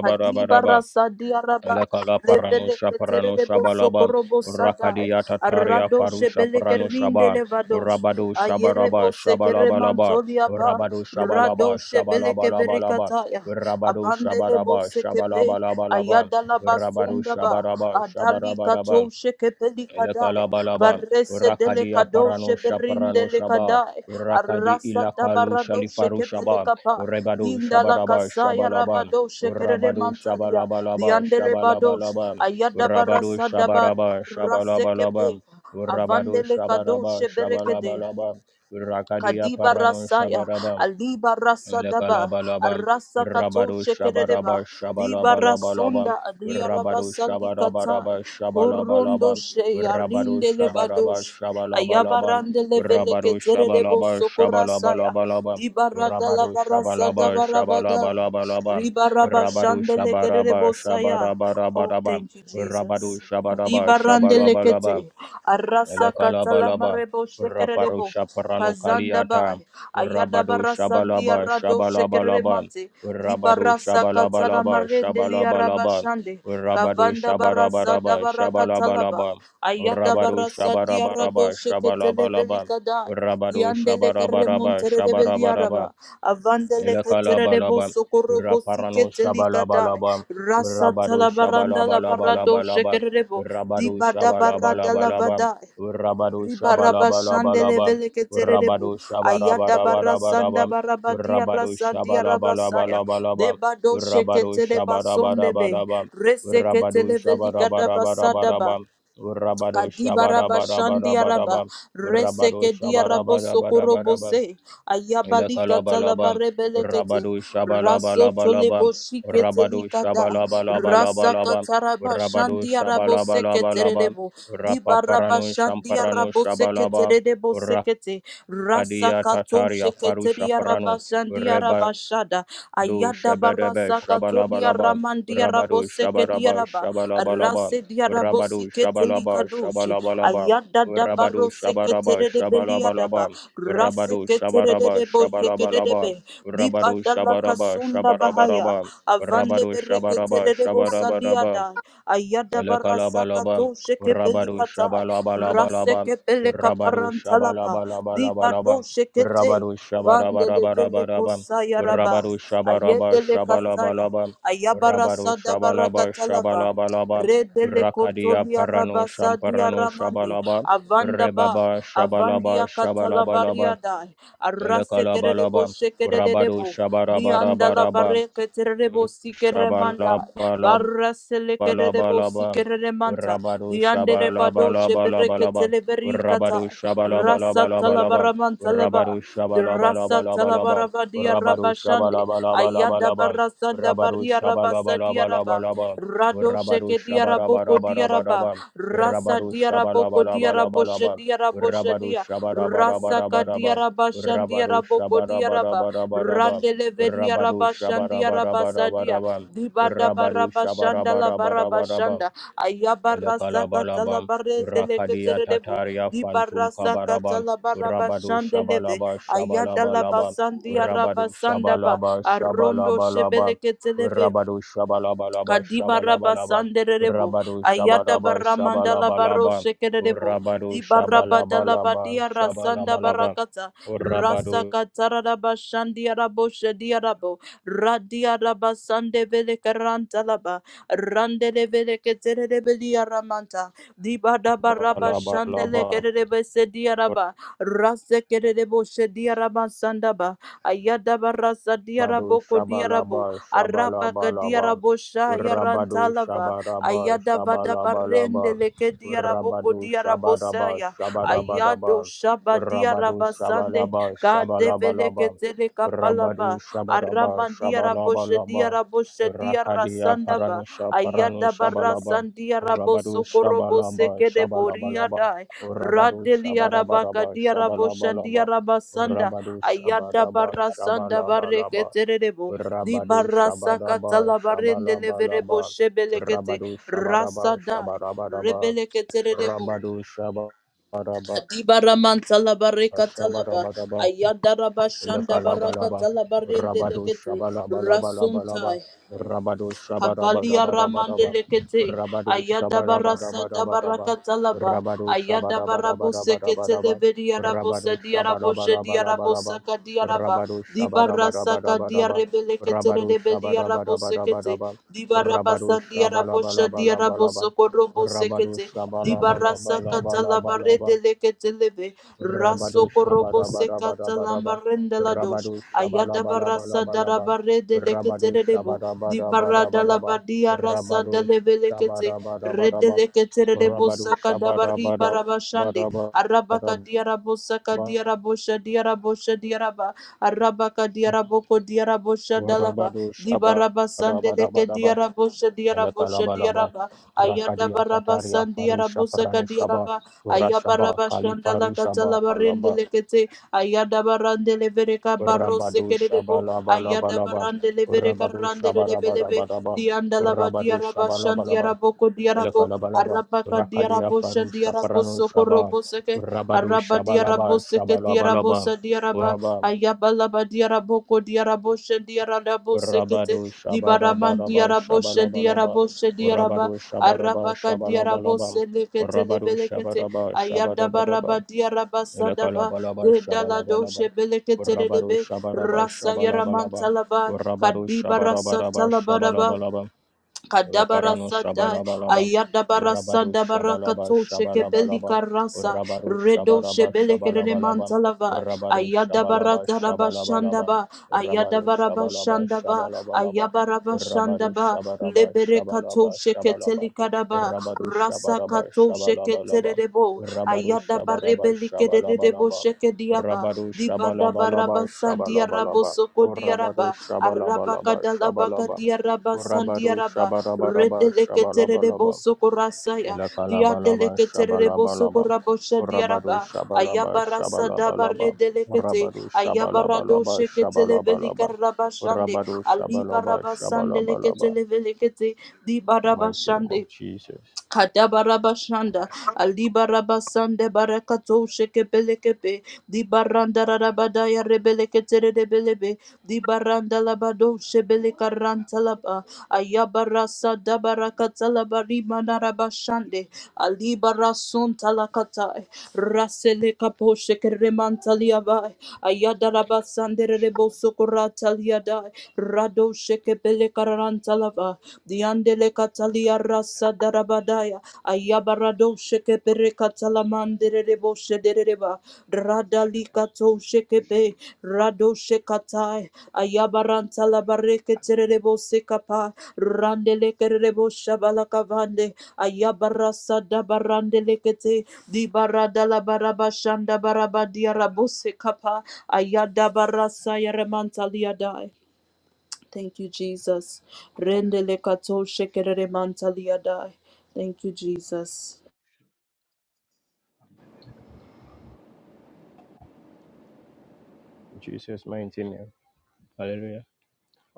[SPEAKER 4] Kadiba rasa diaraba
[SPEAKER 1] Elekala parano
[SPEAKER 4] levere ketere
[SPEAKER 1] shaparano
[SPEAKER 4] de boso
[SPEAKER 1] shabalaba
[SPEAKER 4] korobo sadai
[SPEAKER 1] rakadia tataria
[SPEAKER 4] arado
[SPEAKER 1] faru
[SPEAKER 4] shebele
[SPEAKER 1] shaparano
[SPEAKER 4] kerinde
[SPEAKER 1] shaba
[SPEAKER 4] levados
[SPEAKER 1] rabado
[SPEAKER 4] ayere
[SPEAKER 1] shabaraba
[SPEAKER 4] bose kere
[SPEAKER 1] shabalaba laba
[SPEAKER 4] mantolia pa
[SPEAKER 1] rabado shabalaba
[SPEAKER 4] rado shebele
[SPEAKER 1] shabalaba laba
[SPEAKER 4] kevere
[SPEAKER 1] laba
[SPEAKER 4] kataya
[SPEAKER 1] rabado
[SPEAKER 4] abandele
[SPEAKER 1] shabaraba
[SPEAKER 4] bose kepe
[SPEAKER 1] shabalaba laba laba
[SPEAKER 4] ayada la
[SPEAKER 1] rabado
[SPEAKER 4] basunda ba
[SPEAKER 1] shabaraba
[SPEAKER 4] adali
[SPEAKER 1] shabaraba
[SPEAKER 4] katoshe kepelikadai
[SPEAKER 1] Elekalabalaba,
[SPEAKER 4] varese
[SPEAKER 1] Rakadia
[SPEAKER 4] delikadoshe
[SPEAKER 1] Paranosha Paranoshaba,
[SPEAKER 4] berindelikadai
[SPEAKER 1] Rakadi
[SPEAKER 4] arasa
[SPEAKER 1] Ilakalu
[SPEAKER 4] dabaradoshe
[SPEAKER 1] Shalifaru Shaba,
[SPEAKER 4] kepelikapa
[SPEAKER 1] Rebadu
[SPEAKER 4] vinda
[SPEAKER 1] Shabaraba
[SPEAKER 4] lakasaya
[SPEAKER 1] Shabalaba,
[SPEAKER 4] rabadoshe
[SPEAKER 1] Rabadu
[SPEAKER 4] kereremantalia
[SPEAKER 1] Shabalabalaba
[SPEAKER 4] diandelebadosh
[SPEAKER 1] Shabalabalaba, Rabadu
[SPEAKER 4] ayadabarasa dabad
[SPEAKER 1] Shabaraba Shabalabalaba,
[SPEAKER 4] rasekepe
[SPEAKER 1] Rabadu
[SPEAKER 4] avandele
[SPEAKER 1] Shabaraba
[SPEAKER 4] kadoshe berekede
[SPEAKER 1] Shabalabalaba, Rakadia
[SPEAKER 4] Kadiba
[SPEAKER 1] aparano
[SPEAKER 4] Rasaya,
[SPEAKER 1] Shabaraba.
[SPEAKER 4] Aliba Rasadaba,
[SPEAKER 1] Lekalabalabam,
[SPEAKER 4] Arasa Kato
[SPEAKER 1] Rabado Shabaraba
[SPEAKER 4] Shekedeba, Diba
[SPEAKER 1] Shabalabalabalabam,
[SPEAKER 4] Rasonda, Adiaraba
[SPEAKER 1] Rabado
[SPEAKER 4] Sandikatai,
[SPEAKER 1] Shabaraba
[SPEAKER 4] Korondo
[SPEAKER 1] Shabalabalabam,
[SPEAKER 4] She,
[SPEAKER 1] Rabado
[SPEAKER 4] Arinde
[SPEAKER 1] Shabaraba
[SPEAKER 4] Levadosh,
[SPEAKER 1] Shabalabalabam,
[SPEAKER 4] Ayabarande Levele
[SPEAKER 1] Rabado
[SPEAKER 4] Keterebo
[SPEAKER 1] Shabalaba
[SPEAKER 4] Sokorasaya,
[SPEAKER 1] Shabalabalabam,
[SPEAKER 4] Diba Radala
[SPEAKER 1] Rabado
[SPEAKER 4] Barasada
[SPEAKER 1] Shabalaba
[SPEAKER 4] Barabada,
[SPEAKER 1] Shabalabalabam,
[SPEAKER 4] Riba
[SPEAKER 1] Rabado
[SPEAKER 4] Rabashandele
[SPEAKER 1] Shabaraba
[SPEAKER 4] Kerebo Saya. Oh,
[SPEAKER 1] Shabarabarabarabam,
[SPEAKER 4] thank you,
[SPEAKER 1] Rabado
[SPEAKER 4] Jesus.
[SPEAKER 1] Shabaraba
[SPEAKER 4] Diba
[SPEAKER 1] Shabalabalabam,
[SPEAKER 4] Randelekete, Arasa Katala
[SPEAKER 1] Elekalabalaba,
[SPEAKER 4] Marebo
[SPEAKER 1] Raparo
[SPEAKER 4] Shekerebo.
[SPEAKER 1] Shaparano
[SPEAKER 4] Kazandaba,
[SPEAKER 1] Kaliata, Rabado
[SPEAKER 4] Ayadabara Sandia
[SPEAKER 1] Shabalaba,
[SPEAKER 4] Rado
[SPEAKER 1] Shabalabalaba,
[SPEAKER 4] Shekeremante,
[SPEAKER 1] Rabado
[SPEAKER 4] Dibarasa Katana
[SPEAKER 1] Shabalabalaba,
[SPEAKER 4] Marendelia
[SPEAKER 1] Shabalabalaba,
[SPEAKER 4] Rabashande,
[SPEAKER 1] Rabado
[SPEAKER 4] Kavanda Barasa
[SPEAKER 1] Shabarabaraba,
[SPEAKER 4] Dabara Katalaba,
[SPEAKER 1] Shabalabalaba, Rabado
[SPEAKER 4] Ayadabara Sadia Rado
[SPEAKER 1] Shabarabaraba,
[SPEAKER 4] Sheketeleveli
[SPEAKER 1] Shabalabalaba, Rabado
[SPEAKER 4] Diandele
[SPEAKER 1] Shabarabaraba,
[SPEAKER 4] Keremontere
[SPEAKER 1] Shabarabaraba,
[SPEAKER 4] Rebeliaraba, Avandele Keterebo
[SPEAKER 1] Elekalabalaba,
[SPEAKER 4] Sokorobo
[SPEAKER 1] Raparano
[SPEAKER 4] Siketelikadai,
[SPEAKER 1] Shabalabalaba,
[SPEAKER 4] Rasa
[SPEAKER 1] Rabado
[SPEAKER 4] Talabaranda Labarado
[SPEAKER 1] Shabalabalabalaba,
[SPEAKER 4] Shekerebo,
[SPEAKER 1] Rabado
[SPEAKER 4] Dibada Barada
[SPEAKER 1] Shabalabalabalaba,
[SPEAKER 4] Lavadai.
[SPEAKER 1] Rabado
[SPEAKER 4] Ribaraba shandele
[SPEAKER 1] Shabalabalabalaba,
[SPEAKER 4] vele keterebu.
[SPEAKER 1] Rabado
[SPEAKER 4] Ayada barra sanda
[SPEAKER 1] Shabarabarabaraba,
[SPEAKER 4] baraba diarra
[SPEAKER 1] Rabado
[SPEAKER 4] sandia rabasaya.
[SPEAKER 1] Shabalabalabalaba,
[SPEAKER 4] Deba do
[SPEAKER 1] Rabado
[SPEAKER 4] sheketele basondebe.
[SPEAKER 1] Shabarabarabaraba,
[SPEAKER 4] Rese
[SPEAKER 1] Rabado
[SPEAKER 4] ketele veli kadaba
[SPEAKER 1] Shabarabarabaraba, Rabado
[SPEAKER 4] Kadibaraba Shandiaraba
[SPEAKER 1] Shabarabarabaraba, Rabado
[SPEAKER 4] Reseke Diarabo
[SPEAKER 1] Shabarabarabaraba,
[SPEAKER 4] Sokorobose Ayabalika
[SPEAKER 1] Ilakalabalabam,
[SPEAKER 4] Talabarebelekete
[SPEAKER 1] Rabadu
[SPEAKER 4] Raso
[SPEAKER 1] Shabalabalabalabam,
[SPEAKER 4] Tolebo
[SPEAKER 1] Rabadu
[SPEAKER 4] Shiketelikada Rasa
[SPEAKER 1] Shabalabalabalabam,
[SPEAKER 4] Kataraba
[SPEAKER 1] Rabadu
[SPEAKER 4] Shandiarabo
[SPEAKER 1] Shabalabalabalabam,
[SPEAKER 4] Seketerebo Dibaraba
[SPEAKER 1] Rapaparanu Shamparanu
[SPEAKER 4] Shandiarabo
[SPEAKER 1] Shabalaba,
[SPEAKER 4] Seketerebo Sekete Rasa
[SPEAKER 1] Rakadia
[SPEAKER 4] Kato
[SPEAKER 1] Tataria Faru
[SPEAKER 4] Sheketeriaraba
[SPEAKER 1] Shaparanu, Reba
[SPEAKER 4] Shandiaraba Shada
[SPEAKER 1] do
[SPEAKER 4] Ayada
[SPEAKER 1] shabadaba
[SPEAKER 4] Barasa Katoria
[SPEAKER 1] shabalabalaba
[SPEAKER 4] Ramandiarabo
[SPEAKER 1] rabado shabaraba
[SPEAKER 4] Sekediaraba
[SPEAKER 1] shabalabalaba
[SPEAKER 4] Rasedia Rabosi
[SPEAKER 1] rabado shabalaba
[SPEAKER 4] Ketelikadoshi,
[SPEAKER 1] shabalabalaba
[SPEAKER 4] Ayada
[SPEAKER 1] rabado
[SPEAKER 4] Dabaro
[SPEAKER 1] shabaraba
[SPEAKER 4] Seketere de Beliadaba,
[SPEAKER 1] shabalabalaba rabado
[SPEAKER 4] Raseketere
[SPEAKER 1] shabaraba
[SPEAKER 4] de
[SPEAKER 1] shabalabalaba
[SPEAKER 4] Bosekedebe,
[SPEAKER 1] rabado
[SPEAKER 4] Dibadala
[SPEAKER 1] shabaraba
[SPEAKER 4] Kasunda Bahaya,
[SPEAKER 1] shabarabaraba
[SPEAKER 4] Avande
[SPEAKER 1] rabado shabaraba
[SPEAKER 4] Bereketere de
[SPEAKER 1] shabarabaraba
[SPEAKER 4] Bosaliada, Ayada
[SPEAKER 1] Elokolobalobam,
[SPEAKER 4] Barasakato
[SPEAKER 1] Rabadu
[SPEAKER 4] Shekepelikata,
[SPEAKER 1] Shabalabalabalabam,
[SPEAKER 4] Rasekepeleka
[SPEAKER 1] Rabadu
[SPEAKER 4] Parantalaba, Dibado
[SPEAKER 1] Shabalabalabalabam,
[SPEAKER 4] Shekete.
[SPEAKER 1] Rabadu
[SPEAKER 4] Vandele vele
[SPEAKER 1] Shabarabarabarabam,
[SPEAKER 4] kosaya raba,
[SPEAKER 1] Rabadu Shabaraba
[SPEAKER 4] ayedele kasaya,
[SPEAKER 1] Shabalabalabam,
[SPEAKER 4] ayabara
[SPEAKER 1] Rabadu
[SPEAKER 4] sada
[SPEAKER 1] Shabalaba
[SPEAKER 4] barakatalaba.
[SPEAKER 1] Shabalabalabam,
[SPEAKER 4] Redele
[SPEAKER 1] Rakadia
[SPEAKER 4] kotoria
[SPEAKER 1] Paranu
[SPEAKER 4] rabasa
[SPEAKER 1] Shamparanu
[SPEAKER 4] diaramande.
[SPEAKER 1] Shabalaba,
[SPEAKER 4] Avanda ba.
[SPEAKER 1] Rebaba Shabalaba
[SPEAKER 4] Avandia
[SPEAKER 1] Shabalabalabam,
[SPEAKER 4] katalabaria dai. Arase kerebo
[SPEAKER 1] Elokolobalobam, Rabadu
[SPEAKER 4] shekerebo. Dianda la
[SPEAKER 1] Shabarabarabarabam,
[SPEAKER 4] barre keterebo sikeremanda. Barrasele kerebo
[SPEAKER 1] Balabalaba,
[SPEAKER 4] sikeremanta.
[SPEAKER 1] Rabado
[SPEAKER 4] Diande rebado shebere
[SPEAKER 1] Shabalabalabalaba,
[SPEAKER 4] keteleberi
[SPEAKER 1] Rabado
[SPEAKER 4] katai. Rasa
[SPEAKER 1] Shabalabalabalaba,
[SPEAKER 4] talabaramanta leba.
[SPEAKER 1] Rabado
[SPEAKER 4] Rasa
[SPEAKER 1] Shabalabalabalaba,
[SPEAKER 4] Talabaravadia
[SPEAKER 1] Rabado
[SPEAKER 4] Rabashande, Ayada
[SPEAKER 1] Shabalabalabalaba,
[SPEAKER 4] Barasanda
[SPEAKER 1] Rabado
[SPEAKER 4] Baria Rabasa Diaraba,
[SPEAKER 1] Shabalabalabalaba,
[SPEAKER 4] Rado
[SPEAKER 1] Rabado
[SPEAKER 4] Sheke Diaraboko Diaraba,
[SPEAKER 1] Shabarabarabaraba,
[SPEAKER 4] Rasa
[SPEAKER 1] Rabado
[SPEAKER 4] Diaraboko Diarabosha
[SPEAKER 1] Shabalabalabalaba,
[SPEAKER 4] Diarabosha
[SPEAKER 1] Rabado
[SPEAKER 4] Dia, Rasa
[SPEAKER 1] Shabarabarabaraba,
[SPEAKER 4] Kadiarabashan
[SPEAKER 1] Rabado
[SPEAKER 4] Diaraboko Diaraba,
[SPEAKER 1] Shabarabarabaraba,
[SPEAKER 4] Randele
[SPEAKER 1] Rabado
[SPEAKER 4] Vediarabashan Diarabasa Dia,
[SPEAKER 1] Shabarabarabaraba,
[SPEAKER 4] Dibada
[SPEAKER 1] Rabadu
[SPEAKER 4] Barabashanda La
[SPEAKER 1] Shabarabarabarabaraba,
[SPEAKER 4] Barabashanda, Ayabarasa
[SPEAKER 1] Elekalabalaba,
[SPEAKER 4] Katalabare Deleke
[SPEAKER 1] Rakadia
[SPEAKER 4] Seredebu,
[SPEAKER 1] Tataria Phantom
[SPEAKER 4] Dibarasa
[SPEAKER 1] Kabaraba,
[SPEAKER 4] Katalabara
[SPEAKER 1] Rabadu
[SPEAKER 4] Bashandeleve,
[SPEAKER 1] Shabalaba
[SPEAKER 4] Ayadala
[SPEAKER 1] Shabalabalaba,
[SPEAKER 4] basandi
[SPEAKER 1] Rabadu
[SPEAKER 4] arabasandaba.
[SPEAKER 1] Shabalaba
[SPEAKER 4] Arondo
[SPEAKER 1] Shabalabalaba,
[SPEAKER 4] shebeleke televe.
[SPEAKER 1] Rabadu Shabalabalaba
[SPEAKER 4] Kadiba raba
[SPEAKER 1] Shabalabalaba,
[SPEAKER 4] sanderebo,
[SPEAKER 1] Rabadu
[SPEAKER 4] ayada
[SPEAKER 1] Shabaraba
[SPEAKER 4] barra mandala baro
[SPEAKER 1] Shabalabalaba,
[SPEAKER 4] shekerebo,
[SPEAKER 1] Rabadu
[SPEAKER 4] di barra badala
[SPEAKER 1] Shabalabalaba
[SPEAKER 4] badia rasanda
[SPEAKER 1] Shabalabalaba,
[SPEAKER 4] barakata, rasa
[SPEAKER 1] Rabadu
[SPEAKER 4] katara raba shandia rabo shedia rabo, radia raba sande vele karanta laba, rande le vele keterebe dia ramanta, di bada baraba shandele
[SPEAKER 1] Balabalaba.
[SPEAKER 4] kerebe sedia raba, rase kerebo shedia raba sandaba, ayada barra sadia
[SPEAKER 1] Rabado
[SPEAKER 4] rabo kodia rabo,
[SPEAKER 1] Shabalaba
[SPEAKER 4] Araba
[SPEAKER 1] Shabalabalaba
[SPEAKER 4] Arabakadiarabosha
[SPEAKER 1] Rabado
[SPEAKER 4] Yarantalava
[SPEAKER 1] Shabaraba
[SPEAKER 4] Ayada Vadabarende
[SPEAKER 1] Shabalabalaba
[SPEAKER 4] Lekediaraboko
[SPEAKER 1] Rabado Shabaraba
[SPEAKER 4] Diarabosaya
[SPEAKER 1] shabaraba
[SPEAKER 4] Ayado
[SPEAKER 1] laba
[SPEAKER 4] shaba diara
[SPEAKER 1] Rabado
[SPEAKER 4] basande
[SPEAKER 1] Shabalaba shabalaba
[SPEAKER 4] kadevele
[SPEAKER 1] laba
[SPEAKER 4] ketele
[SPEAKER 1] Rabado
[SPEAKER 4] kapalaba Shabadiarabasande Kadeveleketelekapalaba
[SPEAKER 1] Shabaraba shabalaba
[SPEAKER 4] Aramandiarabosha
[SPEAKER 1] laba,
[SPEAKER 4] Diarabosha
[SPEAKER 1] Rakadia
[SPEAKER 4] Diarasandava
[SPEAKER 1] Paranusha
[SPEAKER 4] Ayada
[SPEAKER 1] Paranusha Balaba Rabado Shabalaba shabalaba laba
[SPEAKER 4] Barasandiarabosokorobosekedeboriada
[SPEAKER 1] Rabado
[SPEAKER 4] Radeli arabaka
[SPEAKER 1] Shabarabaraba
[SPEAKER 4] diaraboshan
[SPEAKER 1] laba
[SPEAKER 4] diarabasanda.
[SPEAKER 1] Rabado
[SPEAKER 4] Ayada
[SPEAKER 1] Shabaraba
[SPEAKER 4] barasanda
[SPEAKER 1] shabalaba laba.
[SPEAKER 4] barreketerebo. Di
[SPEAKER 1] Rabado
[SPEAKER 4] barasaka
[SPEAKER 1] Shabaraba
[SPEAKER 4] talabarende leverebo
[SPEAKER 1] Shabalabalaba
[SPEAKER 4] shebelekete.
[SPEAKER 1] Rabado
[SPEAKER 4] Rasa
[SPEAKER 1] Shabaraba
[SPEAKER 4] dai.
[SPEAKER 1] Shabarabadaba
[SPEAKER 4] Rebeleke Terebo
[SPEAKER 1] Rabado Shabaraba
[SPEAKER 4] Adibaraman Talabareka Talaba,
[SPEAKER 1] Shabarabadaba
[SPEAKER 4] Ayadaraba Shanda Baraka
[SPEAKER 1] Ilakalabalaba,
[SPEAKER 4] Talabarende
[SPEAKER 1] Rabado
[SPEAKER 4] Lekete,
[SPEAKER 1] Shabalabalabalaba,
[SPEAKER 4] Rasuntai, Aya.
[SPEAKER 1] Rabado
[SPEAKER 4] Kabalia Ramande
[SPEAKER 1] Shabarabarabaraba,
[SPEAKER 4] Lekete,
[SPEAKER 1] Rabado
[SPEAKER 4] Ayadabarasa
[SPEAKER 1] Shabarabarabaraba,
[SPEAKER 4] Dabaraka Talaba,
[SPEAKER 1] Rabado
[SPEAKER 4] Ayadabarabo Sekete
[SPEAKER 1] Shabarabarabaraba,
[SPEAKER 4] Leveria Rabosa
[SPEAKER 1] Rabado
[SPEAKER 4] Diaraboshe
[SPEAKER 1] Shabarabalabalaba, Rabado Shabarabarabaraba,
[SPEAKER 4] Diarabosaka Diaraba,
[SPEAKER 1] Rabado
[SPEAKER 4] Dibarasaka
[SPEAKER 1] Shabarabarabaraba,
[SPEAKER 4] Diarebelekete
[SPEAKER 1] Rabado
[SPEAKER 4] Rebelia Rabosekete,
[SPEAKER 1] Shabalabalabalaba,
[SPEAKER 4] Dibarabasandia Rabosha Diarabosoko
[SPEAKER 1] Rabado
[SPEAKER 4] Robosekete, di barasa kata la
[SPEAKER 1] Shabalabalabalaba,
[SPEAKER 4] barede leketeleve
[SPEAKER 1] Rabado
[SPEAKER 4] raso korobo se kata la
[SPEAKER 1] shabadabadabadabadaba.
[SPEAKER 4] marende la dosh
[SPEAKER 1] Rabado
[SPEAKER 4] ayada barasa dara
[SPEAKER 1] shabalabalabalaba.
[SPEAKER 4] barede
[SPEAKER 1] Rabado
[SPEAKER 4] leketelebo di barada la
[SPEAKER 1] shabadabadabadabadaba.
[SPEAKER 4] badia rasa
[SPEAKER 1] Rabado
[SPEAKER 4] deleve lekete rede
[SPEAKER 1] shabadabadabadaba.
[SPEAKER 4] leketelebo
[SPEAKER 1] Rabado
[SPEAKER 4] saka dabari barabashande
[SPEAKER 1] shabadabadabadabadaba.
[SPEAKER 4] arabaka diarabosaka diarabosha diarabosha diaraba arabaka diaraboko diarabosha dalaba
[SPEAKER 1] Rabado
[SPEAKER 4] dibarabasande leke
[SPEAKER 1] shabadabadabadaba.
[SPEAKER 4] diarabosha diarabosha
[SPEAKER 1] Elekalabalaba.
[SPEAKER 4] diaraba ayada
[SPEAKER 1] Rakadia tataria
[SPEAKER 4] barabasan
[SPEAKER 1] farusha
[SPEAKER 4] diarabosaka
[SPEAKER 1] pranushaba.
[SPEAKER 4] diaraba
[SPEAKER 1] Rashaba
[SPEAKER 4] ayabarabashanda
[SPEAKER 1] kalifarushaba
[SPEAKER 4] lakatalabarende
[SPEAKER 1] Laba,
[SPEAKER 4] lekete ayada barande levereka
[SPEAKER 1] Rabado
[SPEAKER 4] barosekerebo ayada
[SPEAKER 1] Shabalabalabalaba,
[SPEAKER 4] barande levereka
[SPEAKER 1] Rabado
[SPEAKER 4] rande lebelebe
[SPEAKER 1] Shabarabarabaraba,
[SPEAKER 4] diandalaba
[SPEAKER 1] Rabado
[SPEAKER 4] diarabashan
[SPEAKER 1] Shabalabalaba,
[SPEAKER 4] diaraboko diarabo
[SPEAKER 1] Elekalabalaba,
[SPEAKER 4] Arabaka
[SPEAKER 1] Rakadia
[SPEAKER 4] diarabosha
[SPEAKER 1] Faru Shaparano
[SPEAKER 4] diarabosoko
[SPEAKER 1] Shaba,
[SPEAKER 4] roboseke.
[SPEAKER 1] Rabado
[SPEAKER 4] Araba
[SPEAKER 1] Shabalaba,
[SPEAKER 4] diaraboseke
[SPEAKER 1] Shabalabalaba,
[SPEAKER 4] diarabosa diaraba.
[SPEAKER 1] Rabam,
[SPEAKER 4] Ayabalaba diaraboko diarabosha diarabosekete.
[SPEAKER 1] Rabado
[SPEAKER 4] Dibaraman
[SPEAKER 1] Shabarabaraba,
[SPEAKER 4] diarabosha
[SPEAKER 1] Shabalabalaba,
[SPEAKER 4] diarabosha diaraba.
[SPEAKER 1] Rabado Shabaraba,
[SPEAKER 4] Arabaka
[SPEAKER 1] Shabalabalaba,
[SPEAKER 4] diarabose lekete
[SPEAKER 1] Rabado
[SPEAKER 4] levelekete.
[SPEAKER 1] Shabaraba, Shabarabaraba,
[SPEAKER 4] Ayadabaraba diarabasadaba.
[SPEAKER 1] Ilakalabalaba
[SPEAKER 4] Dedala
[SPEAKER 1] shabalabalaba.
[SPEAKER 4] doshe belekete
[SPEAKER 1] Rabaru
[SPEAKER 4] rebe.
[SPEAKER 1] shabaraba
[SPEAKER 4] Rasa
[SPEAKER 1] shabalabalaba.
[SPEAKER 4] yaramanta laba.
[SPEAKER 1] Rabaru
[SPEAKER 4] Kadiba rasa
[SPEAKER 1] shabaraba raba shabalabalaba.
[SPEAKER 4] Kadabara
[SPEAKER 1] Raparano
[SPEAKER 4] Sadai,
[SPEAKER 1] Shabalabalaba,
[SPEAKER 4] Ayadabara
[SPEAKER 1] Rabado
[SPEAKER 4] Sadabara
[SPEAKER 1] Shabalaba
[SPEAKER 4] Kato, Shekebeli
[SPEAKER 1] Shabalabalaba,
[SPEAKER 4] Karasa,
[SPEAKER 1] Rabado
[SPEAKER 4] Redo
[SPEAKER 1] Shabalaba
[SPEAKER 4] Shebele
[SPEAKER 1] Shabalabalaba,
[SPEAKER 4] Mantalava,
[SPEAKER 1] Rabado
[SPEAKER 4] Ayadabara
[SPEAKER 1] Shabalaba
[SPEAKER 4] Taraba
[SPEAKER 1] Shabalabalaba,
[SPEAKER 4] Shandaba,
[SPEAKER 1] Rabado
[SPEAKER 4] Ayadabara
[SPEAKER 1] Shabalaba
[SPEAKER 4] Bashandaba,
[SPEAKER 1] Shabalabalaba,
[SPEAKER 4] Ayabara
[SPEAKER 1] Rabado
[SPEAKER 4] Bashandaba,
[SPEAKER 1] Shabaraba
[SPEAKER 4] Lebere Kato
[SPEAKER 1] Shabalaba Shabalaba,
[SPEAKER 4] Sheketeli Kadaba,
[SPEAKER 1] Rabado
[SPEAKER 4] Rasa
[SPEAKER 1] Shabaraba
[SPEAKER 4] Kato
[SPEAKER 1] Shabalabalaba,
[SPEAKER 4] Sheketerebo,
[SPEAKER 1] Rabado
[SPEAKER 4] Ayadabare
[SPEAKER 1] Shabaraba
[SPEAKER 4] Belikedebo
[SPEAKER 1] Shabalabalaba,
[SPEAKER 4] Shekediaba,
[SPEAKER 1] Rabado
[SPEAKER 4] Dibadabara
[SPEAKER 1] Shabalabalaba
[SPEAKER 4] Basandia Rabo
[SPEAKER 1] Shabalabalaba,
[SPEAKER 4] Soko
[SPEAKER 1] Rabado
[SPEAKER 4] Diaraba, Arabaka
[SPEAKER 1] Shabalabalaba
[SPEAKER 4] Dalabaka
[SPEAKER 1] Shabalaba.
[SPEAKER 4] Diaraba
[SPEAKER 1] Rabado
[SPEAKER 4] Sandiaraba,
[SPEAKER 1] Shabarabaraba
[SPEAKER 4] Redeleketere
[SPEAKER 1] Shabalabalaba
[SPEAKER 4] bosokorasaya.
[SPEAKER 1] Ilakalabalaba
[SPEAKER 4] Diadeleketere
[SPEAKER 1] Shabalabalaba
[SPEAKER 4] bosokorabosha
[SPEAKER 1] Rabado
[SPEAKER 4] diaraba.
[SPEAKER 1] Shabalaba
[SPEAKER 4] Ayabarasa dabare
[SPEAKER 1] Shabalabalaba
[SPEAKER 4] delekete.
[SPEAKER 1] Rabado
[SPEAKER 4] Ayabarado
[SPEAKER 1] Shabalabalaba
[SPEAKER 4] sheketele
[SPEAKER 1] Shabalabalaba
[SPEAKER 4] velikarabashande.
[SPEAKER 1] Rabado Shabalaba
[SPEAKER 4] Alibarabasande
[SPEAKER 1] Shabalabalaba
[SPEAKER 4] leketele velekete.
[SPEAKER 1] The mighty name
[SPEAKER 4] Dibarabashande.
[SPEAKER 1] of Jesus.
[SPEAKER 4] Kadabarabashanda, Alibarabasande Barakato Shekebelekebe, Dibaranda Rabadaya Rebeleketerebelebe, Dibaranda Labado Shebelekarantalaba, Ayabarasa Dabarakatalabarima Narabashande, Alibarasun Talakatai, Raselekapo Shekeremantaliabai, Ayadarabasande Rebosokorataliadai, Rado Shekebelekarantalava, Diandele katalia rasa darabadaya. Ayabarado sheke pere katalamandere rebo shedereba. Radali kato shekepe. Rado shekatai. Ayabaranta labareke terebo sekapa. Randele kerebo shabalakavande. Ayabarasa dabarandele kete. Dibarada labaraba shanda baraba diarabose kapa. Ayada barasa yaremanta liadai. Thank you, Jesus. Rendele kato shekerere mantalia Thank you, Jesus.
[SPEAKER 1] In Jesus' mighty name. Hallelujah.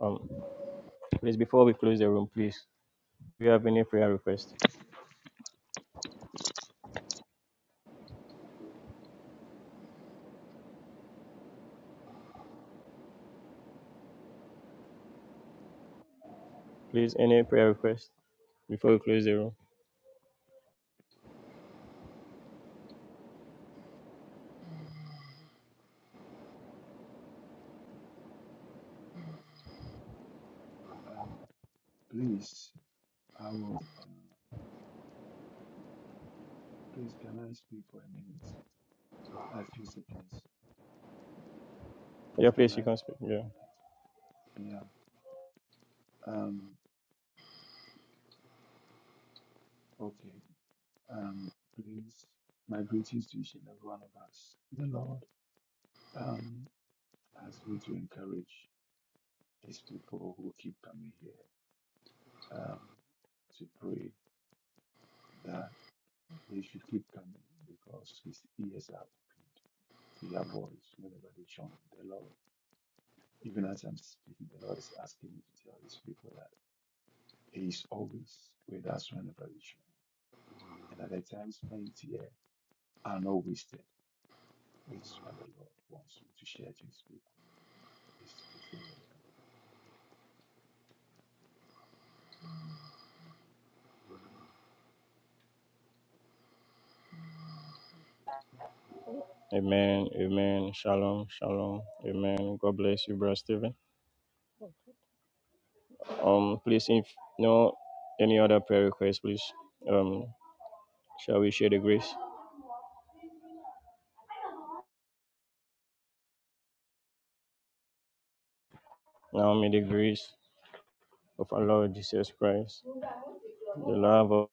[SPEAKER 1] Um please before we close the room, please. If you have any prayer request, please any prayer request before we close the room.
[SPEAKER 6] Please, I would. Uh, please, can I speak for a minute? A few seconds.
[SPEAKER 1] Yeah,
[SPEAKER 6] Please, can
[SPEAKER 1] please you
[SPEAKER 6] I?
[SPEAKER 1] can speak. Yeah.
[SPEAKER 6] Yeah. Um. Okay. Um. Please, my greetings to each and every one of us. The Lord um asked me to encourage these people who keep coming here. Um. To pray that they should keep coming because His ears are open to their voice whenever they join the Lord. Even as I'm speaking, the Lord is asking me to tell His people that. He is always with us whenever we should, and at the time spent here are not wasted. This is what the Lord wants you to share to His people. This is the word of the Lord.
[SPEAKER 1] Amen. Amen. Shalom. Shalom. Amen. God bless you, Brother Stephen. Um, please, if no any other prayer requests, please, um, shall we share the grace? Now may the grace of our Lord Jesus Christ, the love of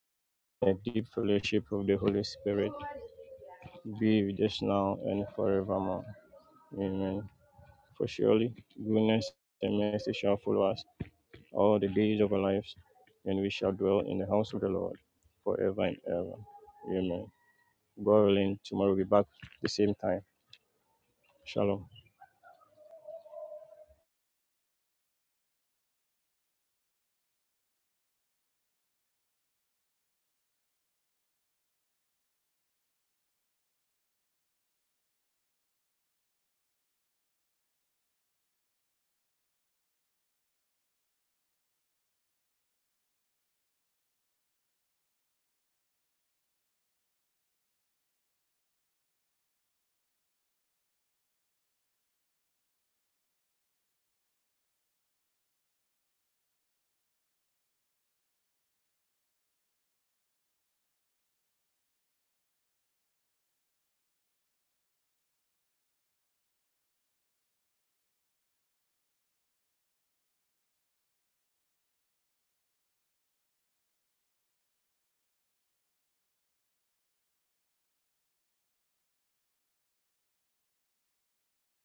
[SPEAKER 1] the deep fellowship of the Holy Spirit be with us now and forevermore. Amen. For surely goodness and mercy shall follow us all the days of our lives, and we shall dwell in the house of the Lord forever and ever. Amen. God willing, tomorrow we'll be back at the same time. Shalom.